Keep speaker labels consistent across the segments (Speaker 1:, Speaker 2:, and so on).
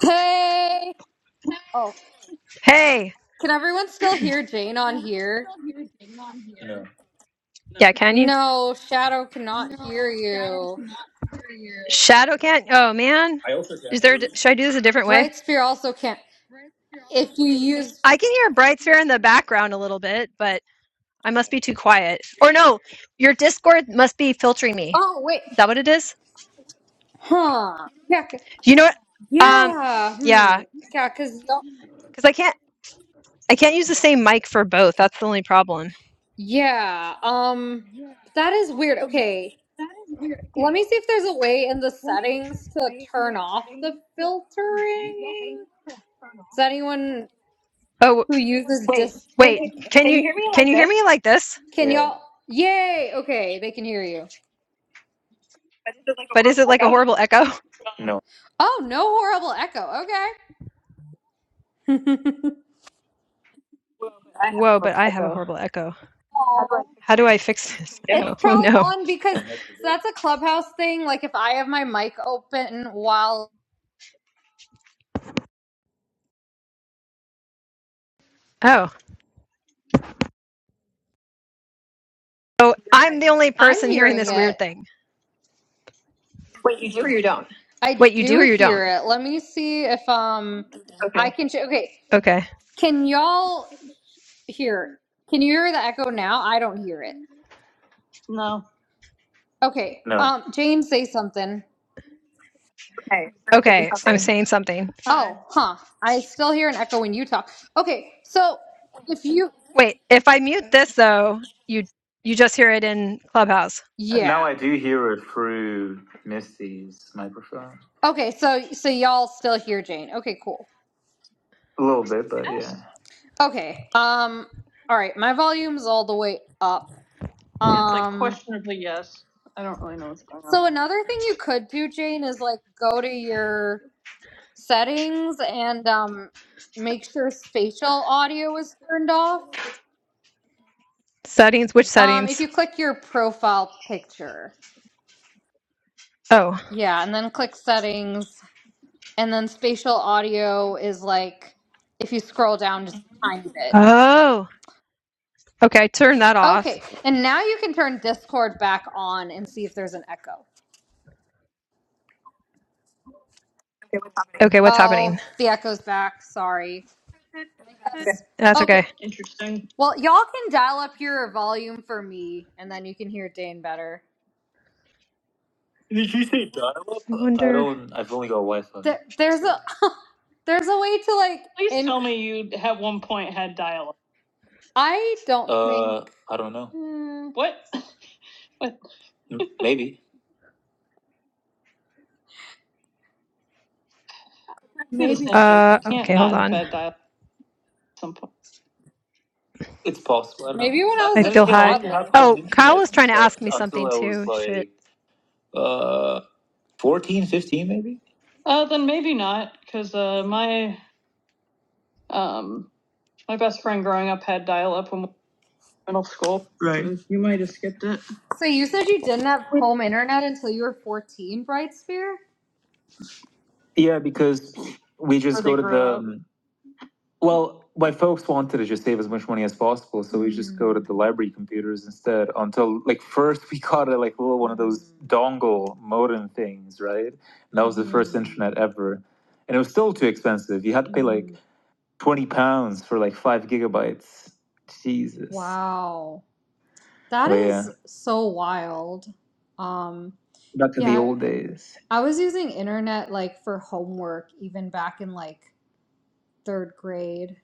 Speaker 1: Hey! Oh,
Speaker 2: Hey,
Speaker 1: can everyone still hear Jane on here? No.
Speaker 2: yeah, can you?
Speaker 1: No, Shadow cannot hear you.
Speaker 2: Shadow can. not Oh man,
Speaker 1: I also can't
Speaker 2: is there?
Speaker 1: hear
Speaker 2: a di-
Speaker 1: you.
Speaker 2: Should I do this a different way?
Speaker 1: Bright Spear also can't. If you use.
Speaker 2: I can hear Bright Sphere in the background a little bit, but I must be too quiet. Or no, your Discord must be filtering me.
Speaker 1: Oh, wait.
Speaker 2: Is that what it is?
Speaker 1: Huh. Yeah. c-
Speaker 2: You know what? Um,
Speaker 1: Yeah. Hmm.
Speaker 2: yeah,
Speaker 1: Yeah, because y'all.
Speaker 2: because I can't. I can't use the same mic for both. That's the only problem.
Speaker 1: Yeah. Um. That is weird. Okay. Let me see if there's a way in the settings to turn off the filtering. Is anyone
Speaker 2: Oh
Speaker 1: who uses Wait, dis. can
Speaker 2: wait,
Speaker 1: you,
Speaker 2: can
Speaker 1: can you
Speaker 2: you
Speaker 1: hear me
Speaker 2: can
Speaker 1: like
Speaker 2: you hear me
Speaker 1: this?
Speaker 2: like this?
Speaker 1: Can Yeah. y'all? Yay! Okay, they can hear you. But this is it like a
Speaker 2: But is
Speaker 1: horrible
Speaker 2: it like a
Speaker 1: echo.
Speaker 2: horrible echo?
Speaker 1: No. Oh, no horrible echo. Okay. Well, I have a
Speaker 2: Whoa, but
Speaker 1: horrible
Speaker 2: I have a
Speaker 1: echo.
Speaker 2: horrible echo.
Speaker 1: How do Oh,
Speaker 2: How do I fix this?
Speaker 1: it's
Speaker 2: Oh, oh
Speaker 1: probably
Speaker 2: no.
Speaker 1: on because Yeah, that's so that's a clubhouse thing. Like if I have my mic open while
Speaker 2: Oh. So I'm
Speaker 1: Okay.
Speaker 2: the only
Speaker 1: I'm
Speaker 2: person hearing
Speaker 1: hearing it,
Speaker 2: this
Speaker 1: Okay.
Speaker 2: weird thing.
Speaker 1: it. Wait, you do or you don't? I
Speaker 2: Wait, you do
Speaker 1: do
Speaker 2: or you
Speaker 1: hear
Speaker 2: don't?
Speaker 1: it. Let me see if um okay. I Okay. can. Sh- okay,
Speaker 2: Okay.
Speaker 1: can y'all hear? Can you hear the echo now? I don't hear it. No. Okay. No. Um, James, say something. Okay, so say
Speaker 2: Okay, I'm
Speaker 1: something.
Speaker 2: saying something.
Speaker 1: Hi. Oh, huh. I still hear an echo when you talk. Okay, so if you,
Speaker 2: Wait, if I mute this though, you you just hear it in Clubhouse.
Speaker 1: Now yeah. I do hear it through Misty's microphone. Okay, so so y'all still hear Jane. Okay, cool. A little bit, but yeah. Okay. Um. All right, my volume's all the way up. It's like Um. questionably yes. I don't really know what's going on. So another thing you could do, Jane, is like go to your settings and um, make sure spatial audio is turned off.
Speaker 2: Settings, which
Speaker 1: Um, if
Speaker 2: settings?
Speaker 1: you click your profile picture,
Speaker 2: Oh.
Speaker 1: yeah, and then click settings, and then spatial audio is like if you scroll down just a tiny bit.
Speaker 2: Oh. Okay, turn that off.
Speaker 1: Okay, and now you can turn Discord back on and see if there's an echo. Okay, what's happening?
Speaker 2: Okay, what's
Speaker 1: Oh,
Speaker 2: happening?
Speaker 1: the echo's back. Sorry. Okay. That's
Speaker 2: That's
Speaker 1: okay.
Speaker 2: okay.
Speaker 1: Interesting. Well, y'all can dial up your volume for me, and then you can hear Dane better. Did you say dial-up?
Speaker 2: I
Speaker 1: I
Speaker 2: wonder
Speaker 1: don't. I've only got Wi-Fi. There, there's a there's a way to like Please in tell me you at one point had dial up. I don't think Uh, think. I don't know. hmm, What? what? Maybe maybe
Speaker 2: uh
Speaker 1: You can't
Speaker 2: okay, hold
Speaker 1: not have
Speaker 2: on.
Speaker 1: had dial up at some point. it's possible. I don't know. maybe know. when I Uh, was a
Speaker 2: I
Speaker 1: then a
Speaker 2: feel
Speaker 1: again, toddler.
Speaker 2: high.
Speaker 1: I didn't have home
Speaker 2: Oh, Kyle
Speaker 1: internet
Speaker 2: is trying
Speaker 1: since
Speaker 2: to
Speaker 1: I,
Speaker 2: ask me
Speaker 1: until
Speaker 2: something
Speaker 1: I was
Speaker 2: too. Shit.
Speaker 1: like uh 14, fifteen maybe. Uh, then maybe not, because uh, my um my best friend growing up had dial up when. we middle school. Right. So You might have skipped it. So you said you didn't have home internet until you were 14, Brightspear? Yeah, because we just go to the um, well, my folks wanted to just save as much money as possible, so we just go to the library computers instead. Until like first we got a like little one of those dongle modem things, right? And that was the first internet ever, and it was still too expensive. You had to pay like twenty pounds for like five gigabytes. Jesus. Wow. That But yeah, is so wild. Um, back to the yeah, old days. I was using internet like for homework even back in like third grade,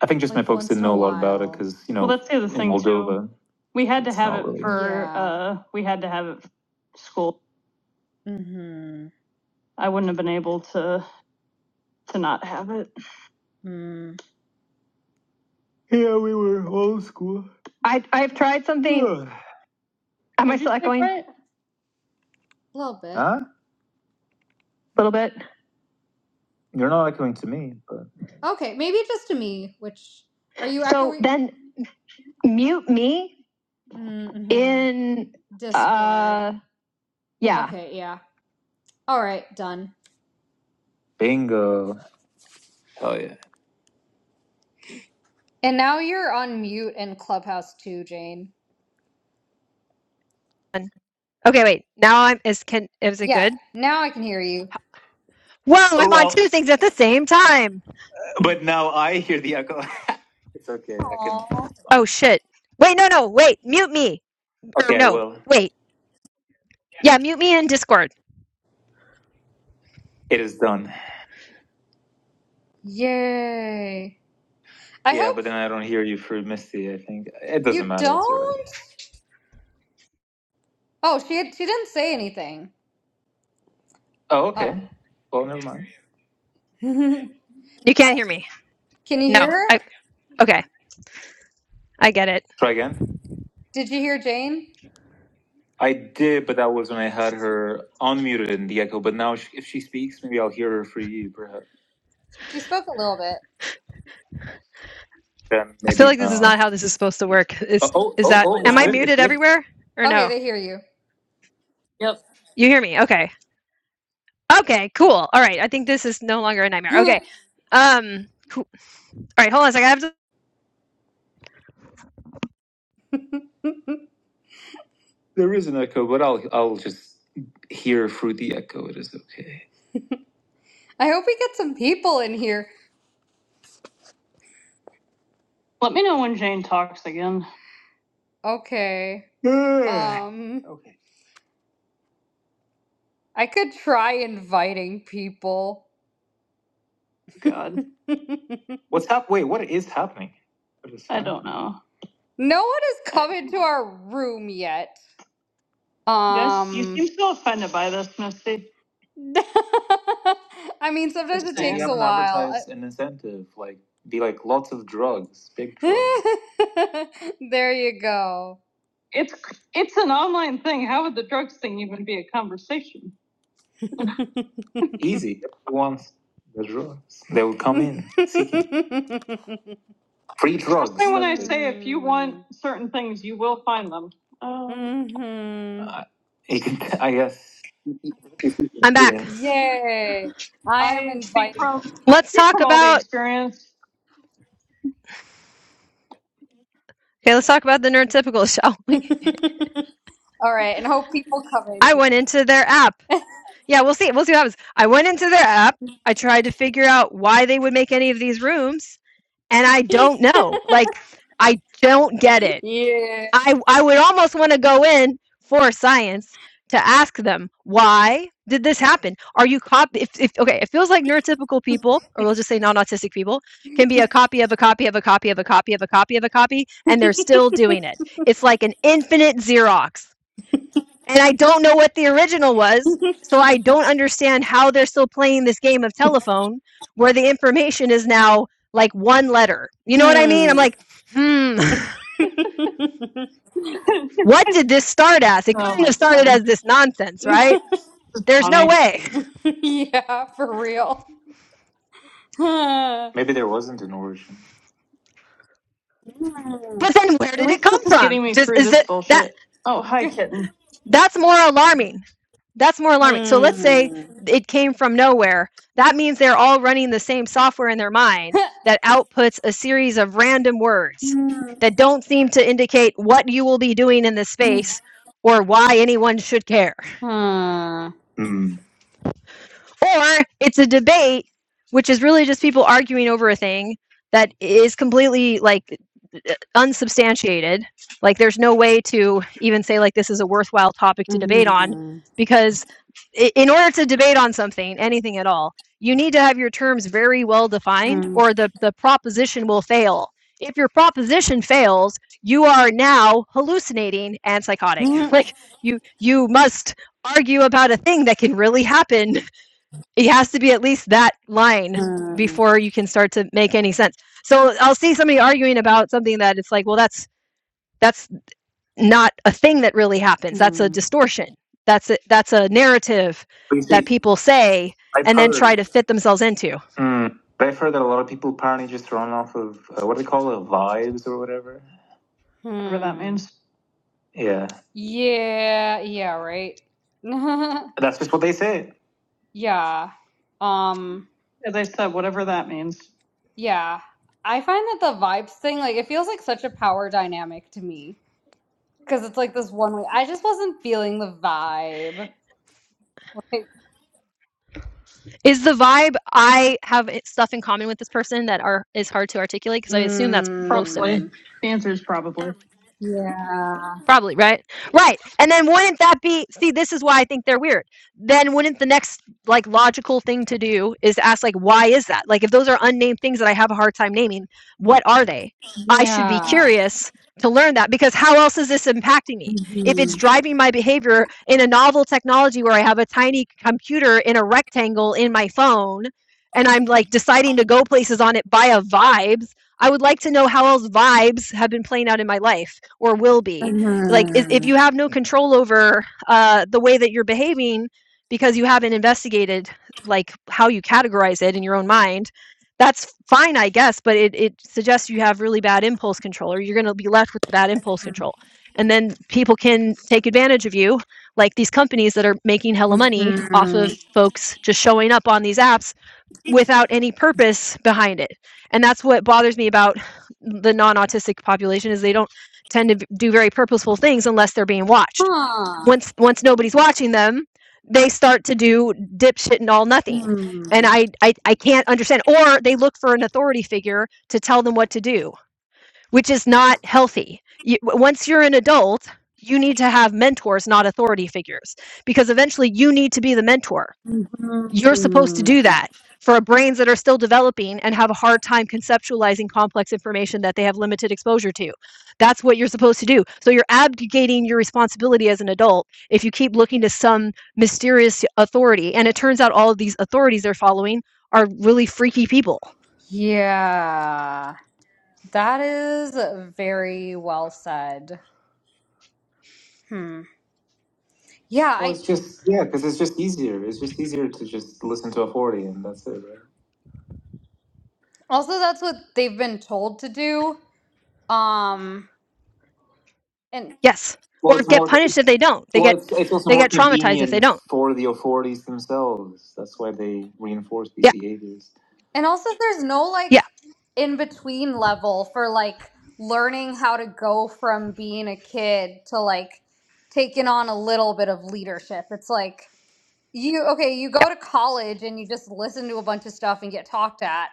Speaker 1: I think just my like folks once didn't in know a a lot about it while. because, you Well, know, that's the other in thing too. Moldova, We had to it's have not it really. for, Yeah. uh, we had to have it for school. Mm-hmm. I wouldn't have been able to, to not have it. Mm. Yeah, we were old school. I I've tried something. Ugh. Am I Was still it echoing? different? A different? little bit. huh? A little bit. You're not echoing to me, but Okay, maybe just to me, which are you So echoing? then mute me Mm-hmm. in Discord. uh yeah. Okay, yeah. All right, done. bingo. Oh yeah. And now you're on mute in Clubhouse too, Jane.
Speaker 2: Okay, wait. Now I'm is can is it
Speaker 1: Yeah,
Speaker 2: good?
Speaker 1: now I can hear you.
Speaker 2: Whoa, I'm on two things at the same time.
Speaker 1: But now I hear the echo. it's okay. Aww. I can. It's
Speaker 2: Oh
Speaker 1: fine.
Speaker 2: shit. Wait, no, no, wait. Mute me. Or
Speaker 1: Okay,
Speaker 2: no,
Speaker 1: well,
Speaker 2: wait. Yeah, mute me in Discord.
Speaker 1: It is done. Yay. I Yeah, hope but then I don't hear you for Misty. I think it doesn't you matter. You don't? Oh, she she didn't say anything. Oh, Oh. okay. Oh. Well, never mind. Can
Speaker 2: You can't hear me.
Speaker 1: you
Speaker 2: No.
Speaker 1: hear her?
Speaker 2: I okay. I get it.
Speaker 1: Try again. Did you hear Jane? I did, but that was when I had her unmuted in the echo. But now, sh if she speaks, maybe I'll hear her for you, perhaps. She spoke a little bit. Then
Speaker 2: I feel
Speaker 1: maybe
Speaker 2: like this is
Speaker 1: not.
Speaker 2: not how this is supposed to work.
Speaker 1: Oh,
Speaker 2: Is
Speaker 1: oh, oh,
Speaker 2: is
Speaker 1: oh, Definitely
Speaker 2: that
Speaker 1: oh it's
Speaker 2: am
Speaker 1: not.
Speaker 2: I
Speaker 1: good. It's
Speaker 2: muted
Speaker 1: good.
Speaker 2: everywhere? Or
Speaker 1: Okay,
Speaker 2: no?
Speaker 1: they hear you. Yep.
Speaker 2: You hear me? Okay. Okay, cool. All right. I think this is no longer a nightmare. Okay. Um cool. all right, hold on a second. I have to,
Speaker 1: There is an echo, but I'll I'll just hear through the echo. It is okay. I hope we get some people in here. Let me know when Jane talks again. Okay. Um, Okay. I could try inviting people. God, What's up? Wait, what is happening? What is happening? I don't know. No one has come into our room yet. Um, guys, you Um, seem so offended by this, Misty. I mean, sometimes it takes a while. an incentive. Like, be like lots of drugs, big drugs. there you go. It's it's an online thing. How would the drugs thing even be a conversation? Easy. Once the drugs, they will come in seeking free drugs. And when I say if you want certain things, you will find them. Oh, Mhm. Uh, it I guess
Speaker 2: I'm back.
Speaker 1: Yay! I am I from, I
Speaker 2: Let's
Speaker 1: speak
Speaker 2: talk
Speaker 1: from all the
Speaker 2: about
Speaker 1: experience.
Speaker 2: okay, let's talk about the nerd typical, shall we?
Speaker 1: All right, and hope people come
Speaker 2: I went
Speaker 1: in.
Speaker 2: into their app Yeah, we'll see we'll see what happens. I went into their app, I tried to figure out why they would make any of these rooms, and I don't know. Like, I don't get it.
Speaker 1: Yeah.
Speaker 2: I I would almost want to go in for science to ask them why did this happen? Are you cop? If, if okay, it feels like neurotypical people, or we'll just say non-autistic people, can be a copy of a copy of a copy of a copy of a copy of a copy, and they're still doing it. It's like an infinite Xerox and I don't know what the original was, so I don't understand how they're still playing this game of telephone where the information is now like one letter. You know what I mean?
Speaker 1: hmm.
Speaker 2: I'm like, hmm, what did this start as? It
Speaker 1: Oh
Speaker 2: couldn't have
Speaker 1: my
Speaker 2: started as
Speaker 1: God.
Speaker 2: this nonsense, right? There's no
Speaker 1: Funny.
Speaker 2: way.
Speaker 1: yeah, for real. Huh. Maybe there wasn't an origin. Hmm.
Speaker 2: But then where
Speaker 1: At
Speaker 2: did it
Speaker 1: least
Speaker 2: come
Speaker 1: this is
Speaker 2: from?
Speaker 1: getting me
Speaker 2: Just
Speaker 1: through
Speaker 2: is
Speaker 1: this
Speaker 2: it that
Speaker 1: bullshit. Oh, hi, kitten.
Speaker 2: that's more alarming That's more alarming. So let's say
Speaker 1: Hmm.
Speaker 2: it came from nowhere. That means they're all running the same software in their mind that outputs a series of random words
Speaker 1: Hmm.
Speaker 2: that don't seem to indicate what you will be doing in this space or why anyone should care
Speaker 1: Hmm. Hmm.
Speaker 2: or it's a debate which is really just people arguing over a thing that is completely like unsubstantiated like there's no way to even say like this is a worthwhile topic to debate on
Speaker 1: Mhm.
Speaker 2: because i- in order to debate on something anything at all you need to have your terms very well defined
Speaker 1: Hmm.
Speaker 2: or the the proposition will fail if your proposition fails you are now hallucinating and psychotic like you you must argue about a thing that can really happen it has to be at least that line before you can start to make any sense. So I'll see somebody arguing about something that it's like, well, that's that's not a thing that really happens. That's a
Speaker 1: Hmm.
Speaker 2: distortion. That's a that's a narrative
Speaker 1: But you
Speaker 2: that
Speaker 1: see,
Speaker 2: people say
Speaker 1: I've
Speaker 2: and then try
Speaker 1: heard.
Speaker 2: to fit themselves into.
Speaker 1: Hmm. But I've heard that a lot of people apparently just run off of uh, what do they call it, vibes or whatever. Whatever that Hmm. means. Yeah, Yeah, yeah, right. that's just what they say. Yeah. Um, As I said, whatever that means. yeah. I find that the vibes thing, like, it feels like such a power dynamic to me. Because it's like this one way. I just wasn't feeling the vibe. Like,
Speaker 2: Is the vibe I have stuff in common with this person that are is hard to articulate because I assume that's
Speaker 1: Probably.
Speaker 2: most of it.
Speaker 1: mm, The answer is probably. yeah.
Speaker 2: Probably, right? Right. And then wouldn't that be see, this is why I think they're weird. Then wouldn't the next like logical thing to do is ask like why is that? Like if those are unnamed things that I have a hard time naming, what are they? I should be
Speaker 1: Yeah.
Speaker 2: curious to learn that because how else is this impacting me? If it's
Speaker 1: Mm-hmm.
Speaker 2: driving my behavior in a novel technology where I have a tiny computer in a rectangle in my phone and I'm like deciding to go places on it via vibes, I would like to know how else vibes have been playing out in my life or will be like if
Speaker 1: Mm-hmm.
Speaker 2: you have no control over uh, the way that you're behaving because you haven't investigated like how you categorize it in your own mind that's fine i guess but it, it suggests you have really bad impulse control or you're going to be left with bad impulse control and then people can take advantage of you like these companies that are making hella money off of folks just showing up on these apps without any purpose behind it. And that's what bothers me about the non-autistic population is they don't tend to do very purposeful things unless they're being watched.
Speaker 1: Mm-hmm.
Speaker 2: Once once nobody's watching them, they start to do dipshit and all nothing. And
Speaker 1: Huh.
Speaker 2: I, I I can't understand. Or they look for an authority figure to tell them what to do, which is not healthy. You, once you're an adult, you need to have mentors, not authority figures, because eventually you need to be the mentor you're supposed to
Speaker 1: Mm-hmm.
Speaker 2: do that for brains that are still developing and have a hard time conceptualizing complex information that they have limited exposure to. That's what you're supposed to do. So you're abdicating your responsibility as an adult if you keep looking to some mysterious authority. And it turns out all of these authorities they're following are really freaky people.
Speaker 1: Yeah. That is very well said. Hmm. Yeah, Well, I it's just yeah, because it's just easier. It's just easier to just listen to a forty, and that's it, right? also that's what they've been told to do. Um and
Speaker 2: Yes.
Speaker 1: Well,
Speaker 2: Or
Speaker 1: it's
Speaker 2: get
Speaker 1: more.
Speaker 2: punished if they don't. They
Speaker 1: Well,
Speaker 2: get
Speaker 1: it's, it's also
Speaker 2: they
Speaker 1: more
Speaker 2: get traumatized if they
Speaker 1: convenient
Speaker 2: don't.
Speaker 1: for the authorities themselves. That's why they reinforce these
Speaker 2: Yeah.
Speaker 1: behaviors. And also, there's no like
Speaker 2: Yeah.
Speaker 1: in between level for like learning how to go from being a kid to like taking on a little bit of leadership. It's like you, okay, you go to college and you just listen to a bunch of stuff and get talked at.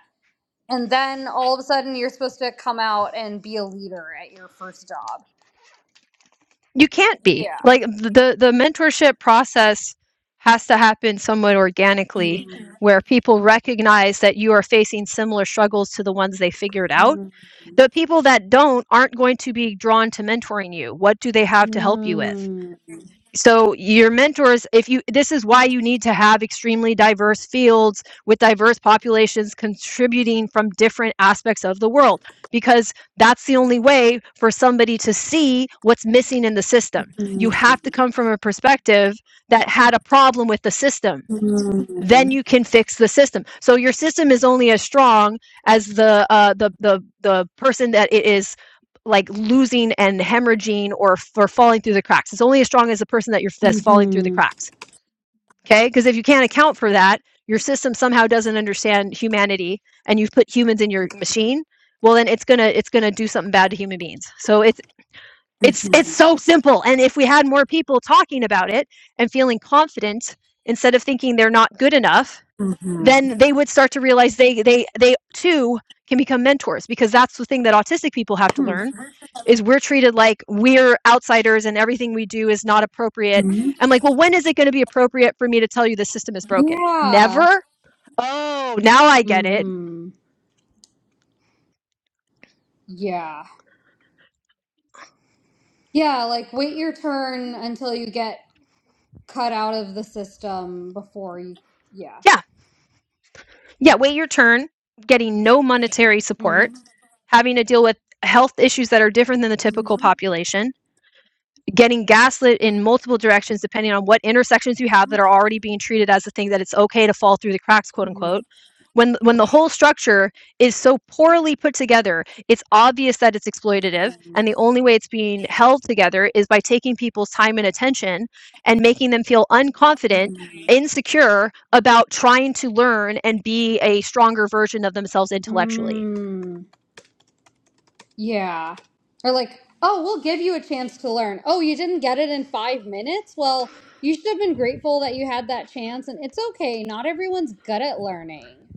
Speaker 1: And then all of a sudden, you're supposed to come out and be a leader at your first job.
Speaker 2: you can't be
Speaker 1: Yeah.
Speaker 2: like the the mentorship process has to happen somewhat organically where people recognize that you are facing similar struggles to the ones they figured out the people that don't aren't going to be drawn to mentoring you what do they have to help you with
Speaker 1: Mm.
Speaker 2: so your mentors if you this is why you need to have extremely diverse fields with diverse populations contributing from different aspects of the world because that's the only way for somebody to see what's missing in the system you have to come from a perspective that had a problem with the system then you can fix the system. So your system is only as strong as the uh, the the the person that it is like losing and hemorrhaging or for falling through the cracks. It's only as strong as the person that you're that's falling through the cracks. Okay, because if you can't account for that, your system somehow doesn't understand humanity, and you've put humans in your machine. Well, then it's gonna it's gonna do something bad to human beings. So it's it's it's so simple. And if we had more people talking about it and feeling confident instead of thinking they're not good enough then they would start to realize they they they too can become mentors because that's the thing that autistic people have to learn is we're treated like we're outsiders and everything we do is not appropriate. I'm like, well, when is it going to be appropriate for me to tell you the system is broken?
Speaker 1: Yeah.
Speaker 2: Never? Oh, now I get it.
Speaker 1: Mm-hmm. Yeah. Yeah, like wait your turn until you get cut out of the system before you yeah.
Speaker 2: Yeah. Yeah. Wait your turn, getting no monetary
Speaker 1: Mm-hmm.
Speaker 2: support, having to deal with health issues that are different than the typical
Speaker 1: Mm-hmm.
Speaker 2: population, getting gaslit in multiple directions depending on what intersections you have that are already being treated as the thing that it's okay to fall through the cracks quote
Speaker 1: Mm-hmm.
Speaker 2: unquote when when the whole structure is so poorly put together it's obvious that it's exploitative and the only way it's being held together is by taking people's time and attention and making them feel unconfident insecure about trying to learn and be a stronger version of themselves intellectually
Speaker 1: Mm. Yeah. Or like, oh, we'll give you a chance to learn. Oh, you didn't get it in five minutes? Well, you should have been grateful that you had that chance and it's okay. Not everyone's good at learning.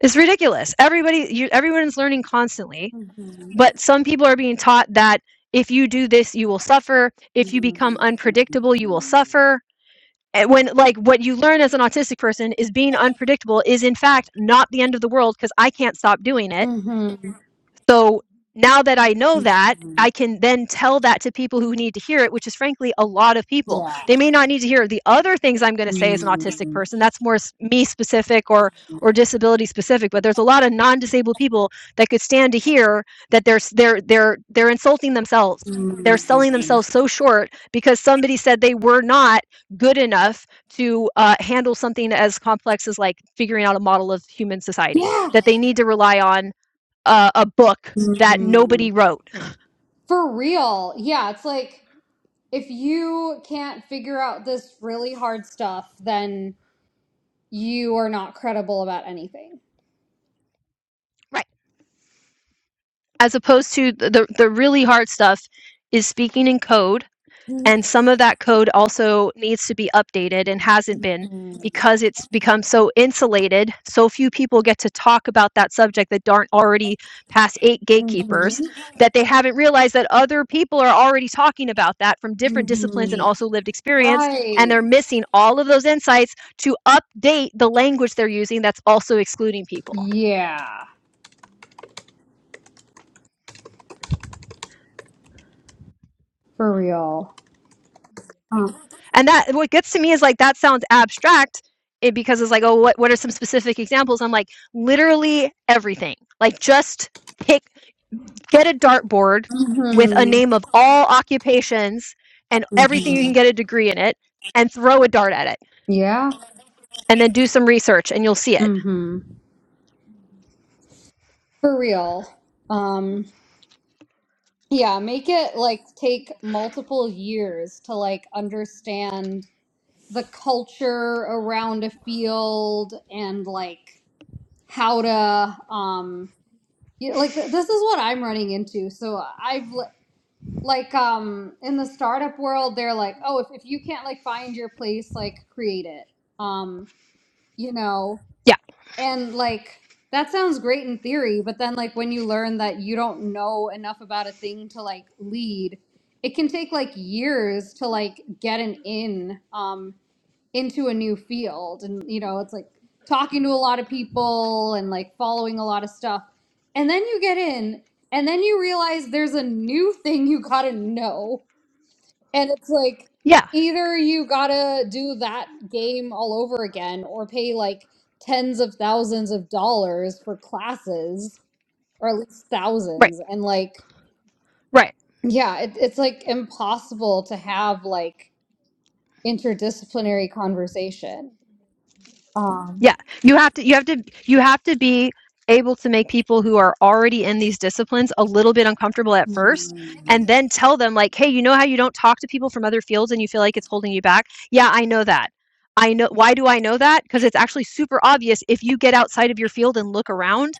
Speaker 2: it's ridiculous everybody you, everyone's learning constantly
Speaker 1: Mm-hmm.
Speaker 2: But some people are being taught that if you do this, you will suffer. If you become unpredictable, you will suffer. And when, like, what you learn as an autistic person is being unpredictable is in fact not the end of the world because I can't stop doing it
Speaker 1: Mm-hmm.
Speaker 2: so now that I know that, I can then tell that to people who need to hear it, which is frankly a lot of people.
Speaker 1: Yeah.
Speaker 2: They may not need to hear the other things I'm going to say as an autistic
Speaker 1: Mm.
Speaker 2: person. That's more me specific or or disability specific. But there's a lot of non-disabled people that could stand to hear that they're they're they're they're insulting themselves. They're selling themselves so short because somebody said they were not good enough to uh, handle something as complex as like figuring out a model of human society.
Speaker 1: Yeah.
Speaker 2: That they need to rely on a, a book that nobody wrote.
Speaker 1: For real. Yeah, it's like if you can't figure out this really hard stuff, then you are not credible about anything.
Speaker 2: Right. As opposed to the, the really hard stuff is speaking in code. And some of that code also needs to be updated and hasn't been
Speaker 1: Mhm.
Speaker 2: because it's become so insulated. So few people get to talk about that subject that aren't already past eight gatekeepers
Speaker 1: Mhm.
Speaker 2: that they haven't realized that other people are already talking about that from different disciplines and
Speaker 1: Mhm.
Speaker 2: also lived experience. And
Speaker 1: Right.
Speaker 2: they're missing all of those insights to update the language they're using that's also excluding people.
Speaker 1: Yeah. For real.
Speaker 2: And that what gets to me is like that sounds abstract it, because it's like, oh, what what are some specific examples? I'm like, literally everything. Like just pick get a dartboard with a
Speaker 1: Mhm.
Speaker 2: name of all occupations and everything you can
Speaker 1: Mhm.
Speaker 2: get a degree in it and throw a dart at it
Speaker 1: Yeah.
Speaker 2: and then do some research and you'll see it.
Speaker 1: Mhm. For real. Um yeah, make it like take multiple years to like understand the culture around a field and like how to um you know, like th- this is what I'm running into. So I've like um in the startup world they're like, "Oh, if if you can't like find your place, like create it." Um, you know,
Speaker 2: Yeah.
Speaker 1: and like that sounds great in theory, but then like when you learn that you don't know enough about a thing to like lead, it can take like years to like get an in. Um into a new field and you know it's like talking to a lot of people and like following a lot of stuff and then you get in and then you realize there's a new thing you gotta know and it's like
Speaker 2: Yeah.
Speaker 1: either you gotta do that game all over again or pay like tens of thousands of dollars for classes or at least
Speaker 2: Right.
Speaker 1: thousands and like
Speaker 2: Right.
Speaker 1: yeah it, it's like impossible to have like interdisciplinary conversation um
Speaker 2: Yeah, you have to you have to you have to be able to make people who are already in these disciplines a little bit uncomfortable at first and then tell them like, "Hey, you know how you don't talk to people from other fields and you feel like it's holding you back? Yeah, I know that. I know why do I know that? Because it's actually super obvious if you get outside of your field and look around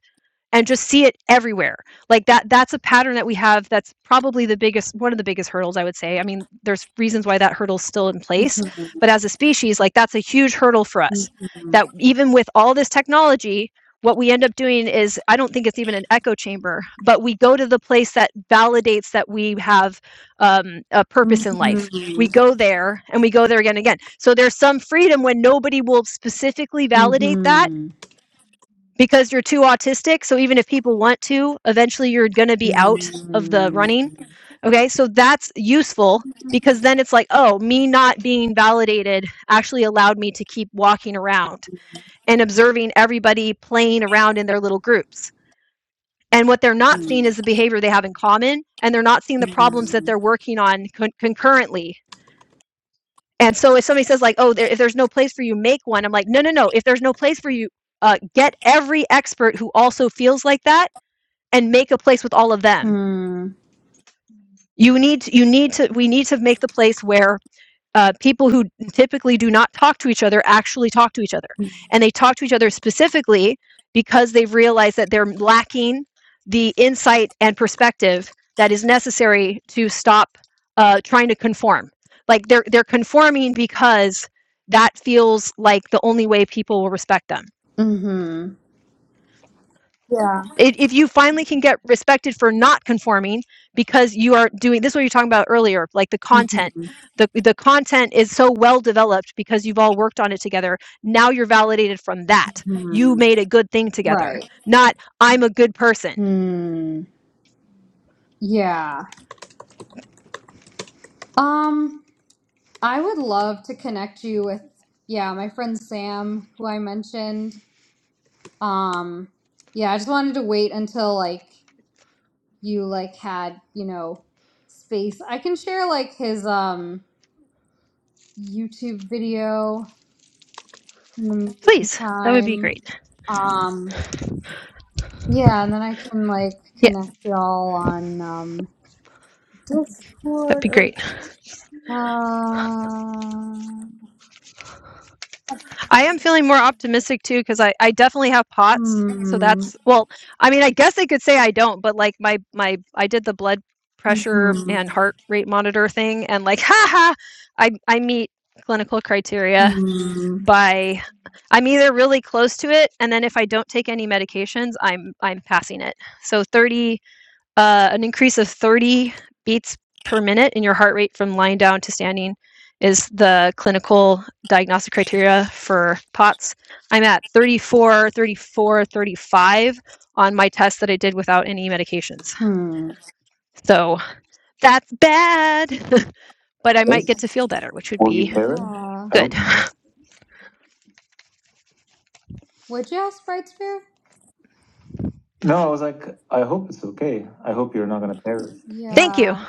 Speaker 2: and just see it everywhere. Like that that's a pattern that we have that's probably the biggest one of the biggest hurdles I would say. I mean, there's reasons why that hurdle's still in place, but as a species, like that's a huge hurdle for us. That even with all this technology, what we end up doing is I don't think it's even an echo chamber, but we go to the place that validates that we have um, a purpose in life. We go there and we go there again and again. So there's some freedom when nobody will specifically validate that because you're too autistic. So even if people want to, eventually you're going to be out of the running. Okay. So that's useful because then it's like, oh, me not being validated actually allowed me to keep walking around and observing everybody playing around in their little groups. And what they're not seeing is the behavior they have in common, and they're not seeing the problems that they're working on con- concurrently. And so if somebody says like, "Oh, there, if there's no place for you, make one," I'm like, "No, no, no. If there's no place for you, uh, get every expert who also feels like that and make a place with all of them.
Speaker 1: hmm.
Speaker 2: You need you need to we need to make the place where uh, people who typically do not talk to each other actually talk to each other, and they talk to each other specifically because they've realized that they're lacking the insight and perspective that is necessary to stop uh, trying to conform. Like they're they're conforming because that feels like the only way people will respect them
Speaker 1: Mm-hmm. Yeah.
Speaker 2: If if you finally can get respected for not conforming because you are doing this, what you're talking about earlier, like the content.
Speaker 1: Mm-hmm.
Speaker 2: The, the content is so well developed because you've all worked on it together. Now you're validated from that. You
Speaker 1: hmm
Speaker 2: made a good thing together,
Speaker 1: Right.
Speaker 2: not I'm a good person.
Speaker 1: Mm. Yeah. Um, I would love to connect you with, yeah, my friend Sam, who I mentioned. Um, yeah, I just wanted to wait until like you like had, you know, space. I can share like his um YouTube video in the
Speaker 2: Please, that would be
Speaker 1: meantime.
Speaker 2: great.
Speaker 1: Um, yeah, and then I can like
Speaker 2: Yeah,
Speaker 1: connect y'all on um
Speaker 2: that'd be
Speaker 1: Discord
Speaker 2: great.
Speaker 1: Uh,
Speaker 2: I am feeling more optimistic too because I, I definitely have POTS. So
Speaker 1: hmm.
Speaker 2: that's well, I mean, I guess they could say I don't, but like my my I did the blood pressure
Speaker 1: Hmm.
Speaker 2: and heart rate monitor thing, and like, haha, I I meet clinical criteria
Speaker 1: Hmm.
Speaker 2: by I'm either really close to it, and then if I don't take any medications, I'm I'm passing it. So 30 uh, an increase of 30 beats per minute in your heart rate from lying down to standing is the clinical diagnostic criteria for POTS. I'm at 34, 34, 35 on my test that I did without any medications.
Speaker 1: Hmm.
Speaker 2: So that's bad, but I might get
Speaker 1: Yes.
Speaker 2: to feel better, which would
Speaker 1: Will you
Speaker 2: be
Speaker 1: play it? Uh, I
Speaker 2: good.
Speaker 1: hope not. would you ask Bright Spear? No, I was like, I hope it's okay. I hope you're not gonna play it.
Speaker 2: Thank you.
Speaker 1: Yeah.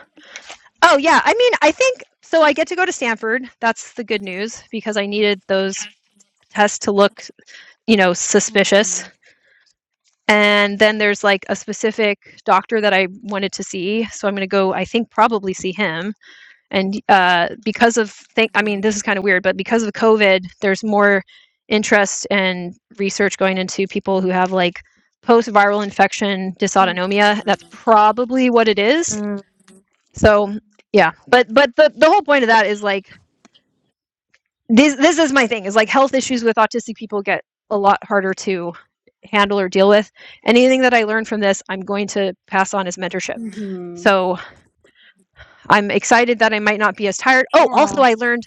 Speaker 2: Oh, yeah. I mean, I think so. I get to go to Stanford. That's the good news because I needed those tests to look, you know, suspicious. And then there's like a specific doctor that I wanted to see. So I'm going to go, I think, probably see him. And uh, because of, think, I mean, this is kind of weird, but because of COVID, there's more interest and research going into people who have like post viral infection
Speaker 1: Hmm.
Speaker 2: dysautonomia. That's probably what it is.
Speaker 1: Mm.
Speaker 2: So yeah, but but the, the whole point of that is like this this is my thing is like health issues with autistic people get a lot harder to handle or deal with anything that i learned from this i'm going to pass on as mentorship
Speaker 1: Mhm.
Speaker 2: so i'm excited that i might not be as tired oh also
Speaker 1: Yeah.
Speaker 2: i learned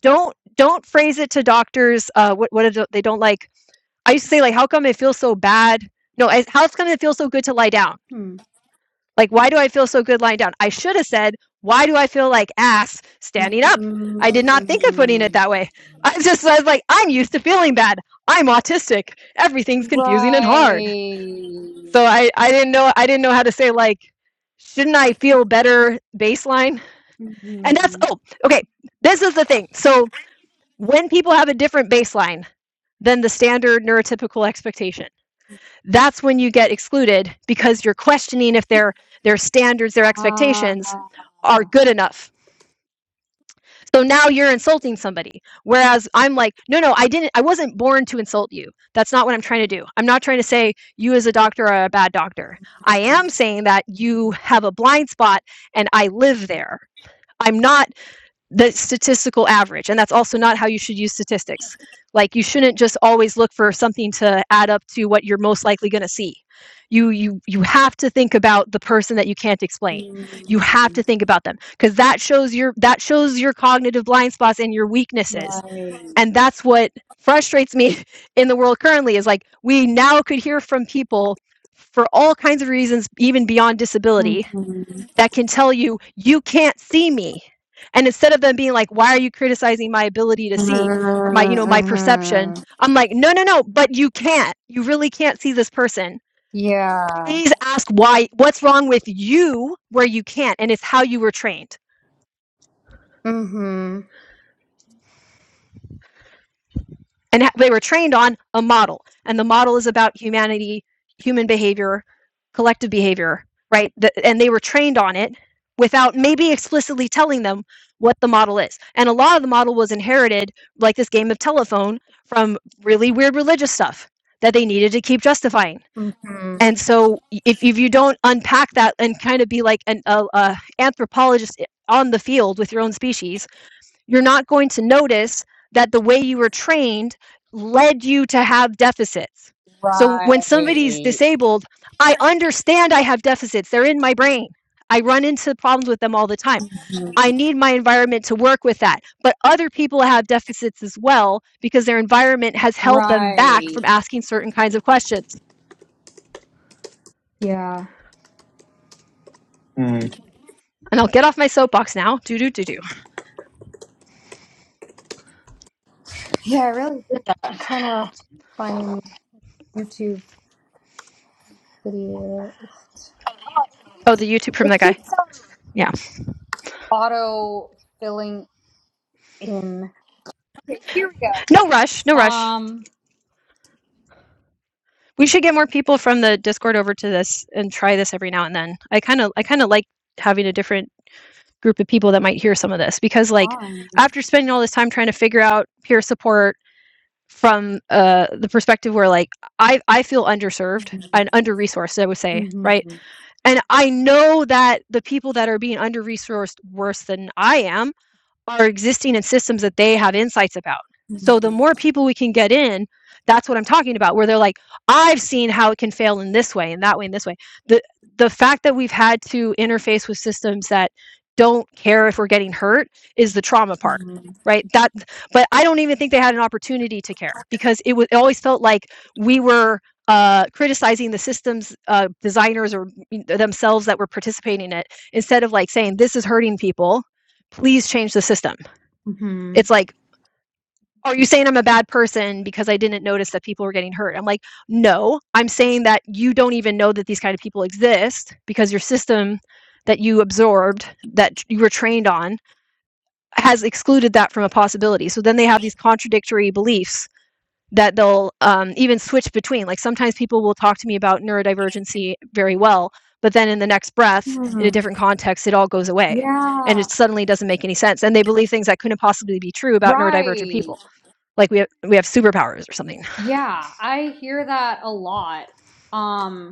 Speaker 2: don't don't phrase it to doctors uh what what do they don't like i used to say like how come it feels so bad no I, how come it feels so good to lie down
Speaker 1: Hmm.
Speaker 2: like, why do I feel so good lying down? I should have said, why do I feel like ass standing up? I did not think of putting it
Speaker 1: Mm.
Speaker 2: that way. I just I was like, I'm used to feeling bad. I'm autistic. Everything's confusing and hard. So
Speaker 1: Right.
Speaker 2: I, I didn't know I didn't know how to say like, shouldn't I feel better baseline? And that's
Speaker 1: Mhm.
Speaker 2: oh, okay. This is the thing. So when people have a different baseline than the standard neurotypical expectation that's when you get excluded because you're questioning if their their standards their
Speaker 1: Ah.
Speaker 2: expectations are good enough so now you're insulting somebody whereas i'm like no no i didn't i wasn't born to insult you that's not what i'm trying to do i'm not trying to say you as a doctor are a bad doctor i am saying that you have a blind spot and i live there i'm not the statistical average. And that's also not how you should use statistics. Like you shouldn't just always look for something to add up to what you're most likely going to see. You you you have to think about the person that you can't explain. You have to think about them because that shows your that shows your cognitive blind spots and your weaknesses.
Speaker 1: Right.
Speaker 2: And that's what frustrates me in the world currently is like we now could hear from people for all kinds of reasons even beyond disability
Speaker 1: Hmm.
Speaker 2: that can tell you, you can't see me. And instead of them being like, why are you criticizing my ability to see or my, you know, my perception?
Speaker 1: Mm-hmm.
Speaker 2: I'm like, no, no, no, but you can't. You really can't see this person.
Speaker 1: Yeah.
Speaker 2: Please ask why, what's wrong with you where you can't. And it's how you were trained.
Speaker 1: Mm-hmm.
Speaker 2: and they were trained on a model and the model is about humanity human behavior collective behavior right Th- and they were trained on it without maybe explicitly telling them what the model is and a lot of the model was inherited like this game of telephone from really weird religious stuff that they needed to keep justifying and so if, if you don't unpack that and kind of be like an a, a anthropologist eh, on the field with your own species you're not going to notice that the way you were trained led you to have deficits. So when somebody's
Speaker 1: Right.
Speaker 2: disabled, I understand I have deficits. They're in my brain. I run into problems with them all the time. I need my environment to work with that. But other people have deficits as well because their environment has held them back
Speaker 1: Right.
Speaker 2: from asking certain kinds of questions.
Speaker 1: Yeah. Mm.
Speaker 2: And I'll get off my soapbox now. Do do do do.
Speaker 1: Yeah, I really did that. I'm trying to find YouTube video. Oh,
Speaker 2: Oh, the YouTube from
Speaker 1: It
Speaker 2: that guy.
Speaker 1: keeps um,
Speaker 2: Yeah.
Speaker 1: auto filling in. Okay, here we go.
Speaker 2: No rush. No rush.
Speaker 1: Um.
Speaker 2: we should get more people from the Discord over to this and try this every now and then. I kind of I kind of like having a different group of people that might hear some of this because like
Speaker 1: Fine.
Speaker 2: after spending all this time trying to figure out peer support from uh, the perspective where like I I feel underserved and under resourced I would say
Speaker 1: Mm-hmm.
Speaker 2: right and I know that the people that are being under resourced worse than I am are existing in systems that they have insights about. So the more people we can get in, that's what I'm talking about, where they're like, I've seen how it can fail in this way and that way and this way. The the fact that we've had to interface with systems that don't care if we're getting hurt is the trauma part.
Speaker 1: Mm-hmm.
Speaker 2: Right. That but I don't even think they had an opportunity to care because it was it always felt like we were uh, criticizing the systems uh, designers or mm, themselves that were participating in it instead of like saying this is hurting people please change the system.
Speaker 1: Mm-hmm.
Speaker 2: It's like, are you saying I'm a bad person because I didn't notice that people were getting hurt? I'm like, no, I'm saying that you don't even know that these kind of people exist because your system that you absorbed, that you were trained on, has excluded that from a possibility. So then they have these contradictory beliefs that they'll um, even switch between. Like sometimes people will talk to me about neurodivergency very well, but then in the next breath, in a
Speaker 1: hmm
Speaker 2: different context, it all goes away and
Speaker 1: Yeah.
Speaker 2: it suddenly doesn't make any sense. And they believe things that couldn't possibly be true about neurodivergent
Speaker 1: Right.
Speaker 2: people, like we have, we have superpowers or something.
Speaker 1: Yeah. I hear that a lot. Um.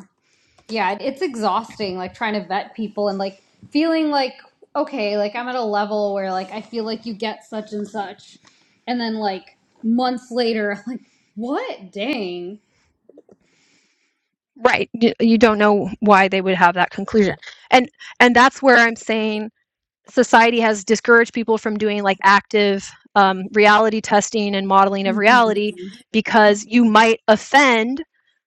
Speaker 1: yeah, it's exhausting, like trying to vet people and like feeling like, okay, like I'm at a level where like I feel like you get such and such. And then like months later, I'm like, what? Dang.
Speaker 2: Right. You, you don't know why they would have that conclusion. And and that's where I'm saying society has discouraged people from doing like active um, reality testing and modeling of
Speaker 1: Mhm.
Speaker 2: reality because you might offend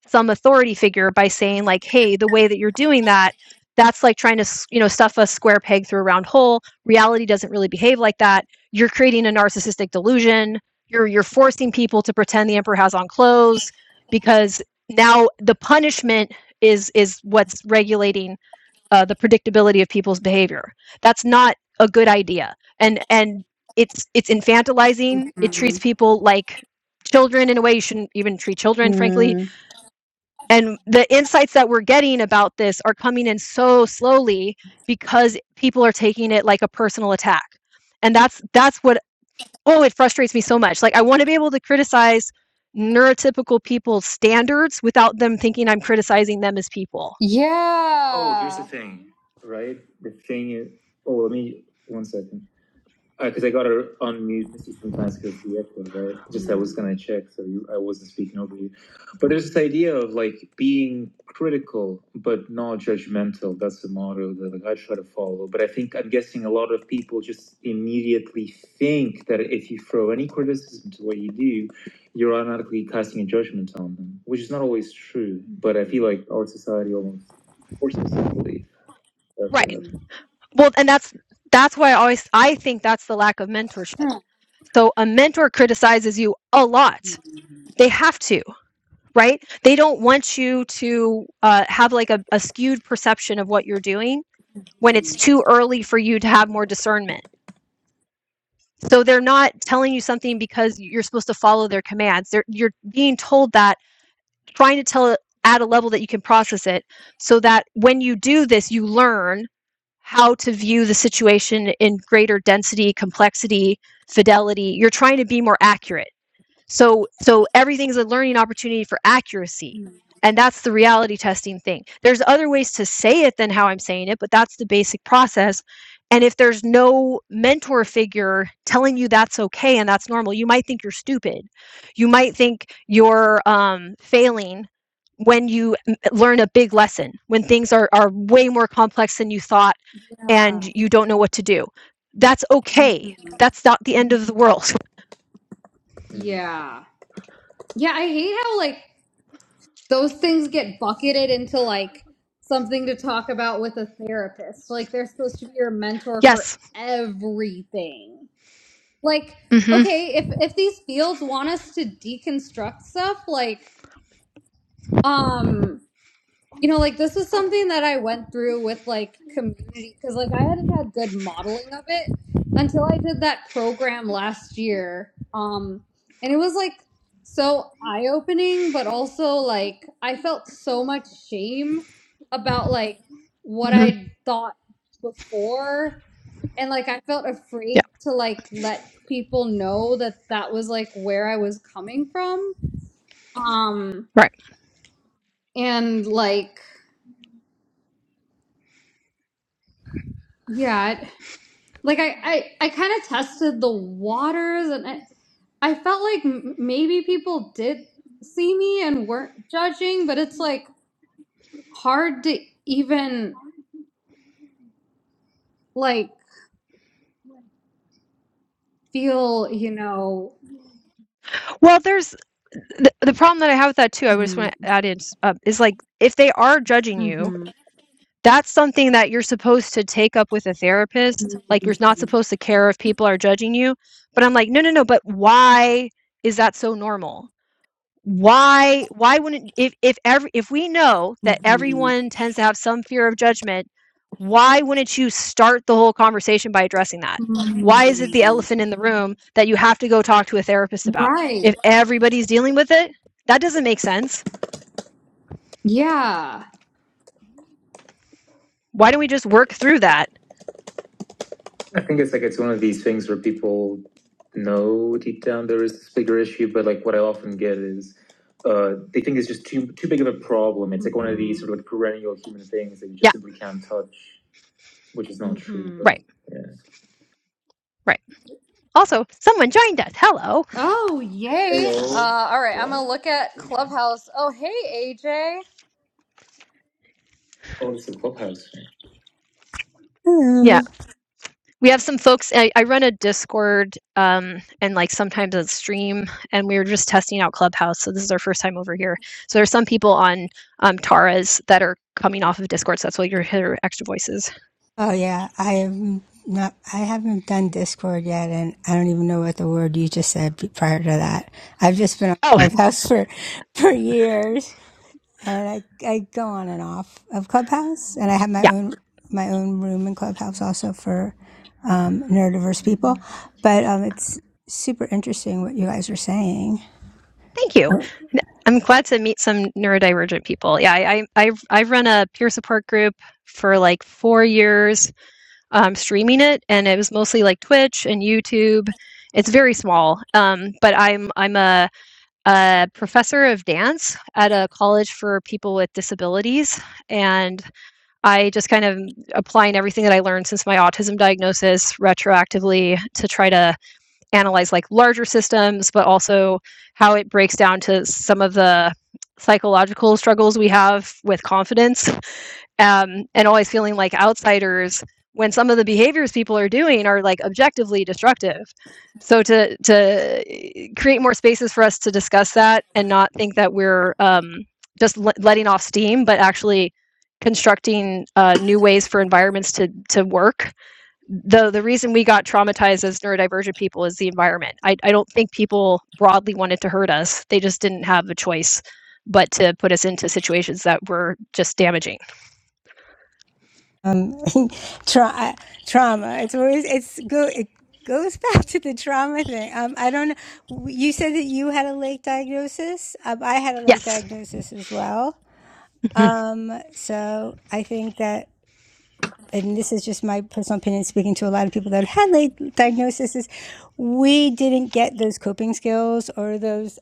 Speaker 2: some authority figure by saying like hey the way that you're doing that that's like trying to you know stuff a square peg through a round hole reality doesn't really behave like that you're creating a narcissistic delusion you're you're forcing people to pretend the emperor has on clothes because now the punishment is is what's regulating uh, the predictability of people's behavior. That's not a good idea, and and it's it's infantilizing. It treats people like children in a way you shouldn't even treat children, frankly.
Speaker 1: Mm.
Speaker 2: And the insights that we're getting about this are coming in so slowly because people are taking it like a personal attack, and that's that's what oh it frustrates me so much. Like I want to be able to criticize neurotypical people's standards without them thinking I'm criticizing them as people.
Speaker 1: Yeah. Oh, here's the Yeah. thing, right? The thing is, oh, let me, one second. because uh, I gotta unmute Missy sometimes because of the echo, right? Just mm-hmm. I was gonna check, so you, I wasn't speaking over you. But there's this idea of like being critical but not judgmental. That's the motto that like, I try to follow. But I think I'm guessing a lot of people just immediately think that if you throw any criticism to what you do, you're automatically casting a judgment on them, which is not always true. Mm-hmm. But I feel like our society almost forces, I believe. That's
Speaker 2: right?
Speaker 1: what happens.
Speaker 2: well and that's that's why i always i think that's the lack of mentorship
Speaker 1: Hmm.
Speaker 2: so a mentor criticizes you a lot they have to right they don't want you to uh, have like a, a skewed perception of what you're doing when it's too early for you to have more discernment so they're not telling you something because you're supposed to follow their commands they're, you're being told that trying to tell it at a level that you can process it so that when you do this, you learn how to view the situation in greater density, complexity, fidelity. You're trying to be more accurate. So so everything's a learning opportunity for accuracy. And that's the reality testing thing. There's other ways to say it than how I'm saying it, but that's the basic process. And if there's no mentor figure telling you that's okay and that's normal, you might think you're stupid. You might think you're um, failing when you learn a big lesson, when things are, are way more complex than you thought
Speaker 1: Yeah.
Speaker 2: and you don't know what to do. That's
Speaker 1: Mhm.
Speaker 2: okay.
Speaker 1: Mm.
Speaker 2: That's not the end of the world.
Speaker 1: Yeah. Yeah, I hate how like those things get bucketed into like something to talk about with a therapist. Like they're supposed to be your mentor for
Speaker 2: Yes.
Speaker 1: everything. Like,
Speaker 2: hmm
Speaker 1: okay, if if these fields want us to deconstruct stuff, like um you know like this was something that i went through with like community because like i hadn't had good modeling of it until i did that program last year um and it was like so eye-opening but also like i felt so much shame about like what
Speaker 2: hmm Yeah.
Speaker 1: i thought before and like i felt afraid to like let people know that that was like where i was coming from um
Speaker 2: Right.
Speaker 1: and like yeah like I I, I kind of tested the waters, and I I felt like m- maybe people did see me and weren't judging, but it's like hard to even like feel you know.
Speaker 2: Well, there's the, the problem that I have with that too. I just
Speaker 1: Mm,
Speaker 2: want to add in s- uh, is like if they are judging you,
Speaker 1: mhm,
Speaker 2: that's something that you're supposed to take up with a therapist. Like you're not supposed to care if people are judging you. But I'm like, no, no, no. But why is that so normal? why why wouldn't if if every if we know that everyone tends to have some fear of judgment why wouldn't you start the whole conversation by addressing that why is it the
Speaker 1: mhm.
Speaker 2: elephant in the room that you have to go talk to a therapist about
Speaker 1: Right.
Speaker 2: if everybody's dealing with it that doesn't make sense
Speaker 1: Yeah.
Speaker 2: why don't we just work through that
Speaker 1: I think it's like it's one of these things where people know deep down there is this bigger issue, but like what I often get is uh, they think it's just too too big of a problem. It's like one of these sort of like perennial human things that you just
Speaker 2: yeah
Speaker 1: simply can't touch, which is not true. Mhm.
Speaker 2: right
Speaker 1: But yeah.
Speaker 2: right also someone joined us hello
Speaker 1: Oh, yay. Uh, Hello. all right, I'm Yeah. going to look at Clubhouse. Oh, hey, AJ. Oh, this is a clubhouse.
Speaker 2: Yeah.
Speaker 3: Hello.
Speaker 2: we have some folks I, I run a discord um, and like sometimes a stream and we were just testing out clubhouse so this is our first time over here so there's some people on um, taras that are coming off of discord so that's why you hear extra voices
Speaker 3: Oh yeah, I am not. I haven't done Discord yet, and I don't even know what the word you just said be- prior to that. I've just been on
Speaker 2: oh
Speaker 3: Clubhouse for for years, and I I go on and off of Clubhouse, and I have my
Speaker 2: yeah
Speaker 3: own my own room in Clubhouse also for um, neurodiverse people. But um, it's super interesting what you guys are saying.
Speaker 2: thank you i i'm glad to meet some neurodivergent people yeah i i i have run a peer support group for like four years um, streaming it and it was mostly like twitch and youtube it's very small um, but i'm i'm a a professor of dance at a college for people with disabilities. And I just kind of applying everything that I learned since my autism diagnosis retroactively to try to analyze like larger systems, but also how it breaks down to some of the psychological struggles we have with confidence um, and always feeling like outsiders when some of the behaviors people are doing are like objectively destructive. So to to eh, create more spaces for us to discuss that and not think that we're um, just le- letting off steam, but actually constructing uh, new ways for environments to to work the the reason we got traumatized as neurodivergent people is the environment. I, I don't think people broadly wanted to hurt us. They just didn't have a choice but to put us into situations that were just damaging.
Speaker 3: um, tra- trauma. It's always it's go it goes back to the trauma thing. Um, I don't know. You said that you had a late diagnosis. Um, I had a late
Speaker 2: Yes.
Speaker 3: diagnosis as well.
Speaker 2: Mhm,
Speaker 3: Um, so I think that, and this is just my personal opinion, speaking to a lot of people that have had late diagnoses, we didn't get those coping skills or those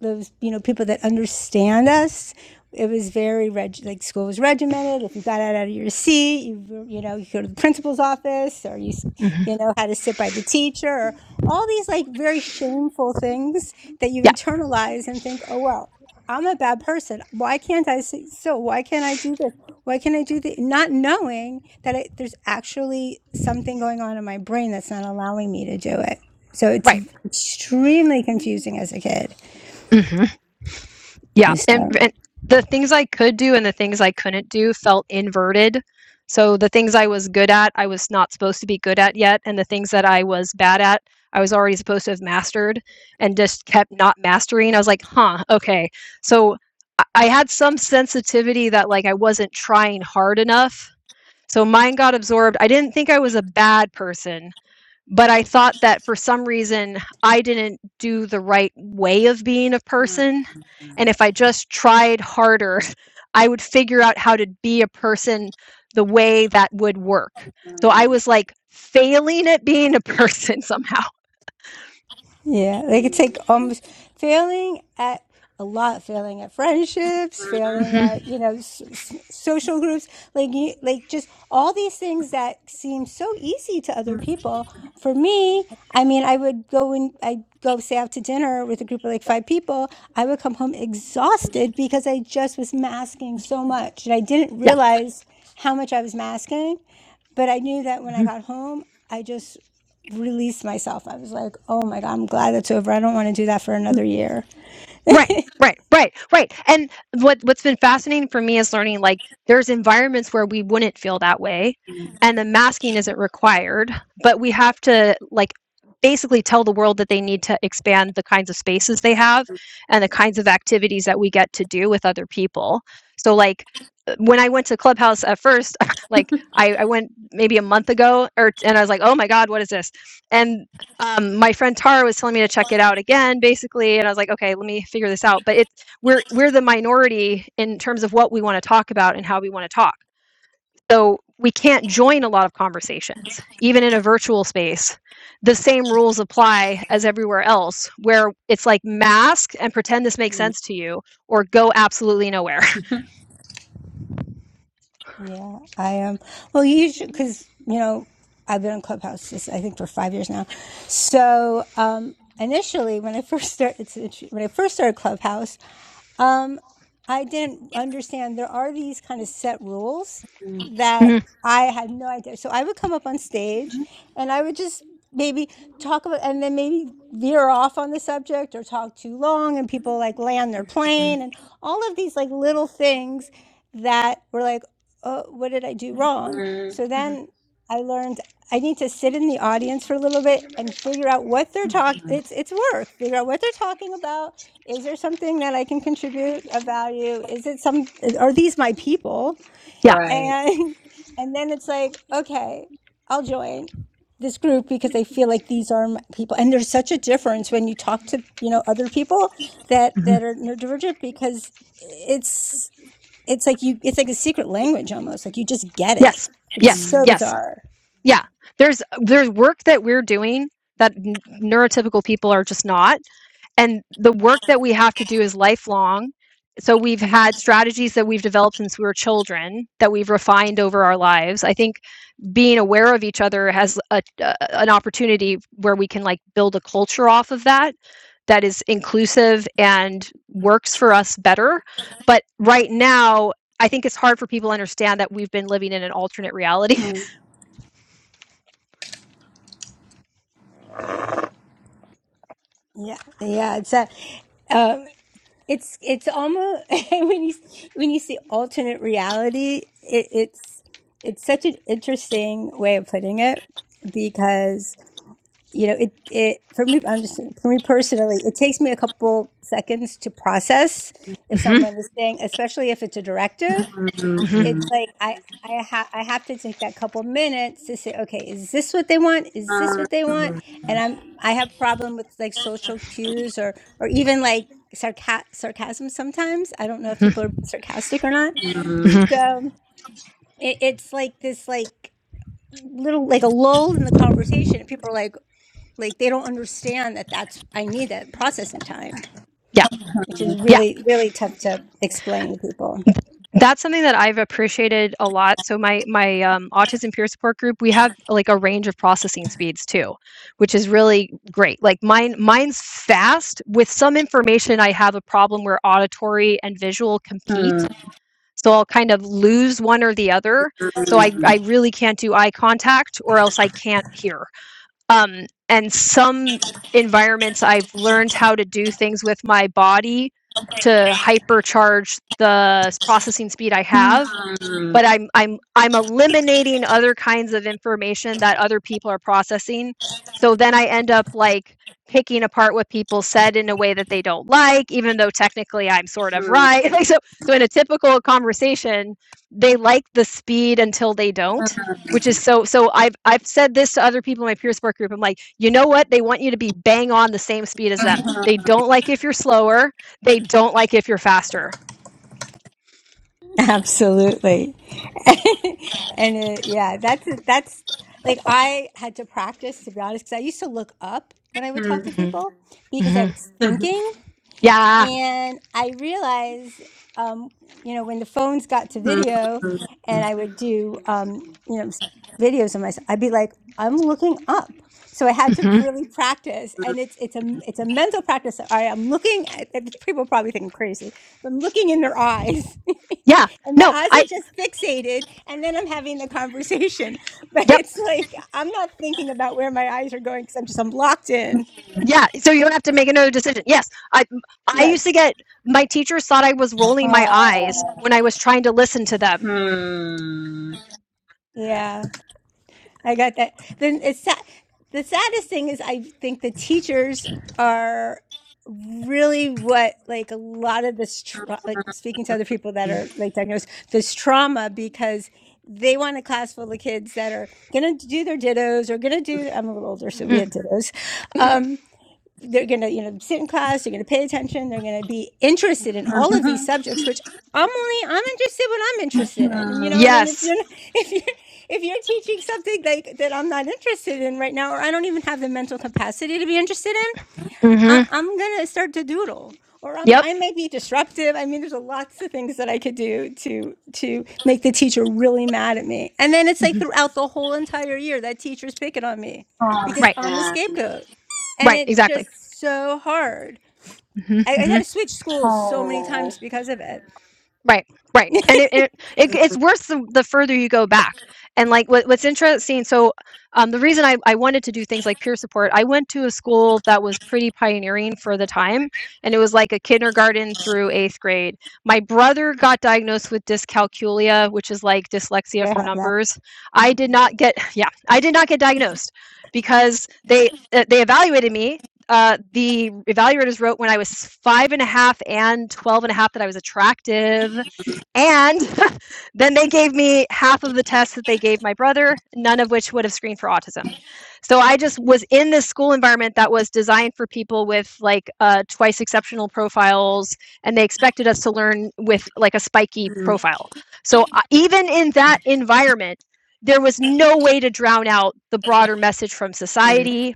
Speaker 3: those you know people that understand us it was very reg- like school was regimented if you got out, out of your seat you you know you go to the principal's office or you
Speaker 2: mhm.
Speaker 3: you know had to sit by the teacher or all these like very shameful things that you internalize and think oh well i'm a bad person why can't i say so why can't i do this why can't i do that not knowing that I, there's actually something going on in my brain that's not allowing me to do it so it's
Speaker 2: Right.
Speaker 3: extremely confusing as a kid
Speaker 2: Mhm. Yeah, and,
Speaker 3: so,
Speaker 2: and the things I could do and the things I couldn't do felt inverted. So the things I was good at, I was not supposed to be good at yet, and the things that I was bad at, I was already supposed to have mastered, and just kept not mastering. I was like, "Huh, okay." So I I had some sensitivity that like I wasn't trying hard enough. So mine got absorbed. I didn't think I was a bad person but I thought that for some reason I didn't do the right way of being a person. And if I just tried harder, I would figure out how to be a person the way that would work. So I was like failing at being a person somehow.
Speaker 3: yeah, they could take almost failing at a lot, failing at friendships, failing
Speaker 2: hmm
Speaker 3: at you know s- s- social groups, like you, like just all these things that seem so easy to other people. For me, I mean, I would go and I'd go say out to dinner with a group of like five people. I would come home exhausted because I just was masking so much, and I didn't
Speaker 2: Yeah.
Speaker 3: realize how much I was masking But I knew that when I got home, I just released myself. I was like, oh my God, I'm glad that's over. I don't want to do that for another year.
Speaker 2: Right, right, right, right. And what what's been fascinating for me is learning like there's environments where we wouldn't feel that way and the masking isn't required, but we have to like basically tell the world that they need to expand the kinds of spaces they have and the kinds of activities that we get to do with other people. So like uh, when I went to Clubhouse at first, like I, I went maybe a month ago or and I was like, oh my God, what is this? And um, my friend Tara was telling me to check it out again, basically, and I was like, okay, let me figure this out. But it's we're we're the minority in terms of what we want to talk about and how we want to talk. So we can't join a lot of conversations, even in a virtual space. The same rules apply as everywhere else, where it's like mask and pretend this makes sense to you, or go absolutely nowhere.
Speaker 3: Yeah, I am. Well, usually because, you know, I've been on Clubhouse, this, I think, for five years now. So, um, initially, when I first started, it's, it's- when I first started Clubhouse, Um, I didn't understand there are these kind of set rules that
Speaker 2: Mhm.
Speaker 3: I had no idea. So I would come up on stage and I would just maybe talk about and then maybe veer off on the subject or talk too long and people like land their plane and all of these like little things that were like, oh, what did I do wrong? So
Speaker 2: hmm
Speaker 3: then I learned I need to sit in the audience for a little bit and figure out what they're talking. It's it's work. Figure out what they're talking about is there something that I can contribute of value? Is it some, are these my people?
Speaker 2: Yeah.
Speaker 3: And, and then it's like, okay, I'll join this group because I feel like these are my people. And there's such a difference when you talk to, you know, other people that, that are neurodivergent because it's, it's like you, it's like a secret language almost. Like you just get it.
Speaker 2: Yes.
Speaker 3: It's
Speaker 2: Yes.
Speaker 3: so
Speaker 2: Yes.
Speaker 3: bizarre.
Speaker 2: Yeah. There's there's work that we're doing that n- neurotypical people are just not and the work that we have to do is lifelong. So we've had strategies that we've developed since we were children that we've refined over our lives. I think being aware of each other has a, a- an opportunity where we can like build a culture off of that that is inclusive and works for us better. But right now, I think it's hard for people to understand that we've been living in an alternate reality.
Speaker 3: Yeah. Yeah. It's that, um, It's it's almost when you when you see alternate reality, it, it's it's such an interesting way of putting it because you know it it for me I'm just for me personally it takes me a couple seconds to process if
Speaker 2: hmm
Speaker 3: someone is saying especially if it's a directive
Speaker 2: hmm
Speaker 3: it's like I I ha- I have to take that couple minutes to say, okay, is this what they want? Is this what they want? And I'm I have problem with like social cues or or even like sarca- sarcasm sometimes. I don't know if
Speaker 2: hmm
Speaker 3: people are sarcastic or not.
Speaker 2: hmm
Speaker 3: So it, it's like this like little like a lull in the conversation, and people are like like they don't understand that that's I need that processing time,
Speaker 2: Yeah.
Speaker 3: which is
Speaker 2: Yeah.
Speaker 3: really really tough to explain to people.
Speaker 2: that's something that I've appreciated a lot. So my my um, autism peer support group, we have like a range of processing speeds too, which is really great. Like mine mine's fast. With some information, I have a problem where auditory and visual compete.
Speaker 1: Yeah.
Speaker 2: So I'll kind of lose one or the other. So I, I really can't do eye contact or else I can't hear. Um, and some environments I've learned how to do things with my body to hypercharge the processing speed I have but I'm I'm I'm eliminating other kinds of information that other people are processing. So then I end up like picking apart what people said in a way that they don't like, even though technically I'm sort of right. Like so so in a typical conversation, they like the speed until they don't, which is so so I've I've said this to other people in my peer support group. I'm like, you know what? They want you to be bang on the same speed as them. They don't like if you're slower, they don't like if you're faster.
Speaker 3: Absolutely. and it, yeah, that's that's like I had to practice to be honest because I used to look up when I would talk to
Speaker 2: hmm
Speaker 3: people because I
Speaker 2: hmm
Speaker 3: was thinking.
Speaker 2: Yeah.
Speaker 3: And I realized, um, you know, when the phones got to video and I would do, um, you know, s- videos of myself, I'd be like, I'm looking up. So I had
Speaker 2: mhm.
Speaker 3: to really practice, and it's it's a it's a mental practice. All right, I'm looking. At, at- people probably think I'm crazy, but I'm looking in their eyes,
Speaker 2: Yeah.
Speaker 3: and my
Speaker 2: No,
Speaker 3: eyes
Speaker 2: I
Speaker 3: are just fixated, and then I'm having the conversation. But
Speaker 2: yep.
Speaker 3: it's like I'm not thinking about where my eyes are going because I'm just I'm locked in.
Speaker 2: Yeah, so you don't have to make another decision. Yes. I I
Speaker 3: Yeah,
Speaker 2: used to get my teachers thought I was rolling my eyes when I was trying to listen to them.
Speaker 3: yeah. I got that. Then it's sa- the saddest thing is I think the teachers are really what like a lot of this tra- like speaking to other people that are late diagnosed this trauma because they want a class full of kids that are gonna do their dittos or gonna do I'm a little older so we
Speaker 2: Mhm.
Speaker 3: had dittos Um, they're going to you know sit in class they're going to pay attention they're going to be interested in all of these subjects which i'm only i'm interested what i'm interested in you know and, then if
Speaker 2: Yes.
Speaker 3: you're if you're if you're teaching something like that i'm not interested in right now or i don't even have the mental capacity to be interested in I,
Speaker 2: Mhm.
Speaker 3: I'm gonna start to doodle, or I'm,
Speaker 2: Yep.
Speaker 3: I may be disruptive. I mean, there's a lots of things that I could do to to make the teacher really mad at me. And then it's like
Speaker 2: Mhm.
Speaker 3: throughout the whole entire year that teacher's picking on me because
Speaker 2: Right.
Speaker 3: I'm the scapegoat, and
Speaker 2: Right,
Speaker 3: it's just
Speaker 2: exactly.
Speaker 3: so hard. I, I
Speaker 2: Mhm.
Speaker 3: had to switch schools so many times because of it.
Speaker 2: Right, right, and it and it it it's worse the the further you go back, and like what what's interesting. So, um, the reason I I wanted to do things like peer support, I went to a school that was pretty pioneering for the time, and it was like a kindergarten through eighth grade. My brother got diagnosed with dyscalculia, which is like dyslexia
Speaker 3: Yeah, I
Speaker 2: for
Speaker 3: have that.
Speaker 2: numbers. I did not get yeah, I did not get diagnosed because they uh, they evaluated me uh, the evaluators wrote when I was five and a half and a half and 12 and a half that I was attractive and then they gave me half of the tests that they gave my brother, none of which would have screened for autism. So I just was in this school environment that was designed for people with like uh, twice exceptional profiles, and they expected us to learn with like a spiky profile. So uh, even in that environment, there was no way to drown out the broader message from society.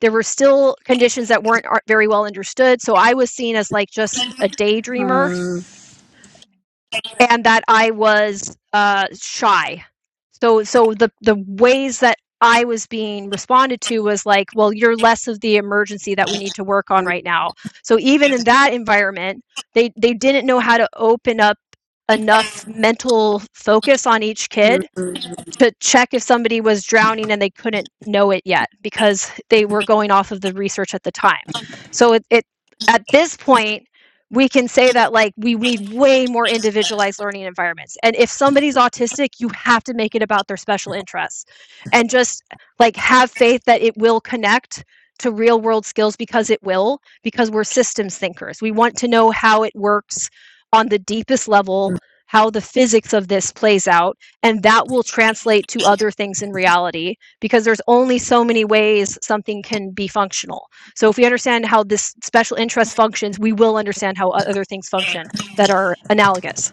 Speaker 2: There were still conditions that weren't very well understood. So I was seen as like just a daydreamer and that I was uh, shy. So so the the ways that I was being responded to was like, well, you're less of the emergency that we need to work on right now. So even in that environment, they they didn't know how to open up enough mental focus on each kid to check if somebody was drowning and they couldn't know it yet because they were going off of the research at the time. So it, it at this point we can say that like we need way more individualized learning environments. And if somebody's autistic, you have to make it about their special interests and just like have faith that it will connect to real world skills because it will because we're systems thinkers. We want to know how it works on the deepest level, how the physics of this plays out and that will translate to other things in reality because there's only so many ways something can be functional so if we understand how this special interest functions we will understand how other things function that are analogous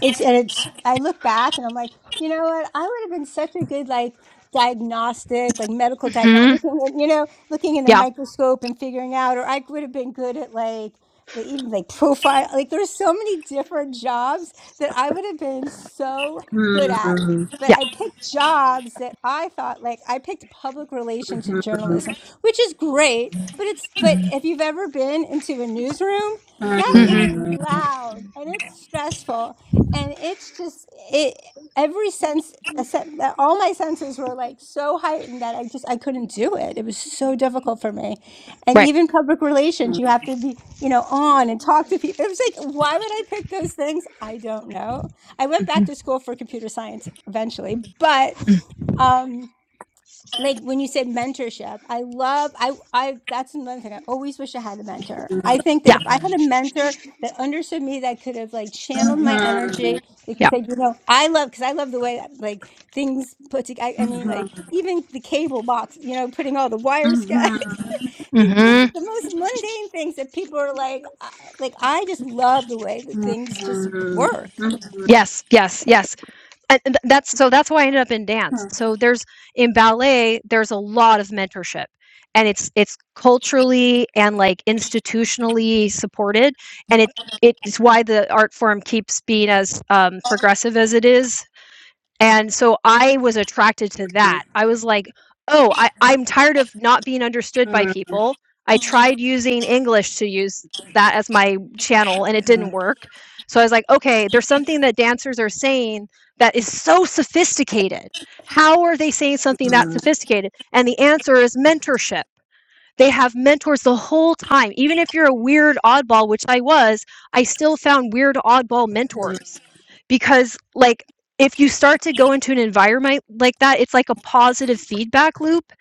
Speaker 3: It's and it's. I look back and I'm like, you know what? I would have been such a good like diagnostic, like medical diagnostic,
Speaker 2: hmm
Speaker 3: looking in, you know, looking in the
Speaker 2: yeah
Speaker 3: microscope and figuring out, or I would have been good at like. the even like profile, like there's so many different jobs that I would have been so good at. But
Speaker 2: yeah
Speaker 3: I picked jobs that I thought like I picked public relations and journalism, which is great. But it's but if you've ever been into a newsroom,
Speaker 1: Yeah.
Speaker 3: that
Speaker 2: hmm
Speaker 3: it's loud and it's stressful and it's just it every sense except that all my senses were like so heightened that i just i couldn't do it it was so difficult for me and
Speaker 2: right
Speaker 3: even public relations you have to be you know on and talk to people it was like why would i pick those things i don't know i went
Speaker 2: Mm-hmm.
Speaker 3: back to school for computer science eventually but um like when you said mentorship i love i i that's another thing i always wish i had a mentor i think that
Speaker 2: yeah
Speaker 3: if i had a mentor that understood me that could have like channeled my energy they could
Speaker 2: yeah
Speaker 3: say you know i love because i love the way that like things put together I, I mean like even the cable box you know putting all the wires together the, the,
Speaker 2: hmm
Speaker 3: the most mundane things that people are like uh, like i just love the way that things just work
Speaker 2: yes yes yes and th- that's so that's why I ended up in dance. So there's in ballet, there's a lot of mentorship and it's it's culturally and like institutionally supported and it it's why the art form keeps being as um, progressive as it is and so I was attracted to that. I was like, "Oh, I I'm tired of not being understood by people." I tried using English to use that as my channel and it didn't work. So I was like, "Okay, there's something that dancers are saying that is so sophisticated. How are they saying something that sophisticated?" And the answer is mentorship. They have mentors the whole time. Even if you're a weird oddball, which I was, I still found weird oddball mentors because, like, if you start to go into an environment like that, it's like a positive feedback loop.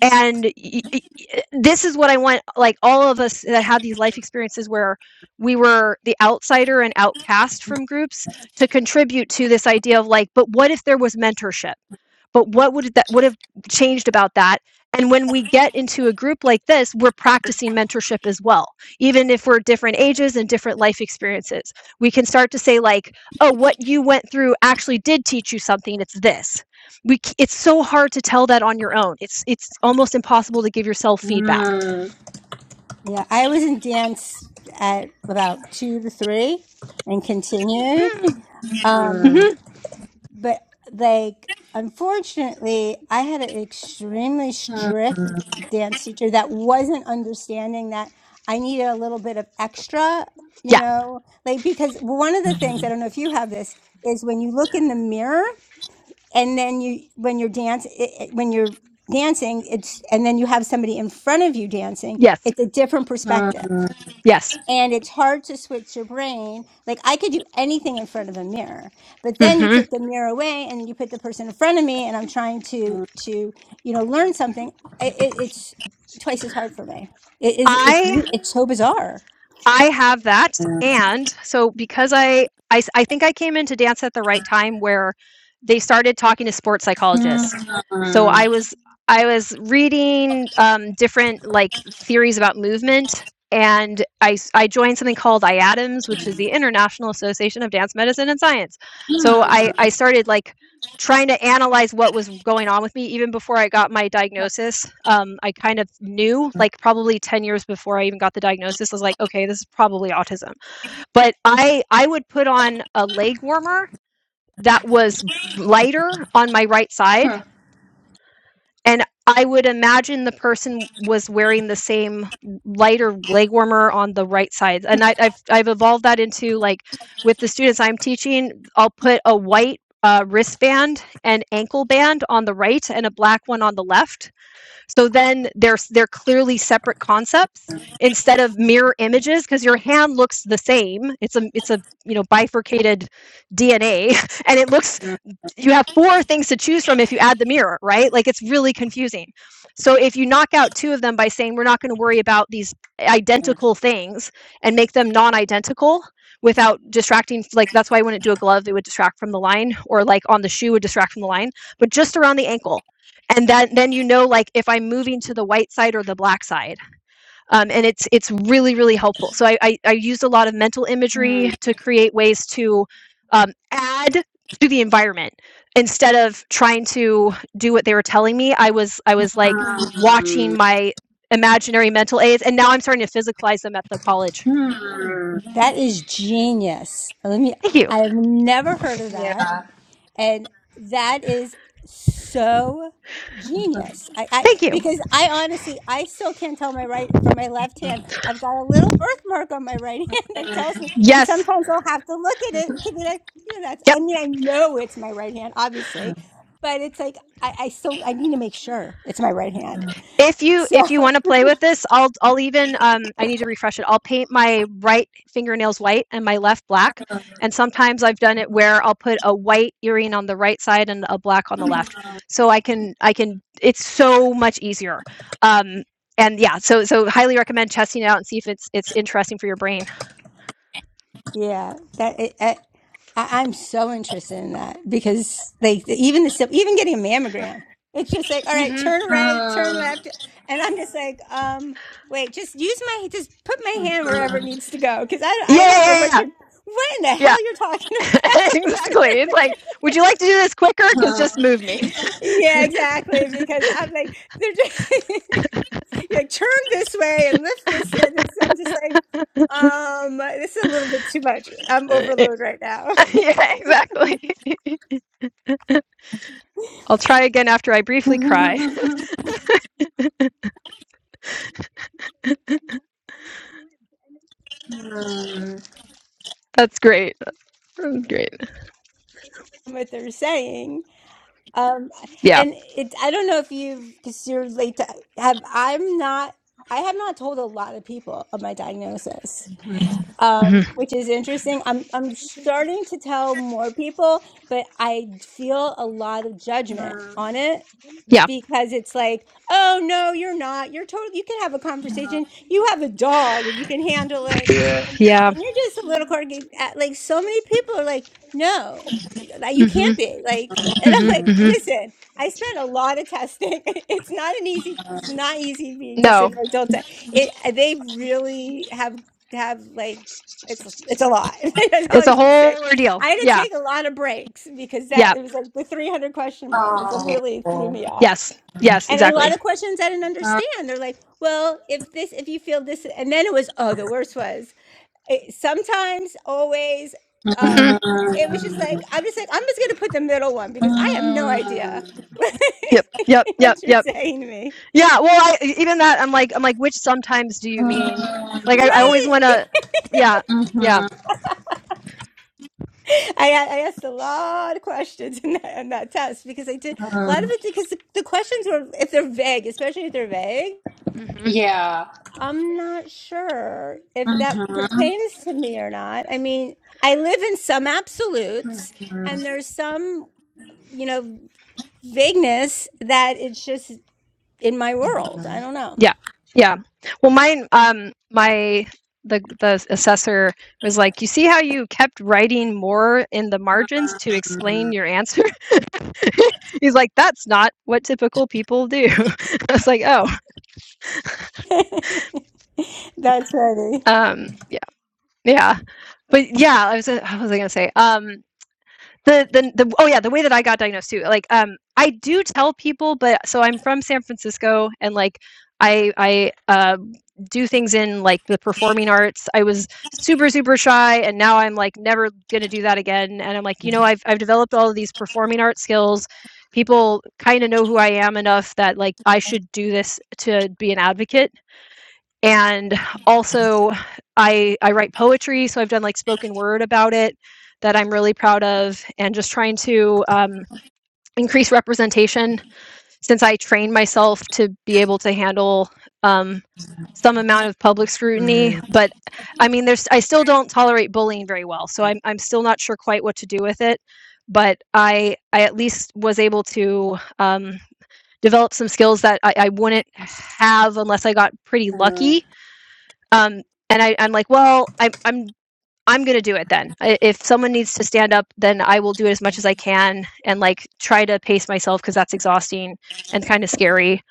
Speaker 2: And y- y- y- this is what I want, like, all of us that have these life experiences where we were the outsider and outcast from groups to contribute to this idea of like, but what if there was mentorship? But what would that would have changed about that? And when we get into a group like this, we're practicing mentorship as well. Even if we're different ages and different life experiences, we can start to say like, "Oh, what you went through actually did teach you something. It's this." We it's so hard to tell that on your own. It's it's almost impossible to give yourself feedback.
Speaker 3: yeah i was in dance at about two to three and continued
Speaker 2: Mm,
Speaker 3: Um,
Speaker 2: mhm.
Speaker 3: but like, unfortunately, I had an extremely strict dance teacher that wasn't understanding that I needed a little bit of extra, you
Speaker 2: Yeah.
Speaker 3: know, like because one of the things, I don't know if you have this, is when you look in the mirror and then you, when you're dance, it, it- when you're dancing, it's, and then you have somebody in front of you dancing,
Speaker 2: Yes.
Speaker 3: it's a different perspective
Speaker 2: Yes.
Speaker 3: and it's hard to switch your brain. Like I could do anything in front of a mirror, but then you
Speaker 2: hmm
Speaker 3: take the mirror away and then you put the person in front of me, and I'm trying to to you know learn something. It, it, it's twice as hard for me. It is it's
Speaker 2: I
Speaker 3: it's so bizarre.
Speaker 2: I have that. And so because I I I think I came into dance at the right time where they started talking to sports psychologists. So I was, I was reading um, different like theories about movement. And I, s- I joined something called IADAMS, which is the International Association of Dance Medicine and Science. So I, I started like trying to analyze what was going on with me even before I got my diagnosis. Um, I kind of knew, like probably 10 years before I even got the diagnosis, I was like, okay, this is probably autism. But I I would put on a leg warmer that was lighter on my right side and I would imagine the person was wearing the same lighter leg warmer on the right side. And I, I've I've evolved that into like with the students I'm teaching, I'll put a white uh, wristband and ankle band on the right and a black one on the left. So then they're they're clearly separate concepts instead of mirror images because your hand looks the same. It's a it's a you know bifurcated DNA and it looks you have four things to choose from if you add the mirror, right? Like it's really confusing. So if you knock out two of them by saying we're not going to worry about these identical things and make them non-identical without distracting, like that's why I wouldn't do a glove, it would distract from the line, or like on the shoe would distract from the line, but just around the ankle. And then then you know like if I'm moving to the white side or the black side um, and it's it's really really helpful. So I, I I used a lot of mental imagery to create ways to um, add to the environment instead of trying to do what they were telling me. I was I was like watching my imaginary mental aids, and now I'm starting to physicalize them at the college.
Speaker 3: That is genius. Let me.
Speaker 2: Thank you,
Speaker 3: I have never heard of that. And that is so genius. I, I
Speaker 2: thank you.
Speaker 3: because I honestly I still can't tell my right from my left hand. I've got a little birthmark on my right hand that tells me and
Speaker 2: Yes,
Speaker 3: sometimes I'll have to look at it to be like, you know, that's
Speaker 2: yep.
Speaker 3: I mean I know it's my right hand, obviously, but it's like I, I still I need to make sure it's my right hand.
Speaker 2: If you
Speaker 3: So
Speaker 2: if you want to play with this, I'll I'll even um I need to refresh it. I'll paint my right fingernails white and my left black. And sometimes I've done it where I'll put a white earring on the right side and a black on the left. So I can I can it's so much easier. Um and yeah, so so highly recommend testing it out and see if it's it's interesting for your brain.
Speaker 3: Yeah, that it, I, I- I'm so interested in that because they even the sim- even getting a mammogram, it's just like all right,
Speaker 2: hmm
Speaker 3: turn right, turn left, and I'm just like, um, wait, just use my just put my hand wherever it needs to go because I
Speaker 2: Yeah,
Speaker 3: I don't know
Speaker 2: yeah,
Speaker 3: what
Speaker 2: yeah,
Speaker 3: you're what in the
Speaker 2: yeah.
Speaker 3: hell you're talking
Speaker 2: Yeah.
Speaker 3: about.
Speaker 2: exactly. It's like, would you like to do this quicker? Because just move me.
Speaker 3: yeah, exactly because I'm like they're just you're like turn this way and lift this, and it's, I'm just like, um, this is a little bit too much. I'm
Speaker 2: yeah,
Speaker 3: overload right now.
Speaker 2: exactly. I'll try again after I briefly cry. That's great. That's great.
Speaker 3: What they're saying. Um,
Speaker 2: Yeah.
Speaker 3: and it, I don't know if you've, because you're late to have, I'm not, I have not told a lot of people of my diagnosis, um,
Speaker 2: Mhm.
Speaker 3: which is interesting. I'm, I'm starting to tell more people, but I feel a lot of judgment on it
Speaker 2: Yeah.
Speaker 3: because it's like, oh no, you're not. You're totally. You can have a conversation. You have a dog, and you can handle it. And
Speaker 2: Yeah.
Speaker 3: and you're just a little corgi. at- Like so many people are like, no, like you
Speaker 2: hmm
Speaker 3: can't be like. And I'm
Speaker 2: hmm
Speaker 3: like,
Speaker 2: hmm
Speaker 3: listen, I spent a lot of testing. it's not an easy. It's not easy to be
Speaker 2: No,
Speaker 3: tested for adult. te- It uh, they really have have like. It's it's a lot. That's all
Speaker 2: it's
Speaker 3: I
Speaker 2: a
Speaker 3: can
Speaker 2: whole
Speaker 3: say.
Speaker 2: ordeal.
Speaker 3: I had to
Speaker 2: Yeah.
Speaker 3: take a lot of breaks because that
Speaker 2: Yeah.
Speaker 3: it was like the 300 question one was a really threw
Speaker 1: Oh.
Speaker 3: me off
Speaker 2: Yes. Yes.
Speaker 3: and a
Speaker 2: Exactly.
Speaker 3: lot of questions I didn't
Speaker 1: Oh.
Speaker 3: understand. They're like, well, if this, if you feel this, and then it was, oh, the worst was it, sometimes, always.
Speaker 2: hmm
Speaker 3: Um, it was just like,
Speaker 1: Mm,
Speaker 3: I'm just like, I'm just going to put the middle one because I have no idea
Speaker 1: mm,
Speaker 2: Yep. Yep. Yep.
Speaker 3: what you're
Speaker 2: Yep.
Speaker 3: saying to me.
Speaker 2: Yeah. Well, I, even that, I'm like, I'm like, which sometimes do you mean? Like, I, I
Speaker 1: mm,
Speaker 2: always
Speaker 3: Right.
Speaker 2: want to. Yeah. Yeah.
Speaker 1: mhm,
Speaker 3: I I asked a lot of questions in that, in that test because I did a lot of
Speaker 1: mhm.
Speaker 3: it because the, the questions were, if they're vague, especially if they're vague.
Speaker 2: Mm-hmm.
Speaker 1: Yeah.
Speaker 3: I'm not sure if
Speaker 1: Mhm,
Speaker 3: that pertains to me or not. I mean, I live in some
Speaker 1: mhm, mhm,
Speaker 3: absolutes,
Speaker 1: mhm,
Speaker 3: and there's some, you know, vagueness that it's just in my world. I don't know.
Speaker 2: Yeah. Yeah. Well, mine, um, my, the, the assessor was like, you see how you kept writing more in the margins to explain your answer? He's like, that's not what typical people do. I was like, oh,
Speaker 3: That's funny.
Speaker 2: um, yeah, yeah. But yeah, I was, what was I going to say? Um, the the the oh yeah, the way that I got diagnosed too. Like um I do tell people, but so I'm from San Francisco and like I I uh do things in like the performing arts. I was super super shy and now I'm like never going to do that again and I'm like, you know, I've I've developed all of these performing art skills. People kind of know who I am enough that like I should do this to be an advocate and also i i write poetry so i've done like spoken word about it that i'm really proud of and just trying to um, increase representation since i trained myself to be able to handle um, some amount of public scrutiny but i mean there's i still don't tolerate bullying very well so i'm, I'm still not sure quite what to do with it but i i at least was able to um, develop some skills that I, I wouldn't have unless i got pretty lucky um, and I, I'm like, well, I, I'm I'm gonna do it then. I, if someone needs to stand up, then I will do it as much as I can and like try to pace myself because that's exhausting and kind of scary.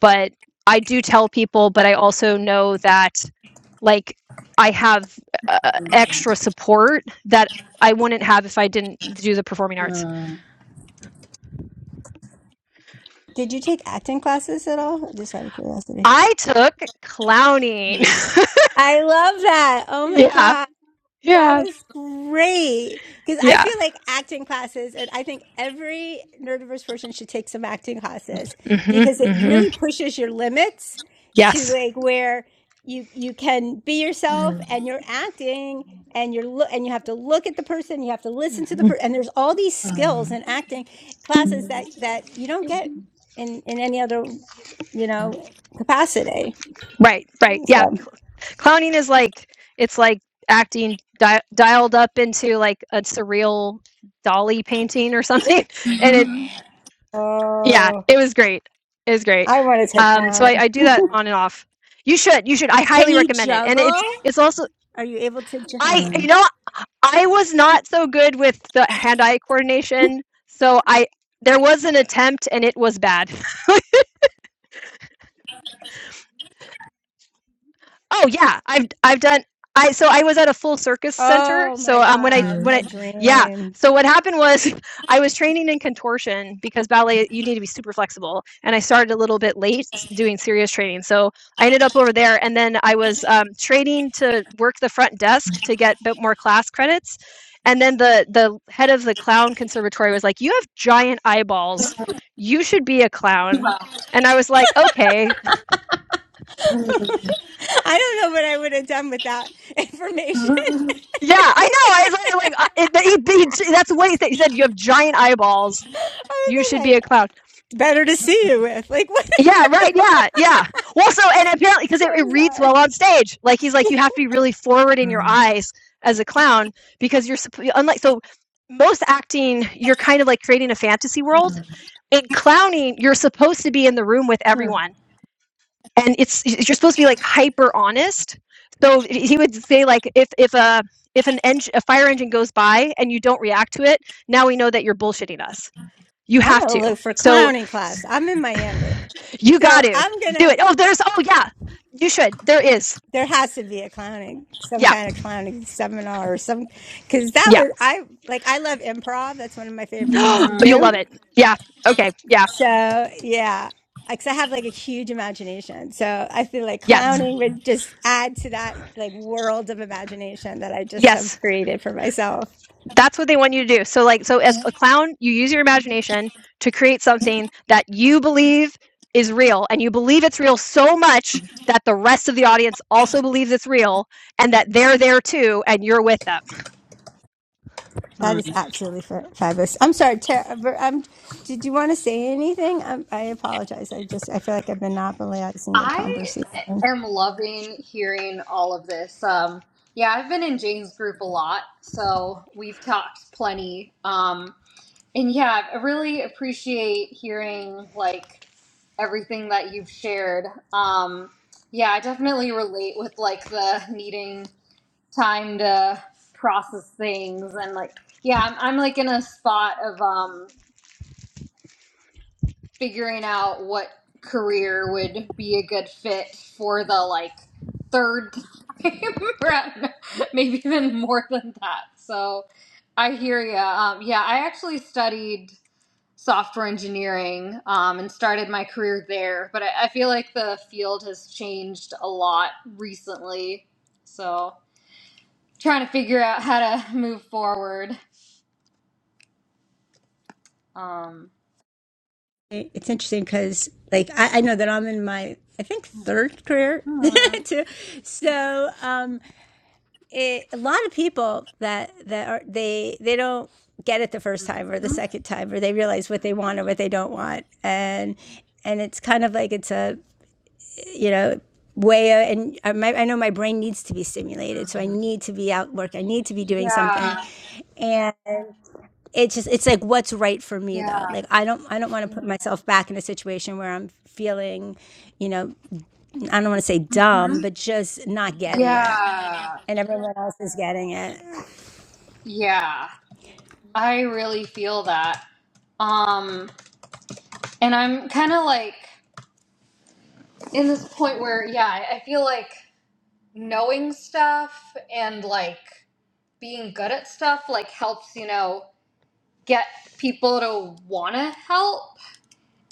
Speaker 2: But I do tell people, but I also know that like I have uh, extra support that I wouldn't have if I didn't do the performing arts.
Speaker 1: mhm,
Speaker 3: Did you take acting classes at all? Just out of curiosity.
Speaker 2: I took clowning.
Speaker 3: I love that. Oh my
Speaker 2: yeah.
Speaker 3: God. That
Speaker 2: Yes.
Speaker 3: is great. Because I
Speaker 2: Yeah.
Speaker 3: feel like acting classes, and I think every nerdiverse person should take some acting classes
Speaker 2: mm Mhm.
Speaker 3: because it
Speaker 2: mm Mhm.
Speaker 3: really pushes your limits to
Speaker 2: Yes.
Speaker 3: like where you you can be yourself and you're acting and you're look and you have to look at the person, you have to listen to the
Speaker 2: Mm-hmm.
Speaker 3: person, and there's all these skills in acting classes
Speaker 1: mhm,
Speaker 3: that that you don't get in in any other you know capacity.
Speaker 2: Right, right. Yeah.
Speaker 3: So,
Speaker 2: clowning is like it's like acting di- dialed up into like a surreal dolly painting or something and it
Speaker 1: mhm.
Speaker 2: yeah
Speaker 3: oh,
Speaker 2: it was great it was great
Speaker 3: I want to take
Speaker 2: um so I, I do
Speaker 3: one.
Speaker 2: that on and off you should you should i
Speaker 3: Can
Speaker 2: highly
Speaker 3: you
Speaker 2: recommend it and it's
Speaker 3: juggle?
Speaker 2: it's also
Speaker 3: Are you able to ju-
Speaker 2: i you know i was not so good with the hand-eye coordination so i there was an attempt and it was bad Oh yeah, I've I've done I so I was at a full circus center.
Speaker 3: Oh my
Speaker 2: So um when I
Speaker 3: god, it's
Speaker 1: Mhm.
Speaker 2: when
Speaker 3: my
Speaker 2: I yeah,
Speaker 3: dream.
Speaker 2: so what happened was I was training in contortion because ballet you need to be super flexible and I started a little bit late doing serious training. So I ended up over there and then I was um training to work the front desk to get a bit more class credits. And then the the head of the clown conservatory was like, "You have giant eyeballs. You should be a clown."
Speaker 1: Wow.
Speaker 2: And I was like, "Okay."
Speaker 1: Mhm,
Speaker 3: I don't know what I would have done without information.
Speaker 2: Yeah, I know. I was literally like, uh, it, the, he, he- that's what he said. He said, You have giant eyeballs. You
Speaker 3: I would
Speaker 2: should
Speaker 3: have been
Speaker 2: be
Speaker 3: like,
Speaker 2: a clown.
Speaker 3: better to see you with. Like, what?
Speaker 2: Yeah, right. Yeah, yeah. Well, so, and apparently, because it,
Speaker 3: so
Speaker 2: it reads
Speaker 3: bizarre?
Speaker 2: well on stage, like he's like, You have to be really forward in your eyes as a clown because you're, supp- unlike, so most acting, you're kind of like creating a fantasy world. In clowning, you're supposed to be in the room with
Speaker 1: mhm,
Speaker 2: everyone. and it's you're supposed to be like hyper honest. So he would say like if if a if an engine a fire engine goes by and you don't react to it, now we know that you're bullshitting us. You
Speaker 3: I'm
Speaker 2: have
Speaker 3: gonna
Speaker 2: to.
Speaker 3: look for
Speaker 2: So
Speaker 3: clowning class. I'm in Miami.
Speaker 2: you got
Speaker 3: So
Speaker 2: to
Speaker 3: I'm
Speaker 2: do
Speaker 3: gonna.
Speaker 2: it. Oh, there's oh yeah, you should. There is
Speaker 3: There has to be a clowning, some
Speaker 2: yeah
Speaker 3: kind of clowning seminar or some, because that
Speaker 2: yeah.
Speaker 3: was I like I love improv. That's one of my favorite things to
Speaker 2: You'll
Speaker 3: do.
Speaker 2: love it. Yeah. Okay. Yeah.
Speaker 3: So yeah, because I have like a huge imagination. So I feel like
Speaker 2: Yes.
Speaker 1: mhm, mhm.
Speaker 3: clowning would just add to that like world of imagination that I just have
Speaker 2: Yes.
Speaker 3: created for myself.
Speaker 2: that's what they want you to do. So like so as a clown, you use your imagination to create something that you believe is real and you believe it's real so much that the rest of the audience also believes it's real and that they're there too and you're with them.
Speaker 3: That is absolutely fa- fabulous. I'm sorry, Tara. I'm, did you want to say anything? i I apologize. I just I feel like I've been monopolizing the
Speaker 1: I
Speaker 3: conversation.
Speaker 1: am loving hearing all of this. Um, yeah, I've been in Jane's group a lot, so we've talked plenty. Um, and yeah, I really appreciate hearing like everything that you've shared. Um, yeah, I definitely relate with like the needing time to process things and like yeah, I'm, I'm like in a spot of um figuring out what career would be a good fit for the like third time around, maybe even more than that. So I hear you. Um, yeah, I actually studied software engineering um, and started my career there, but I, I feel like the field has changed a lot recently. So trying to figure out how to move forward. Um,
Speaker 3: It's interesting because, like, I, I know that I'm in my, I think, third career
Speaker 1: hmm,
Speaker 3: too. So, um, it, a lot of people that that are they they don't get it the first time or the second time, or they realize what they want or what they don't want, and and it's kind of like it's a you know way of, and I, my, I know my brain needs to be stimulated, so I need to be out work, I need to be doing something,
Speaker 1: Yeah.
Speaker 3: and it's just it's like what's right for me though
Speaker 1: Yeah.
Speaker 3: like i don't i don't want to put myself back in a situation where i'm feeling you know i don't want to say dumb
Speaker 1: Mhm.
Speaker 3: but just not getting it
Speaker 1: Yeah.
Speaker 3: and everyone else is getting it
Speaker 1: Yeah, I really feel that. Um, and I'm kind of like in this point where, yeah, I I feel like knowing stuff and like being good at stuff like helps, you know, get people to want to help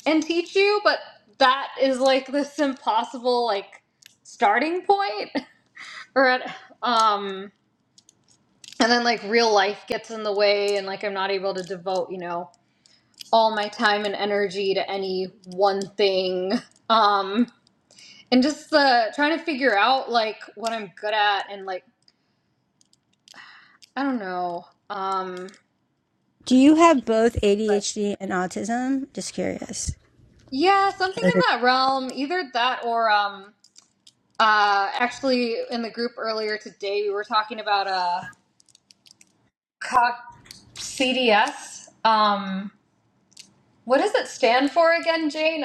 Speaker 1: and teach you, but that is like this impossible like starting point or at, um and then like real life gets in the way and like I'm not able to devote, you know, all my time and energy to any one thing. Um, and just uh, trying to figure out like what I'm good at and like I don't know. Um,
Speaker 3: do you have both adhd and autism just curious
Speaker 1: yeah, something in that realm, either that or um, uh, actually in the group earlier today we were talking about uh, CDS. Um, what does it stand for again, Jane?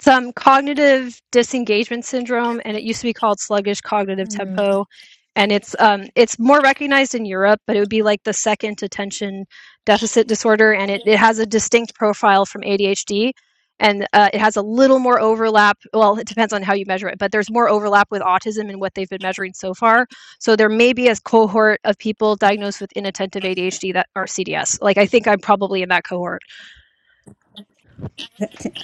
Speaker 2: some cognitive disengagement syndrome and it used to be called sluggish cognitive tempo and it's um, it's more recognized in Europe, but it would be like the second attention deficit disorder, and it, it has a distinct profile from ADHD, and uh, it has a little more overlap. Well, it depends on how you measure it, but there's more overlap with autism and what they've been measuring so far. So there may be a cohort of people diagnosed with inattentive ADHD that are CDS. Like I think I'm probably in that cohort.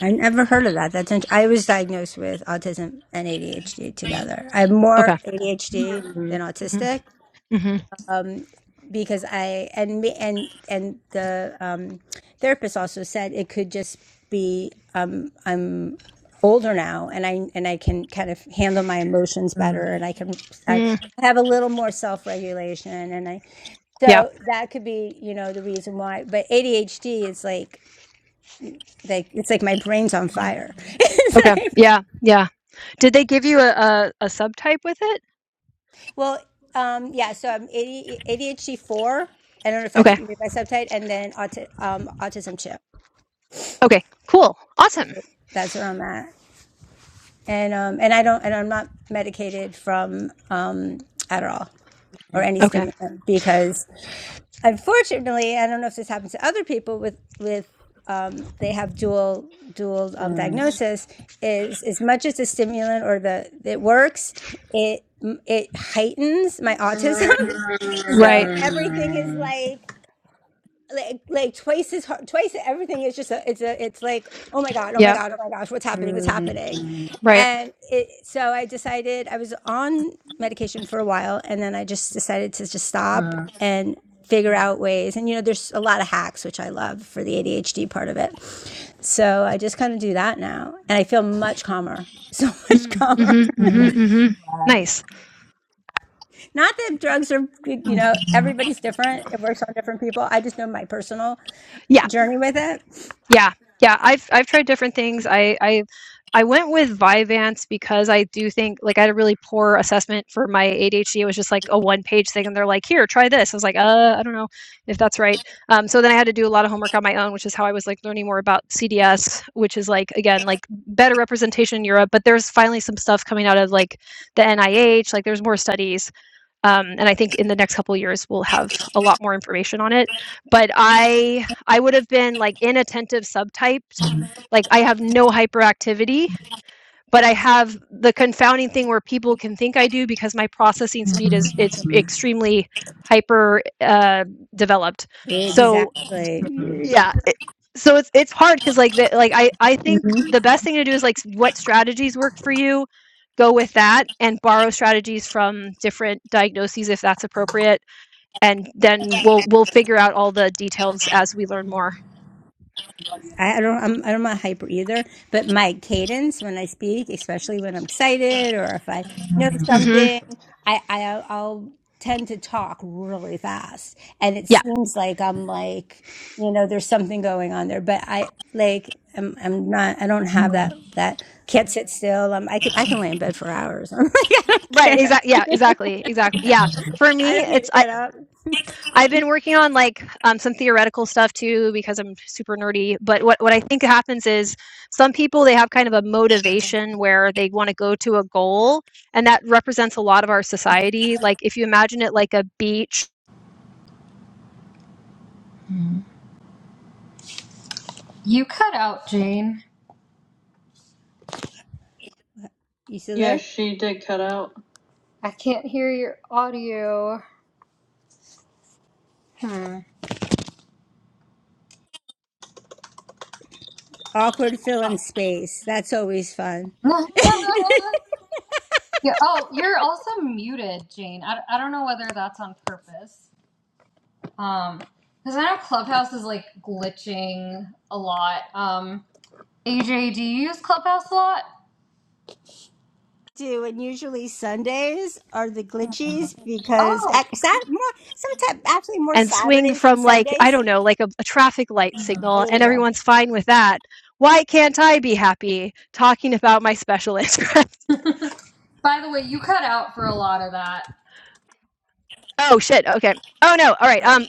Speaker 3: i never heard of that that's int- i was diagnosed with autism and adhd together i have
Speaker 2: Okay.
Speaker 3: more adhd than
Speaker 2: hmm
Speaker 3: autistic
Speaker 2: hmm
Speaker 3: um, because I and and and the um, therapist also said it could just be um, I'm older now and I and I can kind of handle my emotions better and I can I
Speaker 2: Mm,
Speaker 3: have a little more self regulation and I
Speaker 2: yeah.
Speaker 3: so that could be you know the reason why. But ADHD is like like it's like my brain's on fire.
Speaker 2: Okay.
Speaker 3: It's like-
Speaker 2: Yeah. Yeah. Did they give you a, a, a subtype with it?
Speaker 3: well, um, yeah. So I'm ADHD four. I don't know if that's
Speaker 2: Okay.
Speaker 3: what you mean by subtype, and then auti- um, autism two.
Speaker 2: Okay. Cool. Awesome.
Speaker 3: That's where I'm at. And um and I don't and I'm not medicated from um Adderall or any
Speaker 2: Okay.
Speaker 3: stimulant because unfortunately, I don't know if this happens to other people with with um they have dual dual um diagnosis is as much as the stimulant or the it works, it it heightens my autism. so
Speaker 2: Right.
Speaker 3: everything is like like like twice as hard twice everything is just a, it's a it's like oh my god oh my
Speaker 2: Yeah.
Speaker 3: god oh my gosh what's happening what's happening
Speaker 1: Cognizant.
Speaker 2: Right.
Speaker 3: and it, so i decided i was on medication for a while and then i just decided to just stop
Speaker 1: Yeah,
Speaker 3: and figure out ways and you know there's a lot of hacks which i love for the adhd part of it so i just kind of do that now and i feel much calmer so much
Speaker 2: Mm-hmm,
Speaker 3: calmer
Speaker 2: mm-hmm, mm-hmm. Mm-hmm. Nice.
Speaker 3: not that drugs are you know everybody's different it works on different people i just know my personal
Speaker 2: Yeah.
Speaker 3: journey with it
Speaker 2: Yeah, yeah. I've I've tried different things. I I I went with Vyvanse because I do think like I had a really poor assessment for my ADHD. It was just like a one page thing, and they're like, "Here, try this." I was like, "Uh, I don't know if that's right." Um, so then I had to do a lot of homework on my own, which is how I was like learning more about CDS, which is like again like better representation in Europe. But there's finally some stuff coming out of like the NIH. Like there's more studies um, and I think in the next couple of years we'll have a lot more information on it. But I I would have been like inattentive subtyped, like I have no hyperactivity, but I have the confounding thing where people can think I do because my processing speed is it's extremely hyper uh, developed. So
Speaker 3: Exactly.
Speaker 2: yeah, it so it's it's hard because like, the like, I I think
Speaker 3: hmm
Speaker 2: the best thing to do is, like, s what strategies work for you, go with that and borrow strategies from different diagnoses if that's appropriate, and then we'll we'll figure out all the details as we learn more.
Speaker 3: I I don't. I'm. I am i am not hyper either. But my cadence when I speak, especially when I'm excited or if I know
Speaker 2: Mhm.
Speaker 3: something, I, I I'll tend to talk really fast, and it
Speaker 2: Yeah.
Speaker 3: seems like I'm like you know there's something going on there. But I like I'm I'm not. I don't have that that can't sit still. Um, I can I can lay in bed for hours. I'm like I don't
Speaker 2: Right,
Speaker 3: care.
Speaker 2: exactly. yeah, exactly, exactly. Yeah. For
Speaker 3: I
Speaker 2: me,
Speaker 3: don't need
Speaker 2: it's
Speaker 3: to get up.
Speaker 2: I've been working on like um, some theoretical stuff too because I'm super nerdy. But what, what I think happens is some people they have kind of a motivation where they want to go to a goal, and that represents a lot of our society. Like if you imagine it like a beach
Speaker 3: You still there?
Speaker 1: she did cut out. I can't hear your audio. Hmm.
Speaker 3: Awkward fill in space. That's always fun.
Speaker 1: yeah. Oh, you're also muted, Jane. I, I don't know whether that's on purpose. Um, because I know Clubhouse is like glitching a lot. Um, AJ, do you use Clubhouse a lot?
Speaker 3: do and usually Sundays are the glitchies because
Speaker 1: Oh,
Speaker 3: at, sat, more sometimes actually more
Speaker 2: and swing
Speaker 3: Saturdays than
Speaker 2: from like I
Speaker 3: Sundays.
Speaker 2: don't know like a, a traffic light
Speaker 3: Oh,
Speaker 2: signal,
Speaker 3: there
Speaker 2: and
Speaker 3: you go.
Speaker 2: everyone's fine with that. Why can't I be happy talking about my special interest?
Speaker 1: by the way, you cut out for a lot of that.
Speaker 2: oh shit. Okay. Oh no. All right. Um.
Speaker 3: Art.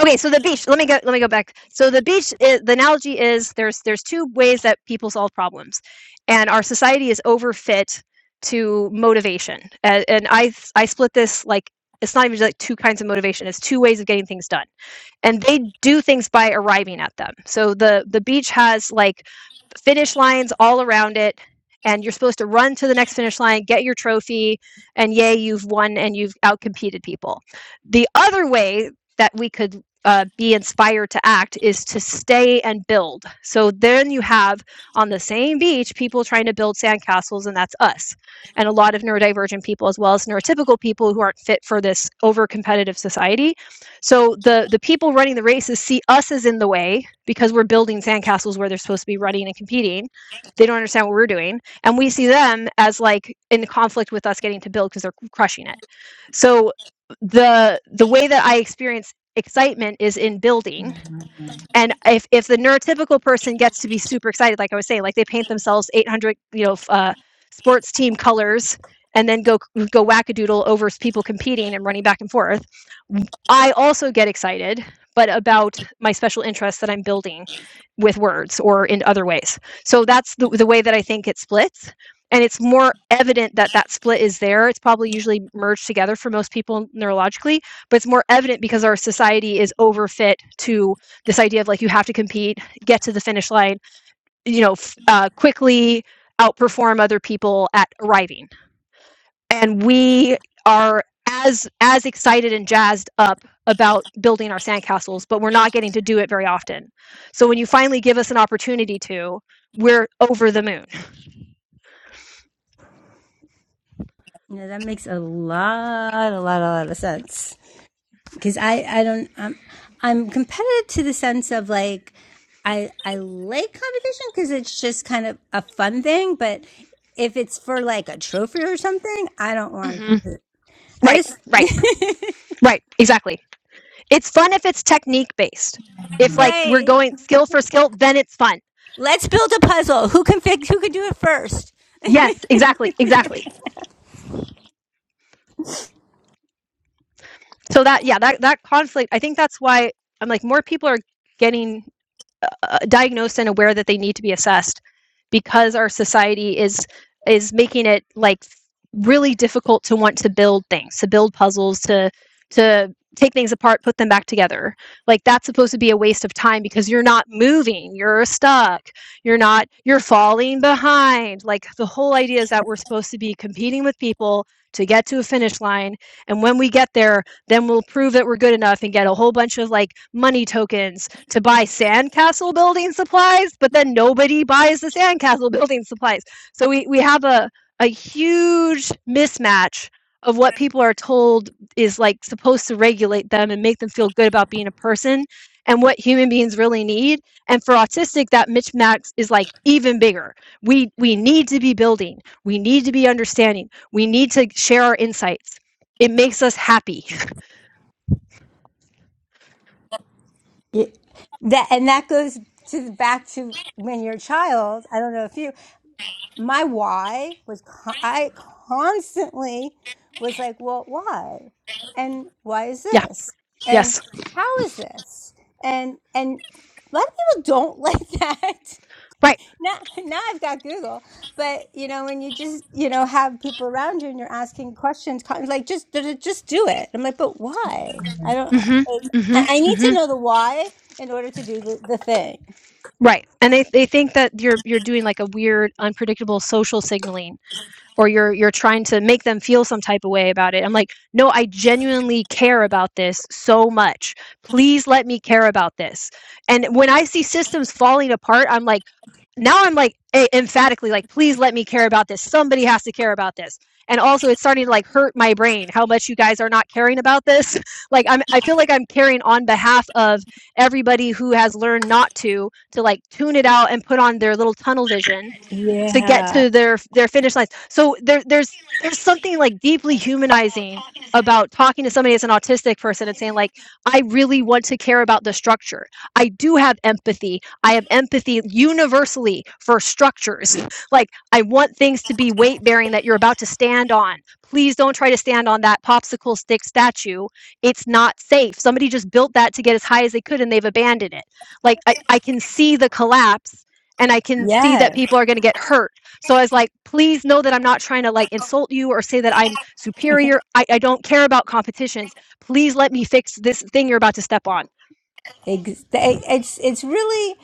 Speaker 2: Okay, so the beach. Let me go. Let me go back. So the beach. i the analogy is there's there's two ways that people solve problems, and our society is overfit to motivation. And, and I I split this like it's not even just like two kinds of motivation. It's two ways of getting things done, and they do things by arriving at them. So the the beach has like finish lines all around it and you're supposed to run to the next finish line get your trophy and yay you've won and you've outcompeted people the other way that we could uh, be inspired to act is to stay and build so then you have on the same beach people trying to build sandcastles and that's us and a lot of neurodivergent people as well as neurotypical people who aren't fit for this over competitive society so the the people running the races see us as in the way because we're building sandcastles where they're supposed to be running and competing. They don't understand what we're doing, and we see them as like in conflict with us getting to build because they're crushing it. So the the way that I experience excitement is in building and if if the neurotypical person gets to be super excited, like I was saying, like they paint themselves 800, you know, uh, sports team colors and then go go wackadoodle over people competing and running back and forth. I also get excited, but about my special interests that I'm building with words or in other ways. So that's the, the way that I think it splits. And it's more evident that that split is there. It's probably usually merged together for most people neurologically, but it's more evident because our society is overfit to this idea of like you have to compete, get to the finish line, you know, f- uh, quickly outperform other people at arriving. And we are as as excited and jazzed up about building our sandcastles, but we're not getting to do it very often. So when you finally give us an opportunity to, we're over the moon.
Speaker 3: Yeah, that makes a lot, a lot, a lot of sense because I, I don't, I'm, I'm competitive to the sense of like, I, I like competition because it's just kind of a fun thing. But if it's for like a trophy or something, I don't want to
Speaker 2: hmm
Speaker 3: compete. I
Speaker 2: Right,
Speaker 3: just.
Speaker 2: right, right, exactly. It's fun if it's technique based. If like we're
Speaker 3: Right.
Speaker 2: going skill for skill, then it's fun.
Speaker 3: Let's build a puzzle. Who can fix? Who can do it first?
Speaker 2: Yes, exactly, exactly. so that yeah that that conflict i think that's why i'm like more people are getting uh, diagnosed and aware that they need to be assessed because our society is is making it like really difficult to want to build things to build puzzles to to take things apart put them back together like that's supposed to be a waste of time because you're not moving you're stuck you're not you're falling behind like the whole idea is that we're supposed to be competing with people to get to a finish line and when we get there then we'll prove that we're good enough and get a whole bunch of like money tokens to buy sandcastle building supplies, but then nobody buys the sandcastle building supplies. So we, we have a, a huge mismatch of what people are told is like supposed to regulate them and make them feel good about being a person and what human beings really need. And for autistic, that mismatch is like even bigger. We we need to be building. We need to be understanding. We need to share our insights. It makes us happy.
Speaker 3: Yeah, that and that goes to back to when you're a child. I don't know if you. My why was con- I constantly was like, well, why, and why is
Speaker 2: Yeah.
Speaker 3: this, and
Speaker 2: Yes.
Speaker 3: how is this, and and a lot of people don't like that.
Speaker 2: Right.
Speaker 3: now, now I've got Google, but you know, when you just you know have people around you and you're asking questions, like just just do it. I'm like, but why? I don't.
Speaker 2: Mm-hmm. Mm-hmm.
Speaker 3: I I need
Speaker 2: Mm-hmm.
Speaker 3: to know the why in order to do the, the thing.
Speaker 2: Right. And they they think that you're you're doing like a weird unpredictable social signaling or you're you're trying to make them feel some type of way about it. I'm like, "No, I genuinely care about this so much. Please let me care about this." And when I see systems falling apart, I'm like, now I'm like e- emphatically like, please let me care about this. Somebody has to care about this. And also, it's starting to like hurt my brain how much you guys are not caring about this. like I'm, I feel like I'm caring on behalf of everybody who has learned not to to like tune it out and put on their little tunnel vision to get
Speaker 3: Yeah.
Speaker 2: to their their finish lines. So there there's there's something like deeply humanizing about talking to somebody as an autistic person and saying like I really want to care about the structure. I do have empathy. I have empathy universally for structures. Like I want things to be weight bearing that you're about to stand on. Please don't try to stand on that popsicle stick statue. It's not safe. Somebody just built that to get as high as they could and they've abandoned it. Like I, I can see the collapse and I can see that
Speaker 3: Yes.
Speaker 2: people are going to get hurt. So I was like, please know that I'm not trying to like insult you or say that I'm superior. I, I don't care about competitions. Please let me fix this thing you're about to step on.
Speaker 3: Ex- It's it's really,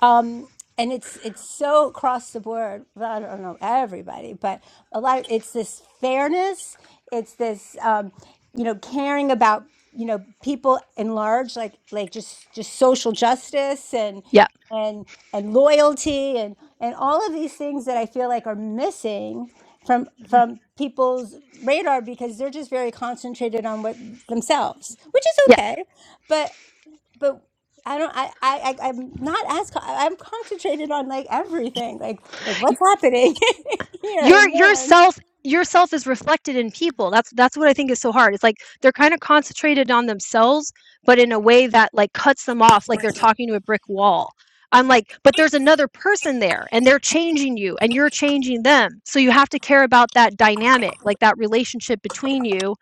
Speaker 3: um, and it's it's so across the board. Well, I don't know everybody, but a lot. Of, it's this fairness. It's this, um, you know, caring about you know people in large, like like just just social justice and
Speaker 2: Yeah.
Speaker 3: and and loyalty and and all of these things that I feel like are missing from
Speaker 2: Mhm.
Speaker 3: from people's radar because they're just very concentrated on what themselves, which is
Speaker 2: Yeah.
Speaker 3: okay, but but I don't. I. I. I- I'm not as. co- I- am concentrated on like everything. Like like what's happening here
Speaker 2: your
Speaker 3: and there.
Speaker 2: yourself yourself is reflected in people that's that's what i think is so hard it's like they're kind of concentrated on themselves but in a way that like cuts them off like they're talking to a brick wall i'm like but there's another person there and they're changing you and you're changing them so you have to care about that dynamic like that relationship between you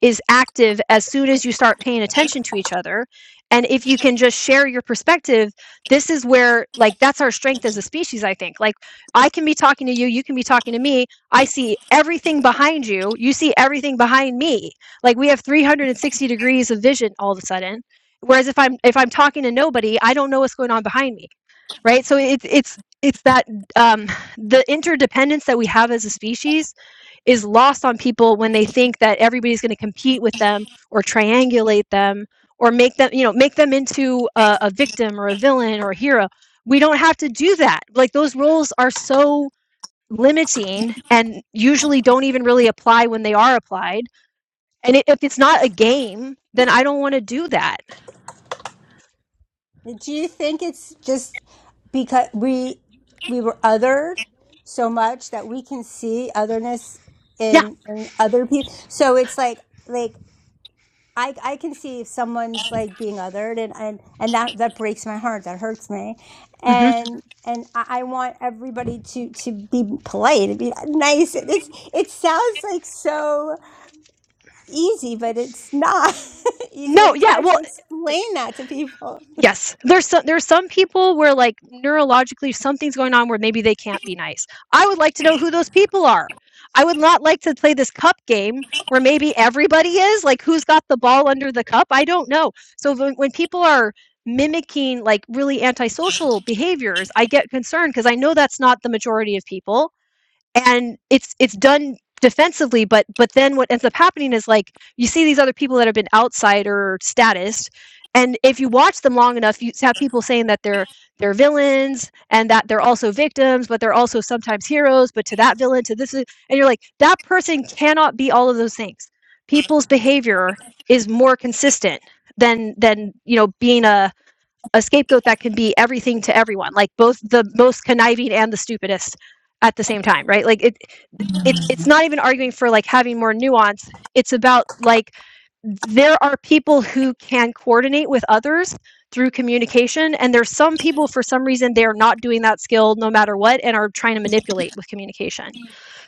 Speaker 2: is active as soon as you start paying attention to each other and if you can just share your perspective this is where like that's our strength as a species i think like i can be talking to you you can be talking to me i see everything behind you you see everything behind me like we have 360 degrees of vision all of a sudden whereas if i'm if i'm talking to nobody i don't know what's going on behind me right so it's it's it's that um, the interdependence that we have as a species is lost on people when they think that everybody's going to compete with them or triangulate them or make them you know make them into a, a victim or a villain or a hero we don't have to do that like those roles are so limiting and usually don't even really apply when they are applied and i- if it's not a game then i don't want to do that
Speaker 3: Do you think it's just because we we were othered so much that we can see otherness
Speaker 2: yeah
Speaker 3: in, in other people? So it's like like I I can see if someone's like being othered and and, and that that breaks my heart that hurts me
Speaker 2: hmm
Speaker 3: and and I, I want everybody to to be polite and be nice it's it sounds like so easy but it's not easy and
Speaker 2: no
Speaker 3: it's
Speaker 2: yeah
Speaker 3: hard to
Speaker 2: well
Speaker 3: explain that to people
Speaker 2: Yes, there's some there's some people where, like, neurologically something's going on where maybe they can't be nice. I would like to know who those people are. I would not like to play this cup game where maybe everybody is, like, who's got the ball under the cup? I don't know. So when when people are mimicking, like, really antisocial behaviors, I get concerned because I know that's not the majority of people, and it's it's done defensively but but then what ends up happening is like you see these other people that have been outsider status and if you watch them long enough you have people saying that they're they're villains and that they're also victims but they're also sometimes heroes but to that villain to this and you're like that person cannot be all of those things people's behavior is more consistent than than you know being a a scapegoat that can be everything to everyone, like both the most conniving and the stupidest at the same time, right? Like it, it it's not even arguing for like having more nuance. It's about like there are people who can coordinate with others through communication and there's some people for some reason they're not doing that skill no matter what and are trying to manipulate with communication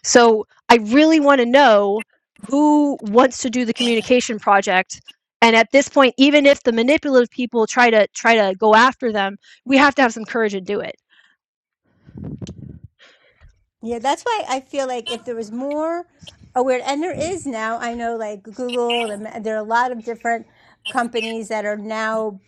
Speaker 2: so I really want to know who wants to do the communication project. And at this point, even if the manipulative people try to try to go after them, we have to have some courage and do it.
Speaker 3: Yeah, that's why I feel like if there was more aware, and there is now, I know like Google, and ma- there are a lot of different companies that are now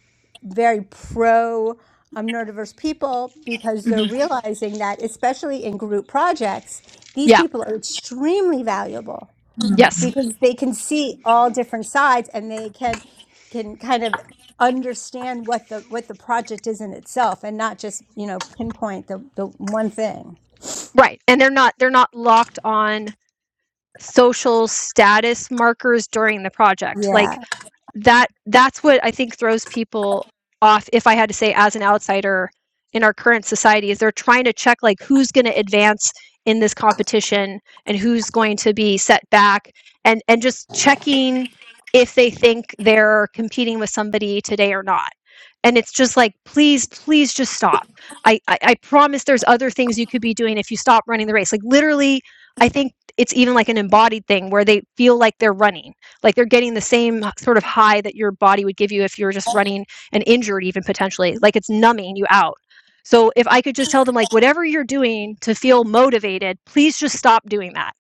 Speaker 3: very pro um, neurodiverse people because they're
Speaker 2: hmm
Speaker 3: realizing that, especially in group projects, these
Speaker 2: Yeah.
Speaker 3: people are extremely valuable
Speaker 2: Yes.
Speaker 3: because they can see all different sides and they can can kind of understand what the what the project is in itself and not just you know pinpoint the, the one thing
Speaker 2: Right. And they're not they're not locked on social status markers during the project.
Speaker 3: yeah
Speaker 2: Like that that's what I think throws people off. If I had to say, as an outsider in our current society, is they're trying to check like who's going to advance in this competition and who's going to be set back, and and just checking if they think they're competing with somebody today or not. And it's just like, please, please just stop. I, I, I promise there's other things you could be doing if you stop running the race. Like literally, I think it's even like an embodied thing where they feel like they're running like they're getting the same sort of high that your body would give you if you were just running and injured even potentially like it's numbing you out so if i could just tell them like whatever you're doing to feel motivated please just stop doing that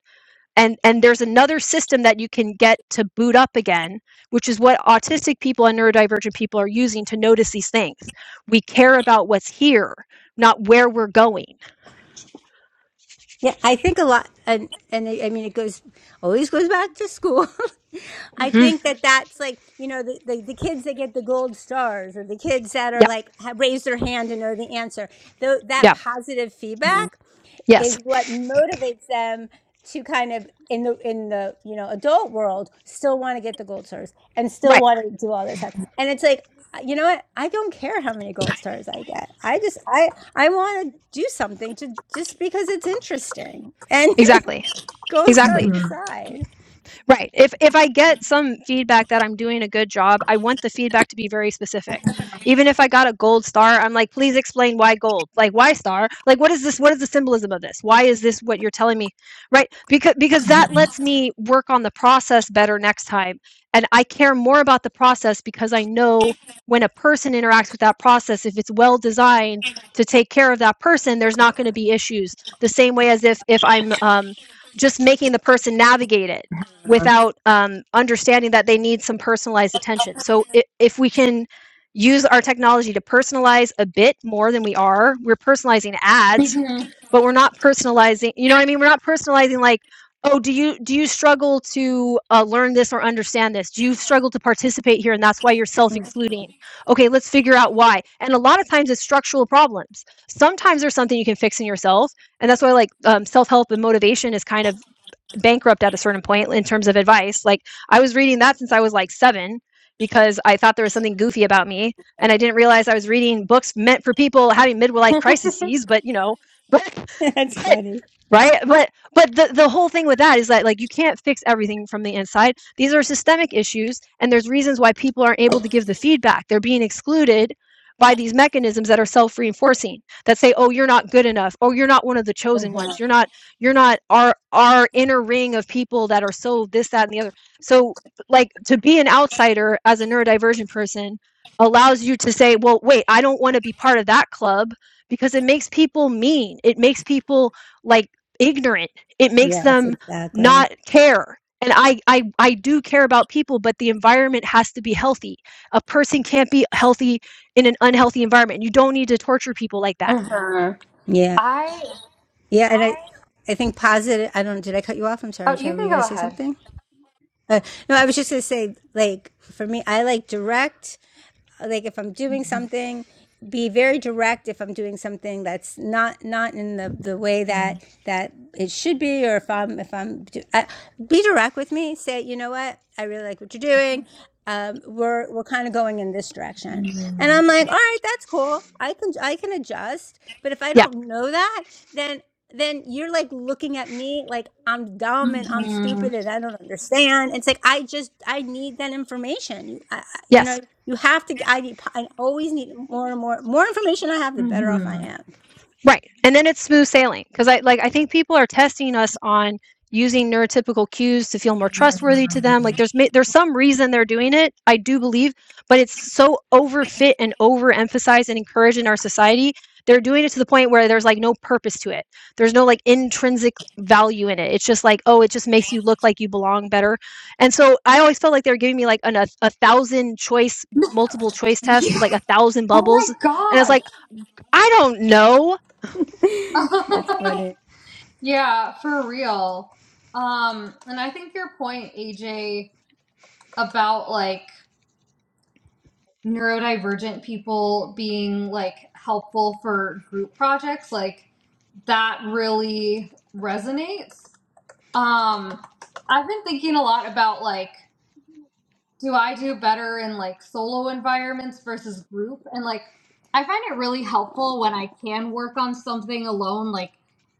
Speaker 2: and and there's another system that you can get to boot up again which is what autistic people and neurodivergent people are using to notice these things we care about what's here not where we're going
Speaker 3: Yeah, I think a lot, and and I I mean, it goes always goes back to school. I
Speaker 2: hmm
Speaker 3: think that that's like you know the, the the kids that get the gold stars or the kids that are
Speaker 2: yeah
Speaker 3: like have raise their hand and know the answer. Though that
Speaker 2: yeah
Speaker 3: positive feedback
Speaker 2: yes
Speaker 3: is what motivates them to kind of in the in the you know adult world still want to get the gold stars and still
Speaker 2: right
Speaker 3: want to do all this stuff and it's like you know what i don't care how many gold stars i get i just i i want to do something to just because it's interesting and
Speaker 2: exactly
Speaker 3: gold
Speaker 2: exactly
Speaker 3: stars
Speaker 1: Uh-huh.
Speaker 3: aside
Speaker 2: Right. If if I get some feedback that I'm doing a good job, I want the feedback to be very specific. Even if I got a gold star, I'm like, please explain why gold. Like why star? Like what is this? What is the symbolism of this? Why is this what you're telling me? Right? Because because that lets me work on the process better next time. And I care more about the process because I know when a person interacts with that process, if it's well designed to take care of that person, there's not going to be issues. The same way as if if I'm um, just making the person navigate it without um, understanding that they need some personalized attention. So if, if we can use our technology to personalize a bit more than we are, we're personalizing ads, but we're not personalizing. You know what I mean? We're not personalizing like, oh, do you do you struggle to uh, learn this or understand this? Do you struggle to participate here, and that's why you're self-excluding? Okay, let's figure out why. And a lot of times it's structural problems. Sometimes there's something you can fix in yourself, and that's why like um, self-help and motivation is kind of bankrupt at a certain point in terms of advice. Like I was reading that since I was like seven because I thought there was something goofy about me, and I didn't realize I was reading books meant for people having midlife crises. But you know, but
Speaker 3: that's
Speaker 2: but
Speaker 3: funny
Speaker 2: right, but but the the whole thing with that is that like you can't fix everything from the inside. These are systemic issues, and there's reasons why people aren't able to give the feedback. They're being excluded by these mechanisms that are self-reinforcing that say oh you're not good enough oh you're not one of the chosen ones you're not you're not our our inner ring of people that are so this that and the other so like to be an outsider as a neurodivergent person allows you to say well wait i don't want to be part of that club because it makes people mean it makes people like ignorant it makes
Speaker 3: yes
Speaker 2: them
Speaker 3: exactly
Speaker 2: not care and I, I i do care about people but the environment has to be healthy a person can't be healthy in an unhealthy environment you don't need to torture people like that
Speaker 3: yeah
Speaker 1: Uh-huh.
Speaker 3: yeah and i i think positive i don't did i cut you off i'm sorry
Speaker 1: Oh,
Speaker 3: Chad,
Speaker 1: you
Speaker 3: were
Speaker 1: can
Speaker 3: you
Speaker 1: go
Speaker 3: gonna say
Speaker 1: ahead.
Speaker 3: something uh, no i was just gonna say like for me i like direct like if I'm doing something, be very direct if I'm doing something that's not not in the, the way that that it should be, or if I'm if I'm uh, be direct with me. Say, you know what, I really like what you're doing. Um, we're we're kind of going in this direction, and
Speaker 1: hmm
Speaker 3: I'm like, all right, that's cool. I can I can adjust, but if I
Speaker 2: yeah
Speaker 3: don't know that, then then you're like looking at me like I'm dumb and I'm stupid and I don't understand. It's like I just I need that information. You I, I- you
Speaker 2: yes
Speaker 3: know you have to. I need I always need more and more more information. I have the better off I
Speaker 1: hmm
Speaker 3: am.
Speaker 2: Right. And then it's smooth sailing because I like I think people are testing us on using neurotypical cues to feel more trustworthy to them. Like there's ma- there's some reason they're doing it, I do believe, but it's so overfit and overemphasized and encouraged in our society. They're doing it to the point where there's like no purpose to it. There's no like intrinsic value in it. It's just like, oh, it just makes you look like you belong better. And so I always felt like they were giving me like an, a, a thousand choice, multiple choice test
Speaker 1: Yeah.
Speaker 2: with like a thousand
Speaker 1: Oh my
Speaker 2: bubbles. And it's like,
Speaker 1: gosh.
Speaker 2: I don't know
Speaker 3: That's funny.
Speaker 1: yeah, for real. Um, and I think your point, AJ, about like neurodivergent people being like helpful for group projects, like that really resonates. Um, I've been thinking a lot about like do I do better in like solo environments versus group? And like, I find it really helpful when I can work on something alone, like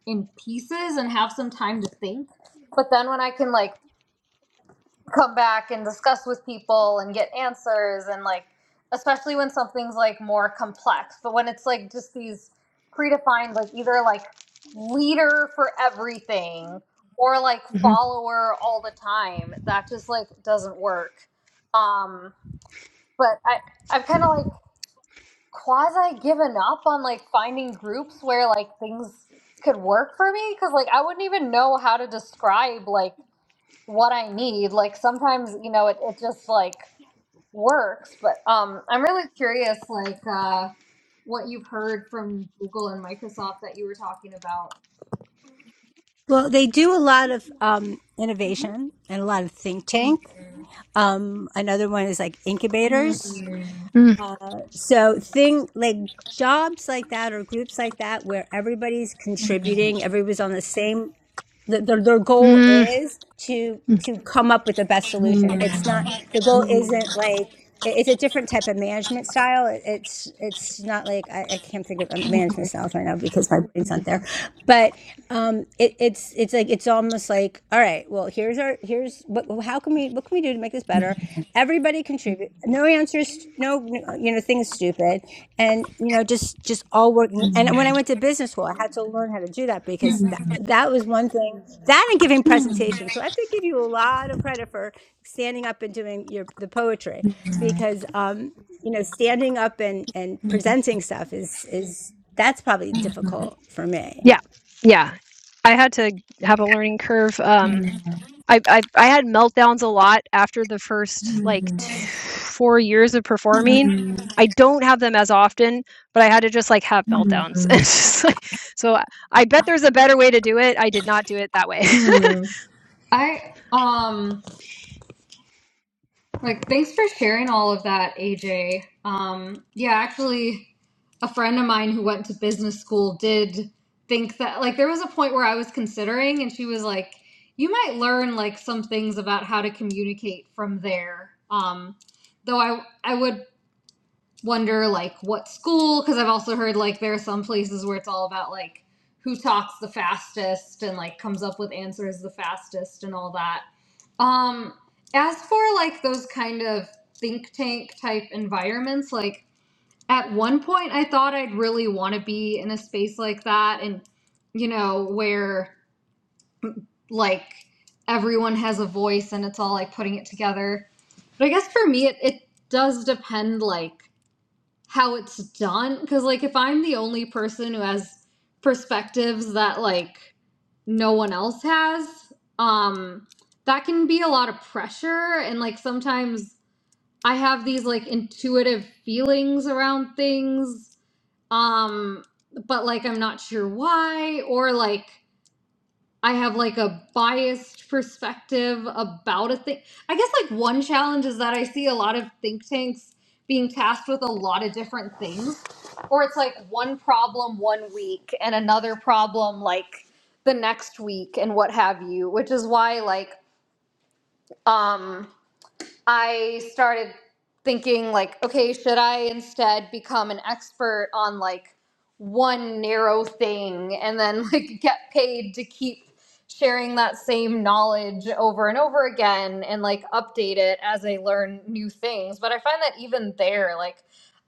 Speaker 1: in pieces and have some time to think. But then when I can like come back and discuss with people and get answers and like, especially when something's like more complex, but when it's like just these predefined, like either like leader for everything or like follower all the time, that just like doesn't work. Um, but I I've kind of like quasi given up on like finding groups where like things could work for me because like I wouldn't even know how to describe like what I need. Like sometimes you know it it just like works, but um I'm really curious like uh what you've heard from Google and Microsoft that you were talking about.
Speaker 3: Well, they do a lot of um, innovation and a lot of think tank. Um, another one is like
Speaker 1: Hmm.
Speaker 3: incubators.
Speaker 1: Hmm.
Speaker 2: Mm,
Speaker 3: So thing like jobs like that or groups like that where everybody's contributing, everybody's on the same the, their, their goal
Speaker 2: mm,
Speaker 3: is to
Speaker 2: mm.
Speaker 3: to come up with the best solution it's not the goal mm-hmm. isn't like it's a different type of management style it's it's not like i, I can't think of um, management styles right now because my brain's not there but um it, it's it's like it's almost like all right well here's our here's what how can we what can we do to make this better everybody contribute no answers no you know things stupid and you know just just all working
Speaker 1: Hmm.
Speaker 3: and when i went to business school i had to learn how to do that because that, that was one thing that and giving presentations so i have to give you a lot of credit for standing up and doing your the poetry because um you know standing up and and
Speaker 1: Hmm.
Speaker 3: presenting stuff is is that's probably difficult for me
Speaker 2: Yeah, yeah. I had to have a learning curve. Um, I, I I had meltdowns a lot after the first like t- four years of performing.
Speaker 1: Hmm.
Speaker 2: I don't have them as often, but I had to just like have meltdowns. It's just like, so I I bet there's a better way to do it. I did not do it that way.
Speaker 1: Hmm. I um. Like, thanks for sharing all of that, AJ. Um, yeah, actually, a friend of mine who went to business school did think that, like, there was a point where I was considering, and she was like, you might learn, like, some things about how to communicate from there. Um, though I, I would wonder like what school because I've also heard like there are some places where it's all about like who talks the fastest and like comes up with answers the fastest and all that. Um as for like those kind of think tank type environments like at one point I thought I'd really want to be in a space like that and you know where like everyone has a voice and it's all like putting it together. But I guess for me it, it does depend like how it's done because like if i'm the only person who has perspectives that like no one else has um that can be a lot of pressure and like sometimes i have these like intuitive feelings around things um but like i'm not sure why or like I have like a biased perspective about a thing. I guess like one challenge is that I see a lot of think tanks being tasked with a lot of different things, or it's like one problem one week and another problem like the next week and what have you, which is why like um I started thinking like, okay, should I instead become an expert on like one narrow thing and then like get paid to keep sharing that same knowledge over and over again and like update it as I learn new things. But I find that even there, like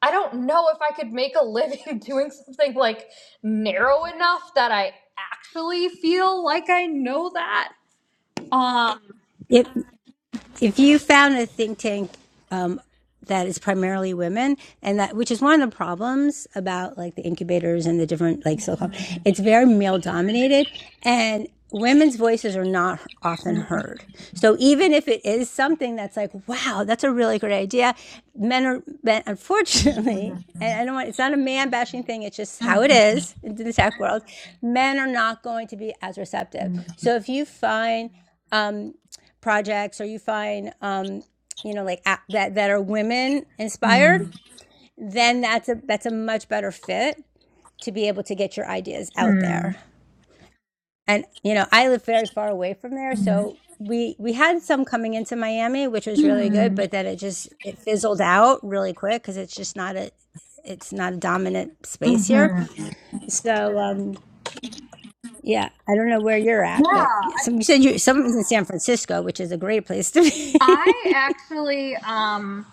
Speaker 1: I don't know if I could make a living doing something like narrow enough that I actually feel like I know that. Um
Speaker 3: Yep. If you found a think tank um, that is primarily women, and that which is one of the problems about like the incubators and the different like silicon, it's very male dominated, and women's voices are not often heard. So even if it is something that's like, wow, that's a really great idea, men are men, unfortunately. And I don't want, it's not a man bashing thing. It's just how it is in the tech world. Men are not going to be as receptive. So if you find um, projects or you find um, you know like that that are women inspired then that's a that's a much better fit to be able to get your ideas out
Speaker 1: Mhm.
Speaker 3: there and you know i live very far away from there
Speaker 1: Mhm.
Speaker 3: so we we had some coming into miami which was really good
Speaker 1: Mhm.
Speaker 3: but then it just it fizzled out really quick because it's just not a it's not a dominant space here
Speaker 1: Mhm.
Speaker 3: so um yeah i don't know where you're
Speaker 1: Yeah,
Speaker 3: at but
Speaker 1: I
Speaker 3: some, you said you someone's in san francisco which is a great place to
Speaker 1: I
Speaker 3: be
Speaker 1: actually um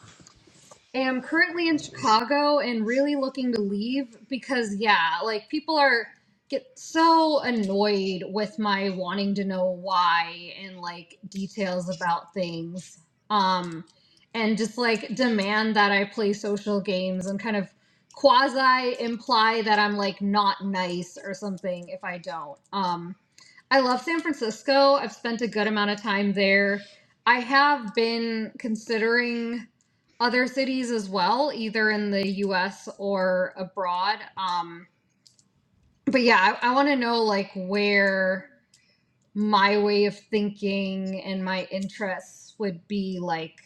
Speaker 1: am currently in Chicago and really looking to leave because yeah, like people are get so annoyed with my wanting to know why and like details about things. Um and just like demand that I play social games and kind of quasi imply that I'm like not nice or something if I don't. Um I love San Francisco. I've spent a good amount of time there. I have been considering other cities as well, either in the US or abroad. Um, but yeah, I, I want to know like where my way of thinking and my interests would be like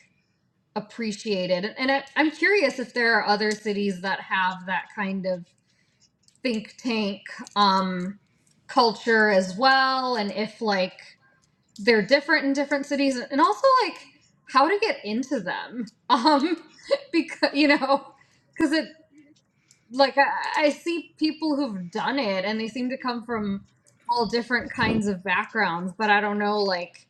Speaker 1: appreciated. And, and I, I'm curious if there are other cities that have that kind of think tank um, culture as well, and if like they're different in different cities and also like how to get into them um because you know because it like I, I see people who've done it and they seem to come from all different kinds of backgrounds but i don't know like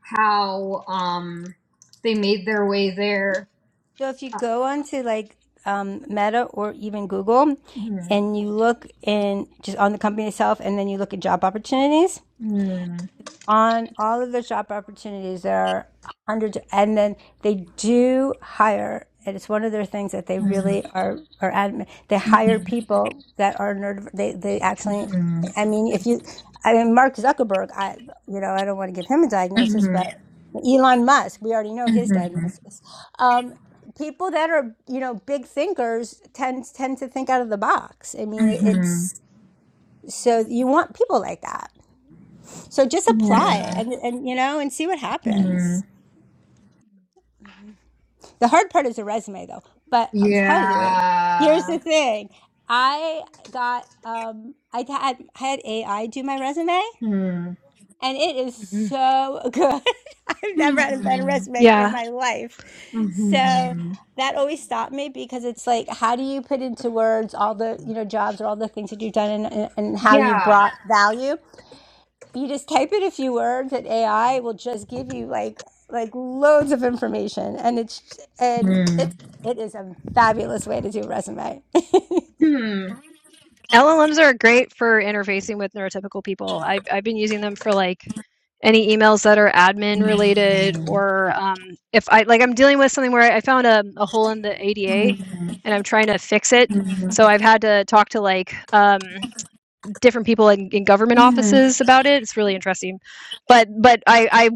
Speaker 1: how um they made their way there
Speaker 3: So if you go onto like um, Meta or even Google,
Speaker 1: Mhm,
Speaker 3: and you look in just on the company itself, and then you look at job opportunities,
Speaker 1: mhm,
Speaker 3: on all of the job opportunities. There are hundreds, and then they do hire, and it's one of their things that they
Speaker 1: mhm,
Speaker 3: really are are adamant. They hire
Speaker 1: mhm,
Speaker 3: people that are nerd. They they actually, I mean, if you, I mean, Mark Zuckerberg, I you know, I don't want to give him a diagnosis,
Speaker 1: mhm,
Speaker 3: but Elon Musk, we already know his
Speaker 1: mhm,
Speaker 3: diagnosis. Um, people that are you know big thinkers tend tend to think out of the box. I mean,
Speaker 1: mhm,
Speaker 3: it's so you want people like that. So just apply
Speaker 1: mhm.
Speaker 3: and, and you know and see what happens.
Speaker 2: Mhm,
Speaker 3: The hard part is the resume though. But I'll tell
Speaker 1: yeah
Speaker 3: you, here's the thing. I got um I had had AI do my resume
Speaker 1: mhm. yeah
Speaker 3: and it is
Speaker 2: mhm.
Speaker 3: so good. I've never had a better
Speaker 1: Hmm.
Speaker 3: resume in
Speaker 2: Yeah.
Speaker 3: my life. So
Speaker 1: hmm
Speaker 3: that always stopped me because it's like how do you put into words all the you know jobs or all the things that you've done and, and, and how you've
Speaker 1: Yeah.
Speaker 3: brought value you just type in a few words and AI will just give you like like loads of information and it's and
Speaker 1: Mm.
Speaker 3: it's it is a fabulous way to do a resume. do
Speaker 1: Hmm.
Speaker 2: LLMs are great for interfacing with neurotypical people. I've, I've been using them for like any emails that are admin related, or um, if I like I'm dealing with something where I found a, a hole in the ADA and I'm trying to fix it.
Speaker 1: Mhm.
Speaker 2: So I've had to talk to like um, different people in, in government
Speaker 1: Mhm.
Speaker 2: offices about it. It's really interesting, but but I, I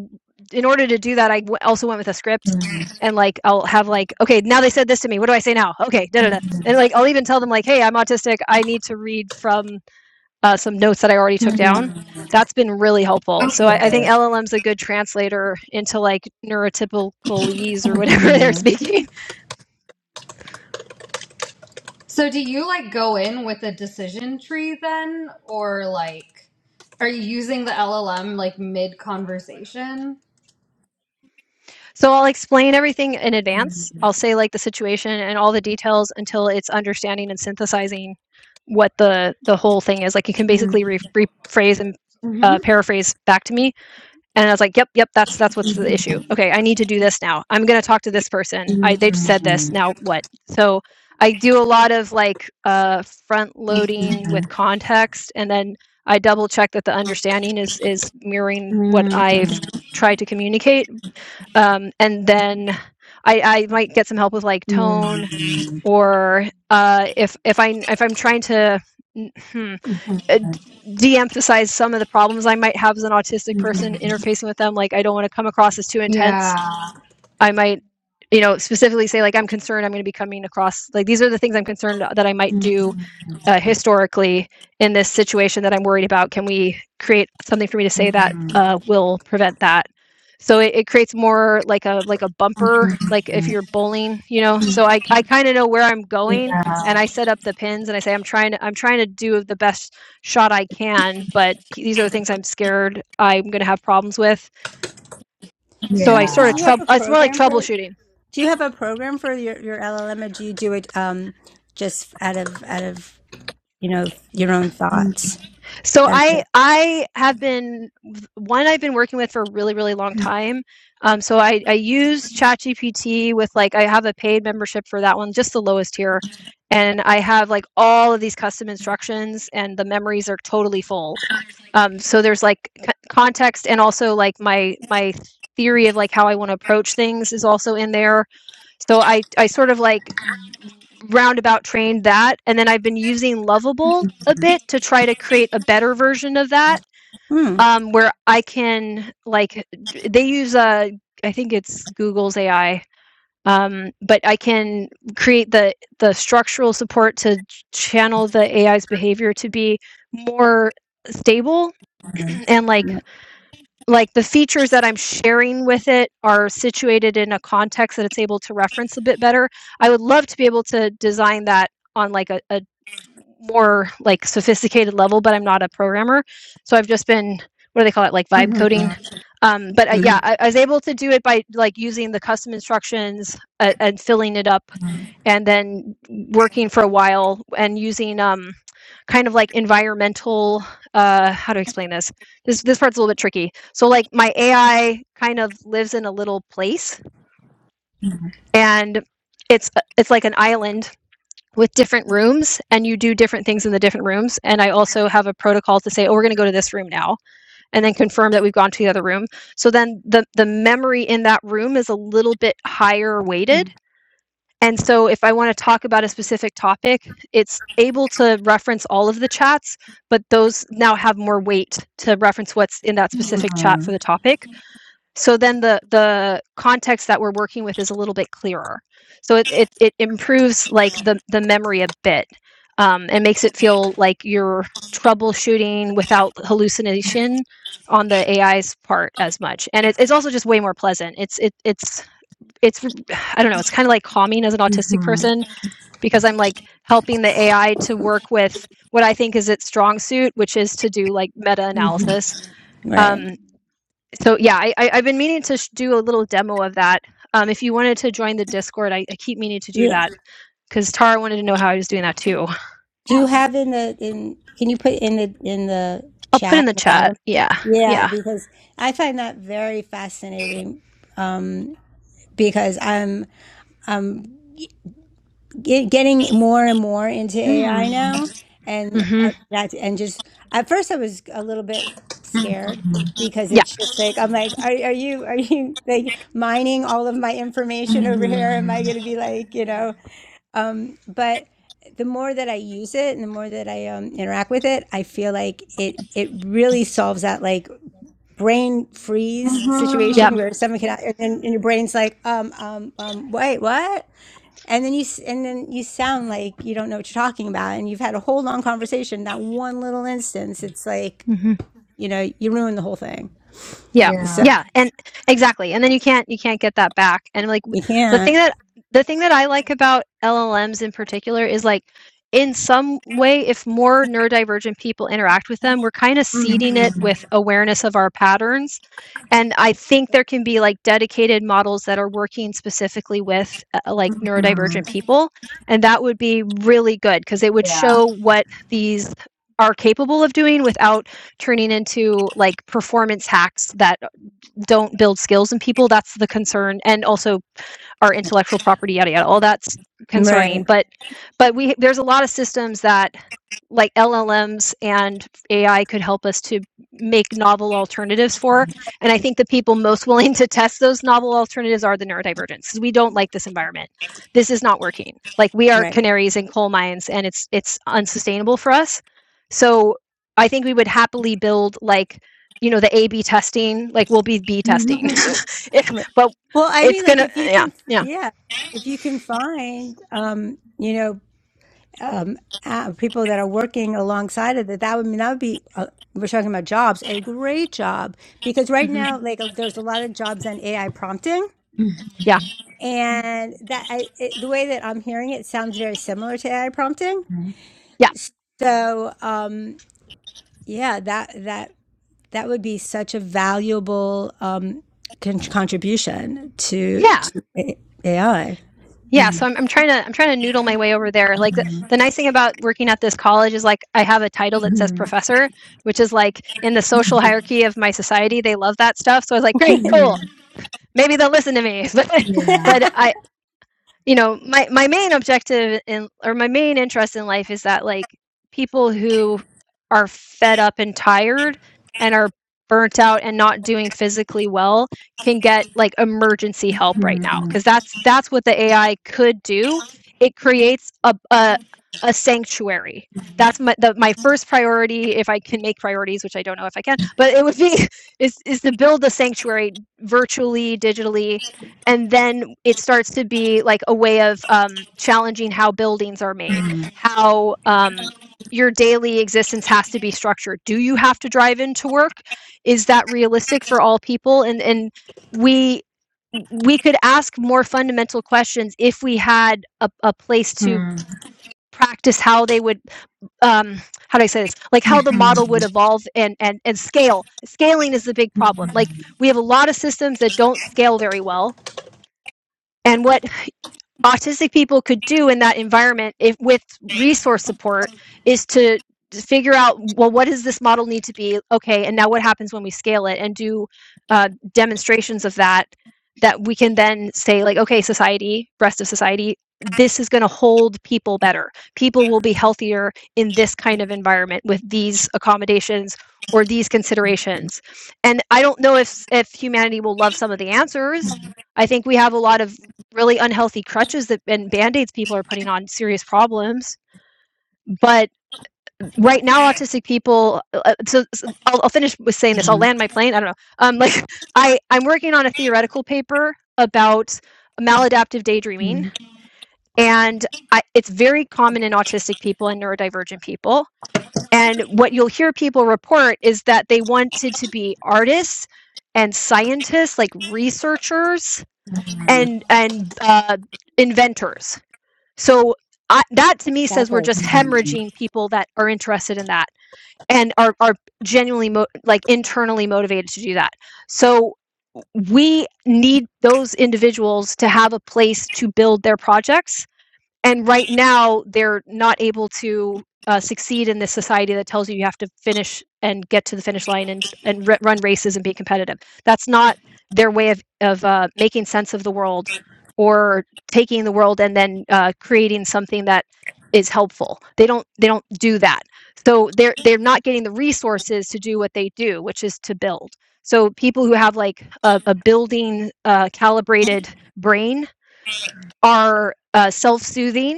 Speaker 2: in order to do that, I w- also went with a script. And like I'll have like okay now they said this to me what do I say now okay da da da and like I'll even tell them like hey I'm autistic I need to read from uh, some notes that I already took
Speaker 1: Mhm.
Speaker 2: down. That's been really helpful. So I, I
Speaker 1: Okay.
Speaker 2: think LLM's a good translator into like neurotypicalese or whatever they're speaking.
Speaker 1: So do you like go in with a decision tree then or like are you using the LLM like mid conversation?
Speaker 2: So I'll explain everything in advance.
Speaker 1: Mm-hmm.
Speaker 2: I'll say like the situation and all the details until it's understanding and synthesizing what the the whole thing is. Like you can basically re- rephrase and uh, paraphrase back to me And I was like, "Yep, yep, that's that's what's the issue. Okay, I need to do this now. I'm going to talk to this person. I they just said this.
Speaker 1: Yeah.
Speaker 2: Now what?" So I do a lot of like uh, front loading with context, and then I double check that the understanding is is mirroring what I've tried to communicate. Um, and then I, I might get some help with like tone, or uh, if if I if I'm trying to. Hmm, uh, de-emphasize some of the problems I might have as an
Speaker 1: Mhm.
Speaker 2: autistic person
Speaker 1: Mhm.
Speaker 2: interfacing with them. Like I don't want to come across as too intense.
Speaker 1: Yeah.
Speaker 2: I might, you know, specifically say like I'm concerned I'm going to be coming across like these are the things I'm concerned that I might
Speaker 1: Mm.
Speaker 2: do uh, historically in this situation that I'm worried about? Can we create something for me to say that
Speaker 1: Mm.
Speaker 2: uh, will prevent that? So it, it creates more like a like a bumper, like if
Speaker 1: Mm.
Speaker 2: you're bowling, you know. So I, I kind of know where I'm going,
Speaker 1: Yeah.
Speaker 2: and I set up the pins, and I say I'm trying to I'm trying to do the best shot I can, but he- these are the things I'm scared I'm going to have problems with. So I
Speaker 3: you
Speaker 2: sort
Speaker 3: is
Speaker 2: of
Speaker 1: Yeah.
Speaker 3: you have
Speaker 2: trouble.
Speaker 3: a
Speaker 2: It's more like
Speaker 3: program for
Speaker 2: troubleshooting
Speaker 3: do you have a program for your, your LLM or do you do it um just out of out of you know your own
Speaker 1: Mhm.
Speaker 3: thoughts?
Speaker 2: So
Speaker 3: Out of
Speaker 2: I
Speaker 3: your-
Speaker 2: I have been one I've been working with for a really really long time. Um, so I I use ChatGPT with like I have a paid membership for that one, just the lowest tier, and I have like all of these custom instructions, and the memories are totally full. Um, so there's like c- context and also like my my theory of like how I want to approach things is also in there so I I sort of like roundabout trained that, and then I've been using Lovable a bit to try to create a better version of that,
Speaker 3: Hmm.
Speaker 2: um, where I can like they use a I think it's Google's AI, um, but I can create the the structural support to channel the AI's behavior to be more stable and like
Speaker 3: right.
Speaker 2: like the features that I'm sharing with it are situated in a context that it's able to reference a bit better. I would love to be able to design that on like a, a more like sophisticated level, but I'm not a programmer. So I've just been, what do they call it? Like vibe coding. Um, but uh,
Speaker 3: Mm-hmm.
Speaker 2: yeah, I, I was able to do it by like using the custom instructions uh, and filling it up and then working for a while and using, um, kind of like environmental uh how to explain this this this part's a little bit tricky so like my ai kind of lives in a little place and it's it's like an island with different rooms and you do different things in the different rooms and i also have a protocol to say oh we're going to go to this room now and then confirm that we've gone to the other room so then the the memory in that room is a little bit higher weighted and so if I want to talk about a specific topic, it's able to reference all of the chats, but those now have more weight to reference what's in that specific chat for
Speaker 1: Mhm.
Speaker 2: the topic. So then the the context that we're working with is a little bit clearer. So it it, it improves like the the memory a bit um, and makes it feel like you're troubleshooting without hallucination on the AI's part as much. And it, it's also just way more pleasant. It's it, it's it's I don't know, it's kind of like calming as an autistic
Speaker 1: Mhm.
Speaker 2: person because I'm like helping the AI to work with what I think is its strong suit, which is to do like meta
Speaker 1: Mhm.
Speaker 2: analysis.
Speaker 3: Right.
Speaker 2: Um, so yeah, I, I, I've been meaning to sh- do a little demo of that. Um, if you wanted to join the Discord, I, I keep meaning to do
Speaker 3: Yeah.
Speaker 2: that because Tara wanted to know how I was doing that too.
Speaker 3: Do you have in the in can you put in the in the
Speaker 2: I'll put
Speaker 3: chat
Speaker 2: in
Speaker 3: at
Speaker 2: the
Speaker 3: the
Speaker 2: chat.
Speaker 3: bottom?
Speaker 2: Yeah,
Speaker 3: Yeah,
Speaker 2: yeah,
Speaker 3: because I find that very fascinating um because I'm I'm get, getting more and more into
Speaker 1: Mm.
Speaker 3: AI now and
Speaker 2: mm-hmm,
Speaker 3: I, that and just at first I was a little bit scared
Speaker 1: Mhm.
Speaker 3: because
Speaker 2: yeah,
Speaker 3: it's just like I'm like are are you are you like mining all of my information over
Speaker 1: Mhm.
Speaker 3: here am I going to be like you know um, but the more that I use it and the more that I um, interact with it, I feel like it it really solves that like brain freeze
Speaker 2: yep.
Speaker 3: situation where someone can and, then, and your brain's like um um um wait what and then you s- and then you sound like you don't know what you're talking about and you've had a whole long conversation that one little instance it's like
Speaker 2: Mm-hmm.
Speaker 3: you know you ruin the whole thing
Speaker 1: Mhm.
Speaker 2: Yeah.
Speaker 3: so
Speaker 1: Yeah.
Speaker 2: Yeah. And exactly. And then you can't you can't get that back. And like
Speaker 3: you
Speaker 2: the thing
Speaker 3: can't
Speaker 2: that the thing that I like about LLMs in particular is like in some way if more neurodivergent people interact with them, we're kind of
Speaker 1: Mhm.
Speaker 2: seeding it with awareness of our patterns. And I think there can be like dedicated models that are working specifically with uh, uh, like
Speaker 1: Mhm.
Speaker 2: neurodivergent people, and that would be really good because it would
Speaker 1: Yeah.
Speaker 2: show what these are capable of doing without turning into like performance hacks that don't build skills in people. That's the concern, and also our intellectual property, yada yada. All that's concerning.
Speaker 3: right
Speaker 2: But but we there's a lot of systems that like LLMs and AI could help us to make novel alternatives for. And I think the people most willing to test those novel alternatives are the neurodivergents because we don't like this environment. This is not working. Like we are
Speaker 3: right
Speaker 2: canaries in coal mines and it's it's unsustainable for us. So I think we would happily build like you know the A B testing, like we'll be B
Speaker 1: Mhm.
Speaker 2: testing. If-
Speaker 3: Right.
Speaker 2: but
Speaker 3: Well, I
Speaker 2: it's
Speaker 3: mean, like
Speaker 2: gonna
Speaker 3: if you
Speaker 2: yeah,
Speaker 3: can,
Speaker 2: yeah.
Speaker 3: yeah, if you can find, um, you know, um, uh, people that are working alongside of that, that would mean that would be. Uh, we're talking about jobs, a great job because right
Speaker 2: hmm
Speaker 3: now, like, there's a lot of jobs on AI prompting,
Speaker 1: Mhm.
Speaker 2: Yeah.
Speaker 3: and that I, it, the way that I'm hearing it sounds very similar to AI prompting.
Speaker 2: Yeah.
Speaker 3: So, um, yeah, that that that would be such a valuable um, con- contribution to,
Speaker 2: Yeah.
Speaker 3: to AI.
Speaker 2: Yeah, so
Speaker 1: Mhm.
Speaker 2: I'm, I'm trying to I'm trying to noodle my way over there. Like the, the nice thing about working at this college is like I have a title that says
Speaker 1: Mhm.
Speaker 2: professor, which is like in the social hierarchy of my society, they love that stuff. So I was like, great,
Speaker 1: Hmm.
Speaker 2: cool, maybe they'll listen to me. But
Speaker 1: Yeah.
Speaker 2: but I you know my my main objective in or my main interest in life is that like people who are fed up and tired and are burnt out and not doing physically well can get like emergency help right now
Speaker 1: Mhm.
Speaker 2: because that's that's what the AI could do. It creates a a, a sanctuary. That's my the, my first priority if I can make priorities, which I don't know if I can, but it would be is is to build a sanctuary virtually, digitally, and then it starts to be like a way of um, challenging how buildings are made
Speaker 1: Mhm.
Speaker 2: how um, your daily existence has to be structured do you have to drive into work is that realistic for all people and and we we could ask more fundamental questions if we had a, a place to practice how they would um how do i say this like
Speaker 1: Mhm.
Speaker 2: how the model
Speaker 1: Mhm.
Speaker 2: would evolve and and and scale scaling is the big problem like we have a lot of systems that don't scale very well and what autistic people could do in that environment if with resource support is to figure out well what does this model need to be okay and now what happens when we scale it and do uh, demonstrations of that that we can then say like okay society rest of society this is going to hold people better people will be healthier in this kind of environment with these accommodations or these considerations and i don't know if if humanity will love some of the answers I think we have a lot of really unhealthy crutches that and band-aids people are putting on serious problems but right now autistic people uh, uh, so, so I'll, I'll finish with saying this i'll land my plane i don't know um, like i i'm working on a theoretical paper about maladaptive daydreaming and I, it's very common in autistic people and neurodivergent people and what you'll hear people report is that they wanted to be artists and scientists like researchers and and uh, inventors So I, that to me says we're
Speaker 3: Exactly.
Speaker 2: just hemorrhaging people that are interested in that and are are genuinely mo- like internally motivated to do that. So we need those individuals to have a place to build their projects and right now they're not able to uh, succeed in this society that tells you you have to finish and get to the finish line and and r- run races and be competitive. That's not their way of of uh, making sense of the world or taking the world and then uh, creating something that is helpful. They don't they don't do that. So they're they're not getting the resources to do what they do, which is to build. So people who have like a, a building uh, calibrated brain are uh, self-soothing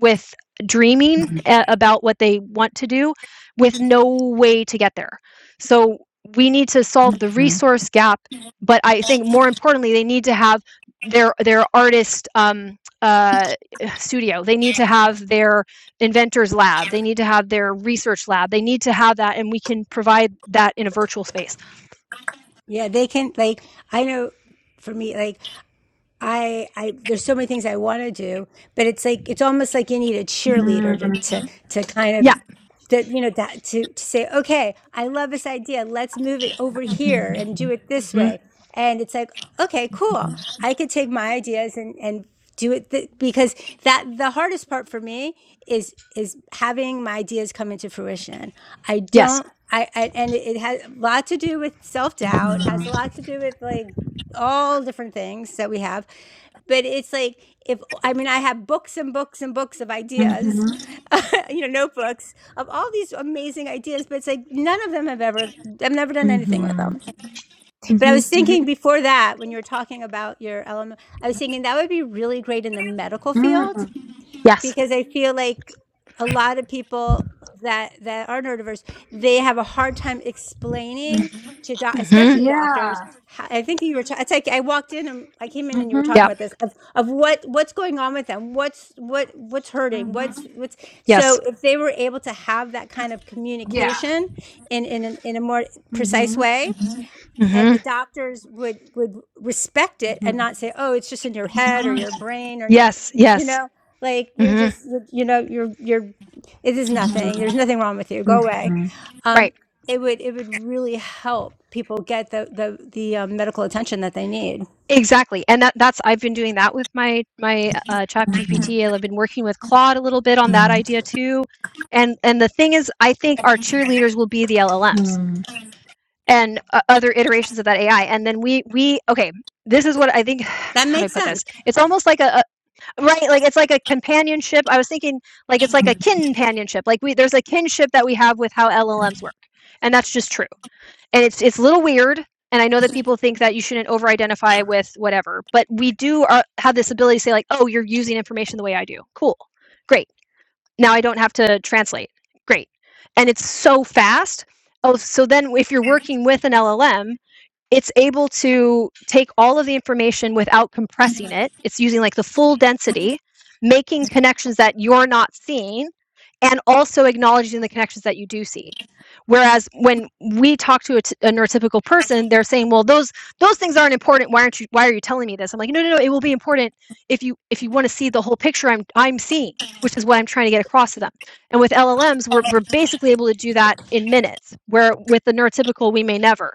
Speaker 2: with dreaming uh, about what they want to do with no way to get there. So we need to solve the resource gap, but I think more importantly, they need to have their their artist um, uh, studio. They need to have their inventors lab. They need to have their research lab. They need to have that, and we can provide that in a virtual space.
Speaker 3: Yeah, they can like I know for me like I, I, there's so many things I want to do, but it's like, it's almost like you need a cheerleader to, to, to kind
Speaker 2: Yeah.
Speaker 3: of, that, you know, that to, to say, okay, I love this idea. Let's move it over here and do it this
Speaker 2: hmm
Speaker 3: way. And it's like, okay, cool. I could take my ideas and, and do it th- because that, the hardest part for me is, is having my ideas come into fruition. I
Speaker 2: Yes.
Speaker 3: don't, I, I and it it has a lot to do with self doubt, has a
Speaker 1: Mhm.
Speaker 3: lot to do with like, all different things that we have. But it's like if I mean I have books and books and books of ideas, you know, notebooks of all these amazing ideas, but it's like none of them have ever I've never done anything with them.
Speaker 2: hmm
Speaker 3: But I was
Speaker 2: hmm
Speaker 3: thinking before that when you were talking about your element, I was thinking that would be really great in the medical field
Speaker 2: Yes.
Speaker 3: because I feel like a lot of people that that are neurodiverse, they have a hard time explaining to doc,
Speaker 2: hmm
Speaker 3: especially doctors. How, I think you were. Ta- it's like I walked in and I came in and you were talking
Speaker 2: Yeah.
Speaker 3: about this of, of what what's going on with them, what's what what's hurting, what's what's.
Speaker 2: Yes.
Speaker 3: So if they were able to have that kind of communication in in an- in a more precise way, and
Speaker 2: hmm
Speaker 3: the doctors would would respect it and not say oh it's just in your head or
Speaker 1: Mhm.
Speaker 3: your brain or your
Speaker 2: Yes.
Speaker 3: you
Speaker 2: Yes.
Speaker 3: know like you're
Speaker 2: hmm
Speaker 3: just you know you're you're it is
Speaker 1: Yeah.
Speaker 3: nothing there's nothing wrong with you
Speaker 1: Mhm. Mhm. Mhm. Mhm.
Speaker 3: go away
Speaker 1: Mhm.
Speaker 2: Right.
Speaker 3: um, it would it would really help people get the the, the um, medical attention that they need
Speaker 2: Exactly, and that that's I've been doing that with my my uh, ChatGPT, I've been working with Claude a little bit on that idea too. And and the thing is, I think our cheerleaders will be the LLMs and uh, other iterations of that AI. And then we we okay, this is what I think.
Speaker 3: that
Speaker 2: How do I
Speaker 3: makes
Speaker 2: put
Speaker 3: sense
Speaker 2: this? It's almost like a, a right, like it's like a companionship. I was thinking like it's like a kinpanionship. Like we there's a kinship that we have with how LLMs work, and that's just true and it's it's a little weird and i know that people think that you shouldn't over identify with whatever but we do uh have this ability to say like oh you're using information the way i do cool great now i don't have to translate great and it's so fast oh so then if you're working with an llm it's able to take all of the information without compressing it. It's using like the full density, making connections that you're not seeing, and also acknowledging the connections that you do see. Whereas when we talk to a, t- a neurotypical person, they're saying, "Well, those those things aren't important. Why aren't you? Why are you telling me this?" I'm like, "No, no, no. It will be important if you if you want to see the whole picture. I'm I'm seeing." Which is what I'm trying to get across to them. And with LLMs, we're, we're basically able to do that in minutes, where with the neurotypical, we may never.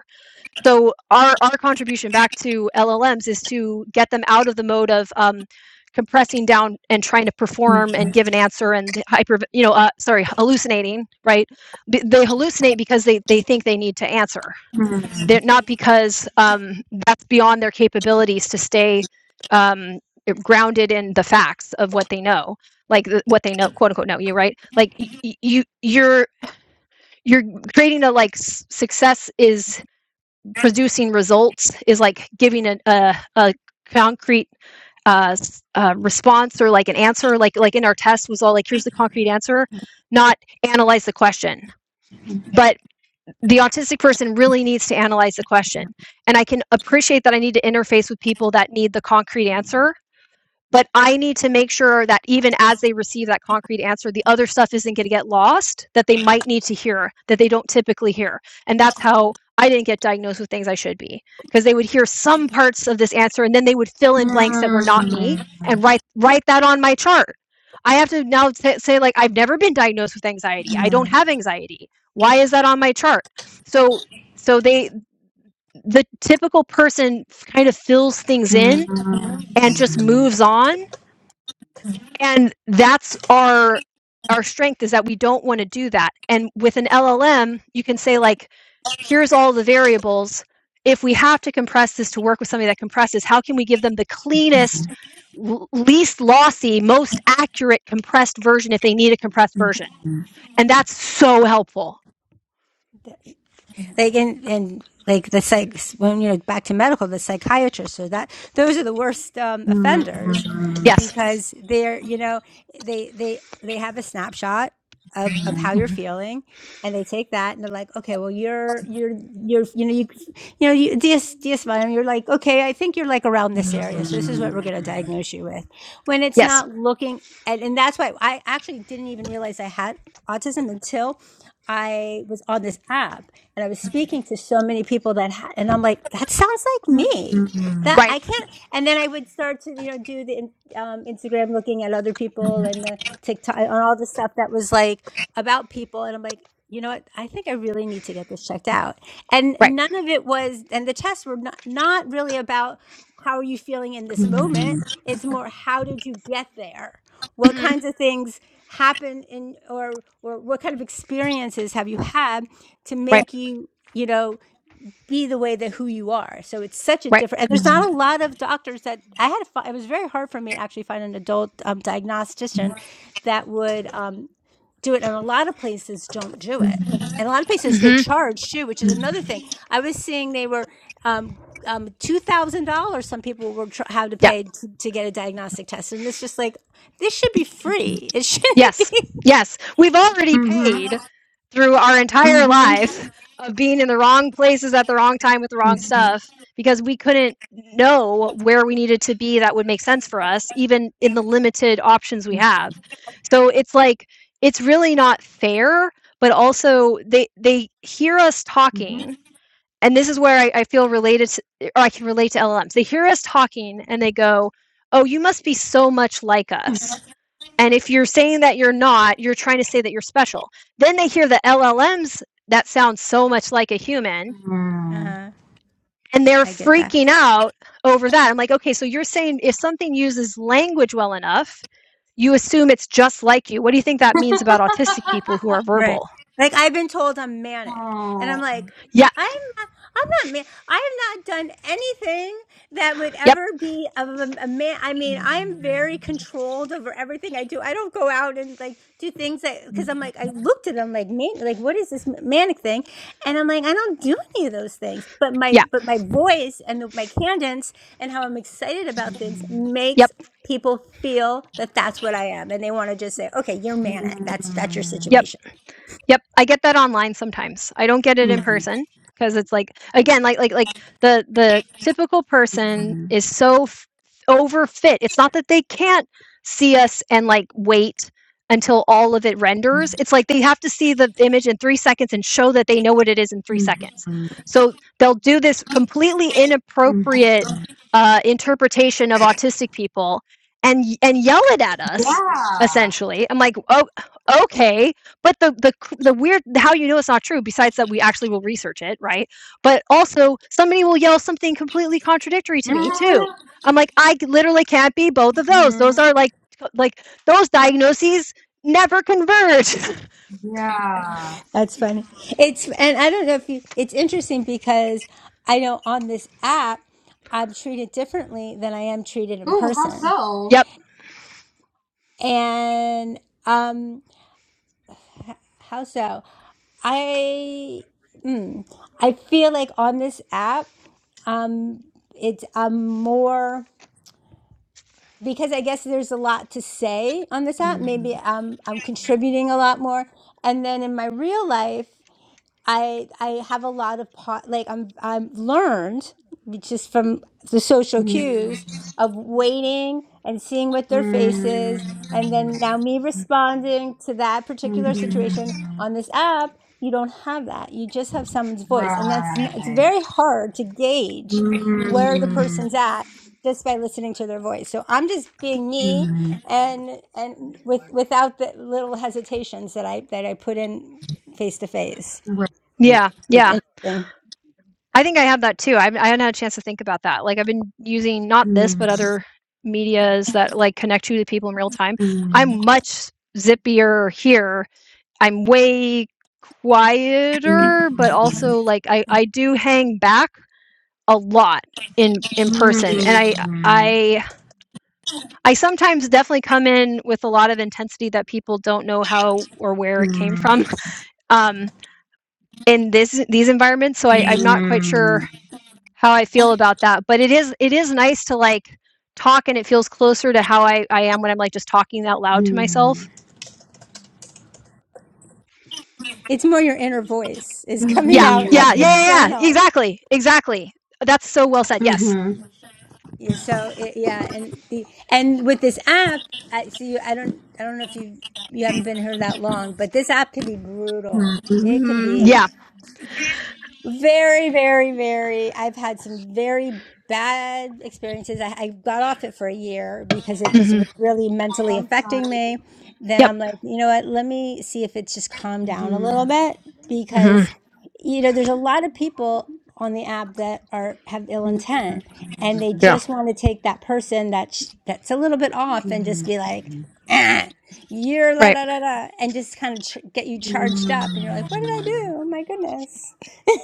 Speaker 2: So our our contribution back to LLMs is to get them out of the mode of um, compressing down and trying to perform and give an answer and hyper you know uh, sorry hallucinating right B- they hallucinate because they they think they need to answer
Speaker 1: Mhm.
Speaker 2: they're not because um, that's beyond their capabilities to stay um, grounded in the facts of what they know like the, what they know quote unquote know you right like y- you you're you're creating a like s- success is producing results is like giving a, a, a concrete uh, uh, response or like an answer like like in our test was all like here's the concrete answer not analyze the question but the autistic person really needs to analyze the question and i can appreciate that i need to interface with people that need the concrete answer but I need to make sure that even as they receive that concrete answer, the other stuff isn't going to get lost that they might need to hear that they don't typically hear. And that's how I didn't get diagnosed with things I should be because they would hear some parts of this answer and then they would fill in blanks that were not me and write write that on my chart. I have to now t- say like I've never been diagnosed with anxiety. I don't have anxiety. Why is that on my chart? So so they the typical person kind of fills things in and just moves on and that's our our strength is that we don't want to do that and with an llm you can say like here's all the variables if we have to compress this to work with somebody that compresses how can we give them the cleanest least lossy most accurate compressed version if they need a compressed version and that's so helpful
Speaker 3: like in, and like the psych when you know back to medical the psychiatrists or that those are the worst um, offenders
Speaker 2: yes
Speaker 3: because they're you know they they they have a snapshot of of how you're
Speaker 2: Mhm.
Speaker 3: feeling and they take that and they're like okay well you're you're you're you know you you know you ds ds you're like okay i think you're like around this area so this is what we're going to diagnose you with when it's
Speaker 2: yes
Speaker 3: not looking at, and that's why i actually didn't even realize i had autism until i was on this app and I was speaking to so many people that, ha- and I'm like, that sounds like me. That
Speaker 2: right
Speaker 3: I can't. And then I would start to, you know, do the um, Instagram looking at other people and the TikTok and all the stuff that was like about people. And I'm like, you know what? I think I really need to get this checked out. And
Speaker 2: right
Speaker 3: none of it was, and the tests were not, not really about how are you feeling in this moment. It's more, how did you get there? what
Speaker 2: Mhm.
Speaker 3: kinds of things happen in or or what kind of experiences have you had to
Speaker 2: right
Speaker 3: make you you know be the way that who you are so it's such a
Speaker 2: right
Speaker 3: different and there's not a lot of doctors that i had to find it was very hard for me to actually find an adult um, diagnostician that would um, do it and a lot of places don't do it and a lot of places they charge too which is another thing i was seeing they were um, um, $2000 some people were tr- had to
Speaker 2: yeah
Speaker 3: pay to, to get a diagnostic test and it's just like this should be free it shouldn't
Speaker 2: yes
Speaker 3: be
Speaker 2: yes we've already
Speaker 1: Mhm.
Speaker 2: paid through our entire
Speaker 1: Mhm.
Speaker 2: lives of being in the wrong places at the wrong time with the wrong stuff because we couldn't know where we needed to be that would make sense for us, even in the limited options we have. So it's like, it's really not fair, but also they, they hear us talking. And this is where I, I feel related to, or I can relate to LLMs. They hear us talking and they go, Oh, you must be so much like us and if you're saying that you're not, you're trying to say that you're special. Then they hear the LLMs that sound so much like a human
Speaker 3: uh-huh.
Speaker 2: and they're
Speaker 3: i get that
Speaker 2: freaking out over that. I'm like, okay, so you're saying if something uses language well enough, you assume it's just like you. What do you think that means about autistic people who are
Speaker 3: Right.
Speaker 2: verbal?
Speaker 3: Like I've been told I'm manic, and I'm like,
Speaker 2: Yeah,
Speaker 3: I'm not. I'm not. Man- I have not done anything that would
Speaker 2: yep,
Speaker 3: ever be of a, a man. I mean, I'm very controlled over everything I do. I don't go out and like do things that because I'm like I looked at them like man, like what is this manic thing? And I'm like I don't do any of those things. But
Speaker 2: yeah,
Speaker 3: my but my voice and the, my cadence and how I'm excited about things
Speaker 2: yep,
Speaker 3: makes people feel that that's what I am, and they want to just say, okay, you're manic. That's that's your
Speaker 2: yep.
Speaker 3: situation.
Speaker 2: Yep, I get that online sometimes. I don't get it in person because it's like again, like like like the the typical person is so f- overfit. It's not that they can't see us and like wait until all of it renders. It's like they have to see the image in 3 seconds and show that they know what it is in 3 seconds. So they'll do this completely inappropriate uh, interpretation of autistic people and y- and yell it at us essentially. I'm like, "Oh, okay but the the c the weird how you know it's not true, besides that we actually will research it, right? But also, somebody will yell something completely contradictory to me too. I'm like, "I c- literally can't be both of those.
Speaker 1: Yeah.
Speaker 2: Those are like c like, those diagnoses never converge."
Speaker 1: Yeah.
Speaker 3: That's funny. It's and I don't know if you. It's interesting because I know on this app I'm treated differently than I am treated in
Speaker 1: Ooh, how
Speaker 3: person.
Speaker 2: Yep.
Speaker 1: so?
Speaker 3: And um, how so? I mm, I feel like on this app, um, it's I'm more. because I guess there's a lot to say on this app. Maybe I'm I'm contributing a lot more. And then in my real life, I I have a lot of po- like I'm I'm learned just from the social
Speaker 1: Mm-hmm.
Speaker 3: cues of waiting and seeing what their
Speaker 1: Right.
Speaker 3: face is, and then now me responding to that particular
Speaker 1: Mm-hmm.
Speaker 2: Mhm.
Speaker 3: situation on this app. You don't have that. You just have someone's voice,
Speaker 1: Right.
Speaker 3: and that's n it's very hard to gauge where the
Speaker 2: Mm.
Speaker 1: Mm-hmm.
Speaker 3: person's at just by listening to their voice. So I'm just being me, and and with without the little hesitations that I that I put in face to face.
Speaker 2: Yeah,
Speaker 3: It's
Speaker 2: yeah.
Speaker 3: interesting.
Speaker 2: I think I have that too. I haven't I hadn't had a chance to think about that. Like, I've been using not this,
Speaker 1: Hmm.
Speaker 2: but other medias that, like, connect you to people in real time.
Speaker 1: Hmm.
Speaker 2: I'm much zippier here I'm way quieter, but also like I I do hang back a lot in in person, and I I I sometimes definitely come in with a lot of intensity that people don't know how or where it came from um, in this these environments. So I, I'm not quite sure how I feel about that, but it is it is nice to like talk and it feels closer to how I, I am when I'm like just talking out loud to myself.
Speaker 3: It's more your inner voice is coming
Speaker 2: Yeah,
Speaker 3: out
Speaker 2: yeah,
Speaker 3: as
Speaker 2: yeah, yeah, yeah.
Speaker 3: external.
Speaker 2: Exactly, exactly. That's so well said. Yes.
Speaker 1: Hmm.
Speaker 3: Yeah, So it, yeah, and the and with this app, I see you. I don't. I don't know if you you haven't been here that long, but this app can be brutal.
Speaker 1: Hmm.
Speaker 3: It can
Speaker 1: Hmm.
Speaker 3: be.
Speaker 2: Yeah.
Speaker 3: Very, very, very. I've had some very bad experiences. I, I got off it for a year because it just
Speaker 2: hmm
Speaker 3: was really mentally affecting me. Then
Speaker 2: Yep.
Speaker 3: I'm like, you know what? Let me see if it's just calmed down a little bit
Speaker 2: hmm
Speaker 3: because, you know, there's a lot of people on the app that are have ill intent and they
Speaker 2: Yeah.
Speaker 3: just want to take that person that's that's a little bit off and just be like, ah, you're la
Speaker 2: Right.
Speaker 3: la la la, and just kind of tr- get you charged up. And you're like, what did I do? Oh my goodness.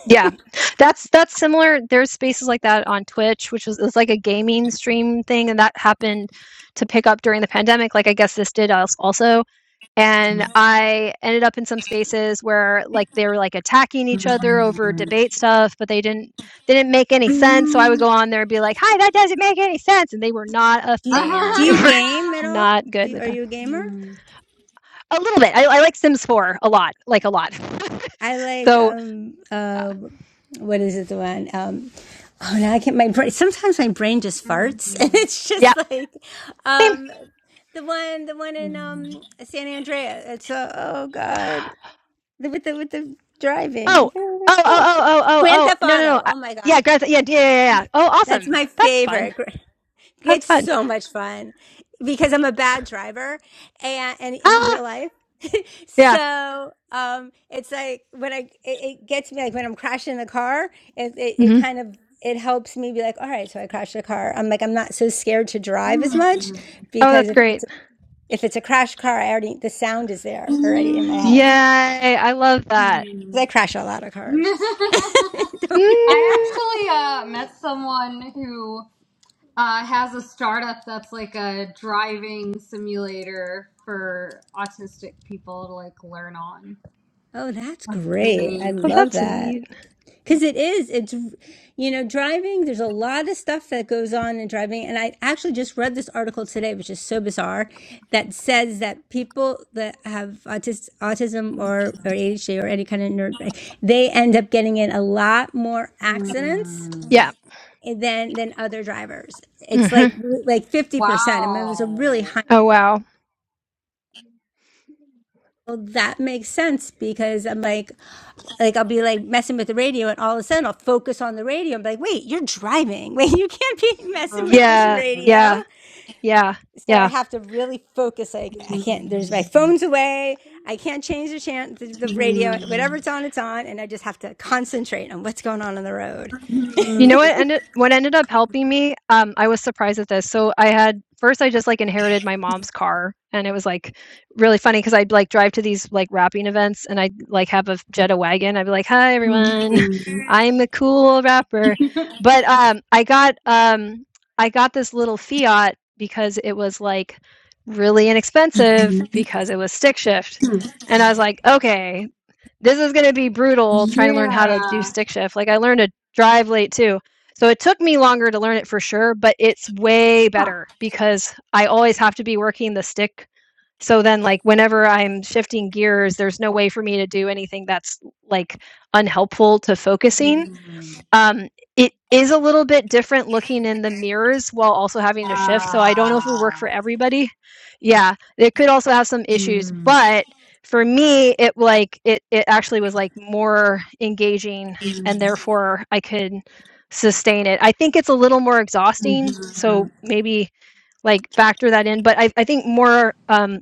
Speaker 2: Yeah. That's that's similar. There's spaces like that on Twitch, which was it's like a gaming stream thing, and that happened to pick up during the pandemic. Like I guess this did als- also. And I ended up in some spaces where like they were like attacking each other over debate stuff, but they didn't they didn't make any sense. So I would go on there and be like, "Hi, that doesn't make any sense," and they were not a
Speaker 3: Do you,
Speaker 2: fan.
Speaker 3: do
Speaker 2: They
Speaker 3: you
Speaker 2: were
Speaker 3: game at all?
Speaker 2: not good
Speaker 3: Do,
Speaker 2: with
Speaker 3: are
Speaker 2: that.
Speaker 3: you a gamer?
Speaker 1: Hmm.
Speaker 2: A little bit. I, I like Sims 4 a lot, like a lot.
Speaker 3: I like
Speaker 2: So
Speaker 3: um
Speaker 2: Uh,
Speaker 3: uh what is it the one um oh now I can't my brain sometimes my brain just farts and
Speaker 1: Mhm.
Speaker 3: it's
Speaker 2: yeah,
Speaker 3: just like
Speaker 2: same.
Speaker 3: um the one the one in
Speaker 1: Mhm.
Speaker 3: um San Andreas it's uh, oh god the, with the with the driving
Speaker 2: Oh, oh,
Speaker 3: what are they
Speaker 2: oh,
Speaker 3: called
Speaker 2: oh, oh, oh,
Speaker 3: Grand
Speaker 2: oh.
Speaker 3: Theft
Speaker 2: No, no, no.
Speaker 3: Auto
Speaker 2: Uh,
Speaker 3: oh my
Speaker 2: yeah,
Speaker 3: god
Speaker 2: Greta. Yeah, yeah, yeah, yeah. Oh,
Speaker 3: that's
Speaker 2: awesome.
Speaker 3: my
Speaker 2: That's fun.
Speaker 3: favorite
Speaker 2: That's
Speaker 3: It's
Speaker 2: fun.
Speaker 3: so much fun because I'm a bad driver and, and in
Speaker 2: Ah,
Speaker 3: real life.
Speaker 2: yeah.
Speaker 3: so um, it's like when I it, it gets me like when I'm crashing the car, it, it it
Speaker 2: hmm
Speaker 3: kind of it helps me be like, all right, so I crashed the car. I'm like I'm not so scared to drive as much
Speaker 1: Mhm.
Speaker 2: Oh, that's
Speaker 3: because if
Speaker 2: great.
Speaker 3: it's if it's a crash car, I already the sound is there already in my
Speaker 2: Yay!
Speaker 3: head.
Speaker 1: Mhm.
Speaker 2: I love that.
Speaker 3: 'Cause I
Speaker 1: Mhm.
Speaker 3: crash a lot of cars. Don't be-
Speaker 1: I
Speaker 2: Mm.
Speaker 1: actually uh, met someone who uh, has a startup that's like a driving simulator for autistic people to like learn on.
Speaker 3: oh, that's great! I
Speaker 1: Mhm.
Speaker 2: Oh,
Speaker 3: love
Speaker 2: that's
Speaker 3: that.
Speaker 2: neat.
Speaker 3: Because it is, it's, you know, driving, there's a lot of stuff that goes on in driving. And I actually just read this article today, which is so bizarre, that says that people that have autis- autism or, or ADHD or any kind of nerd, they end up getting in a lot more accidents
Speaker 2: Yeah.
Speaker 1: Mhm.
Speaker 3: than than other drivers. It's
Speaker 2: hmm
Speaker 3: like like 50%. I mean, it was a really high
Speaker 1: Wow.
Speaker 2: Oh, wow.
Speaker 3: well, that makes sense because I'm like, like I'll be like messing with the radio, and all of a sudden I'll focus on the radio. I'm like, wait, you're driving. Wait, you can't be messing with this
Speaker 2: Yeah,
Speaker 3: radio.
Speaker 2: yeah, yeah,
Speaker 3: So
Speaker 2: yeah.
Speaker 3: I have to really focus. Like I
Speaker 1: Mhm.
Speaker 3: can't. There's my phone's away. I can't change the chan the, the radio. Whatever
Speaker 1: Mhm.
Speaker 3: it's on, it's on, and I just have to concentrate on what's going on on the road.
Speaker 2: You know what ended what ended up helping me? Um, I was surprised at this. So I had first I just like inherited my mom's car and it was like really funny because I'd like drive to these like rapping events and I'd like have a Jetta wagon. I'd be like, Hi everyone,
Speaker 1: Mhm.
Speaker 2: I'm a cool rapper. But um I got um I got this little Fiat because it was like really inexpensive because it was stick shift. And I was like, okay, this is going to be brutal trying to learn how to do
Speaker 1: Yeah.
Speaker 2: stick shift. Like I learned to drive late too. So it took me longer to learn it for sure, but it's way
Speaker 1: Huh.
Speaker 2: better because I always have to be working the stick. So then like whenever I'm shifting gears, there's no way for me to do anything that's like unhelpful to focusing.
Speaker 1: Hmm.
Speaker 2: Um, it is a little bit different looking in the mirrors while also having to shift, so I don't know if it would work
Speaker 1: Ah.
Speaker 2: for everybody. Yeah, it could also have some issues,
Speaker 1: Mm,
Speaker 2: but for me, it like it it actually was like more engaging and
Speaker 1: mm,
Speaker 2: therefore I could sustain it. I think it's a little more
Speaker 1: mhm,
Speaker 2: exhausting, so
Speaker 1: mhm,
Speaker 2: maybe like factor that in. But I, I think more um,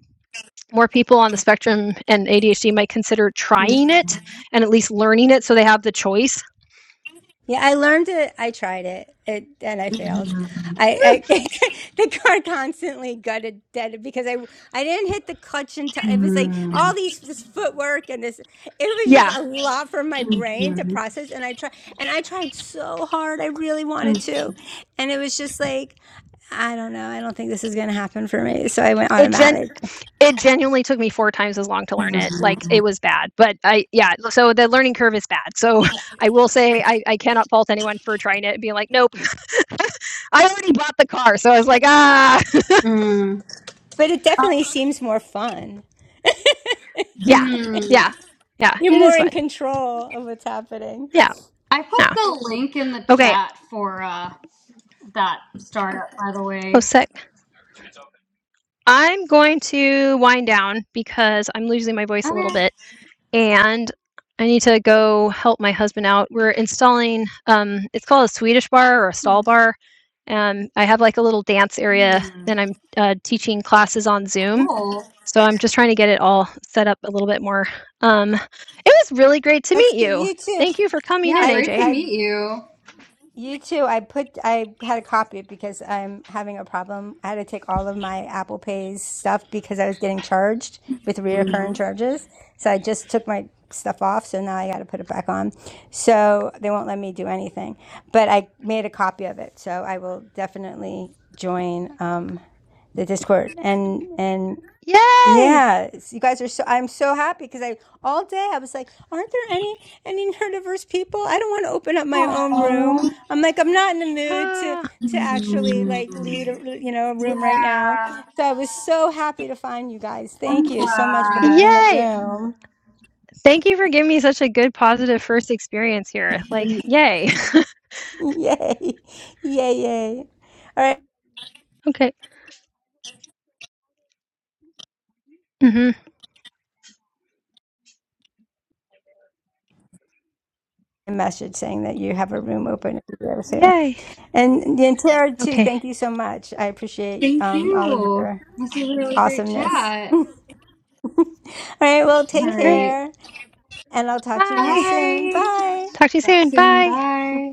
Speaker 2: more people on the spectrum and ADHD might consider trying it and at least learning it so they have the choice.
Speaker 3: Yeah, I learned it. I tried it, it and I failed.
Speaker 1: mhm,
Speaker 2: Hmm,
Speaker 3: I, I the car constantly gutted dead because I I didn't hit the clutch in time. It was like all
Speaker 1: mhm,
Speaker 3: these this footwork and this. It was just
Speaker 2: Yeah,
Speaker 3: a lot for my brain to process. And I tried and I tried so hard. I really wanted to, and it was just like I don't know. I don't think this is gonna happen for me. So I went
Speaker 2: it gen
Speaker 3: automatic.
Speaker 2: it genuinely took me four times as long to learn it.
Speaker 1: mhm,
Speaker 2: Like it was bad, but I yeah. So the learning curve is bad. So I will say I I cannot fault anyone for trying it and being like, nope, I already bought the car. So I was like, ah,
Speaker 1: mhm.
Speaker 3: But it
Speaker 1: Uh,
Speaker 3: definitely seems more fun.
Speaker 2: yeah,
Speaker 1: hmm.
Speaker 2: yeah, yeah.
Speaker 3: You're
Speaker 2: It is
Speaker 3: more in
Speaker 2: fun.
Speaker 3: control of what's happening.
Speaker 2: Yeah,
Speaker 1: I put
Speaker 2: yeah.
Speaker 1: the link in the
Speaker 2: Okay.
Speaker 1: chat for uh that startup, by the
Speaker 2: Oh,
Speaker 1: way.
Speaker 2: sick. I'm going to wind down because I'm losing my voice a little
Speaker 1: Okay,
Speaker 2: bit. and I need to go help my husband out. We're installing um it's called a Swedish bar or a stall bar. Um I have like a little dance area then I'm uh, teaching classes on Zoom.
Speaker 1: cool.
Speaker 2: So I'm just trying to get it all set up a little bit more. Um it was really great to
Speaker 3: That's
Speaker 2: meet
Speaker 3: good.
Speaker 2: you.
Speaker 3: You too.
Speaker 2: Thank you for coming
Speaker 1: Yeah,
Speaker 2: in,
Speaker 3: I
Speaker 1: great to
Speaker 2: AJ.
Speaker 3: I
Speaker 1: meet you.
Speaker 3: You too. I put I had to copy it because I'm having a problem. I had to take all of my Apple Pay's stuff because I was getting charged with reoccurring charges. So I just took my stuff off, so now I got to put it back on. So they won't let me do anything. But I made a copy of it, so I will definitely join um, the Discord and and
Speaker 2: Yay!
Speaker 3: yeah, you guys are so. I'm so happy because I all day I was like, aren't there any any neurodiverse people? I don't want to open up my own room.
Speaker 1: Aww.
Speaker 3: I'm like, I'm not in the mood to
Speaker 2: Ah,
Speaker 3: to actually like lead a, you know a room right now.
Speaker 1: Yeah,
Speaker 3: So I was so happy to find you guys.
Speaker 1: I'm
Speaker 3: Thank you so much for opening
Speaker 1: glad.
Speaker 3: the
Speaker 2: yay!
Speaker 3: room.
Speaker 2: Thank you for giving me such a good positive first experience here. Like, yay.
Speaker 3: Yay, yay, yay! All right,
Speaker 2: okay. Mhm.
Speaker 3: a message saying that you have a room open if you ever to.
Speaker 2: Yay.
Speaker 3: And Yantara too.
Speaker 2: Okay.
Speaker 3: Thank you so much. I appreciate
Speaker 1: Thank
Speaker 3: um all of
Speaker 1: you.
Speaker 3: your
Speaker 1: This is a really great
Speaker 3: awesomeness.
Speaker 1: chat.
Speaker 3: All right, well,
Speaker 1: All
Speaker 2: Okay,
Speaker 3: take
Speaker 2: all right.
Speaker 1: right.
Speaker 3: care, and I'll talk to you guys
Speaker 2: Bye.
Speaker 3: soon.
Speaker 1: Bye.
Speaker 3: Bye.
Speaker 2: Talk to you
Speaker 1: Talk
Speaker 2: soon.
Speaker 1: soon.
Speaker 2: Bye.
Speaker 1: Bye.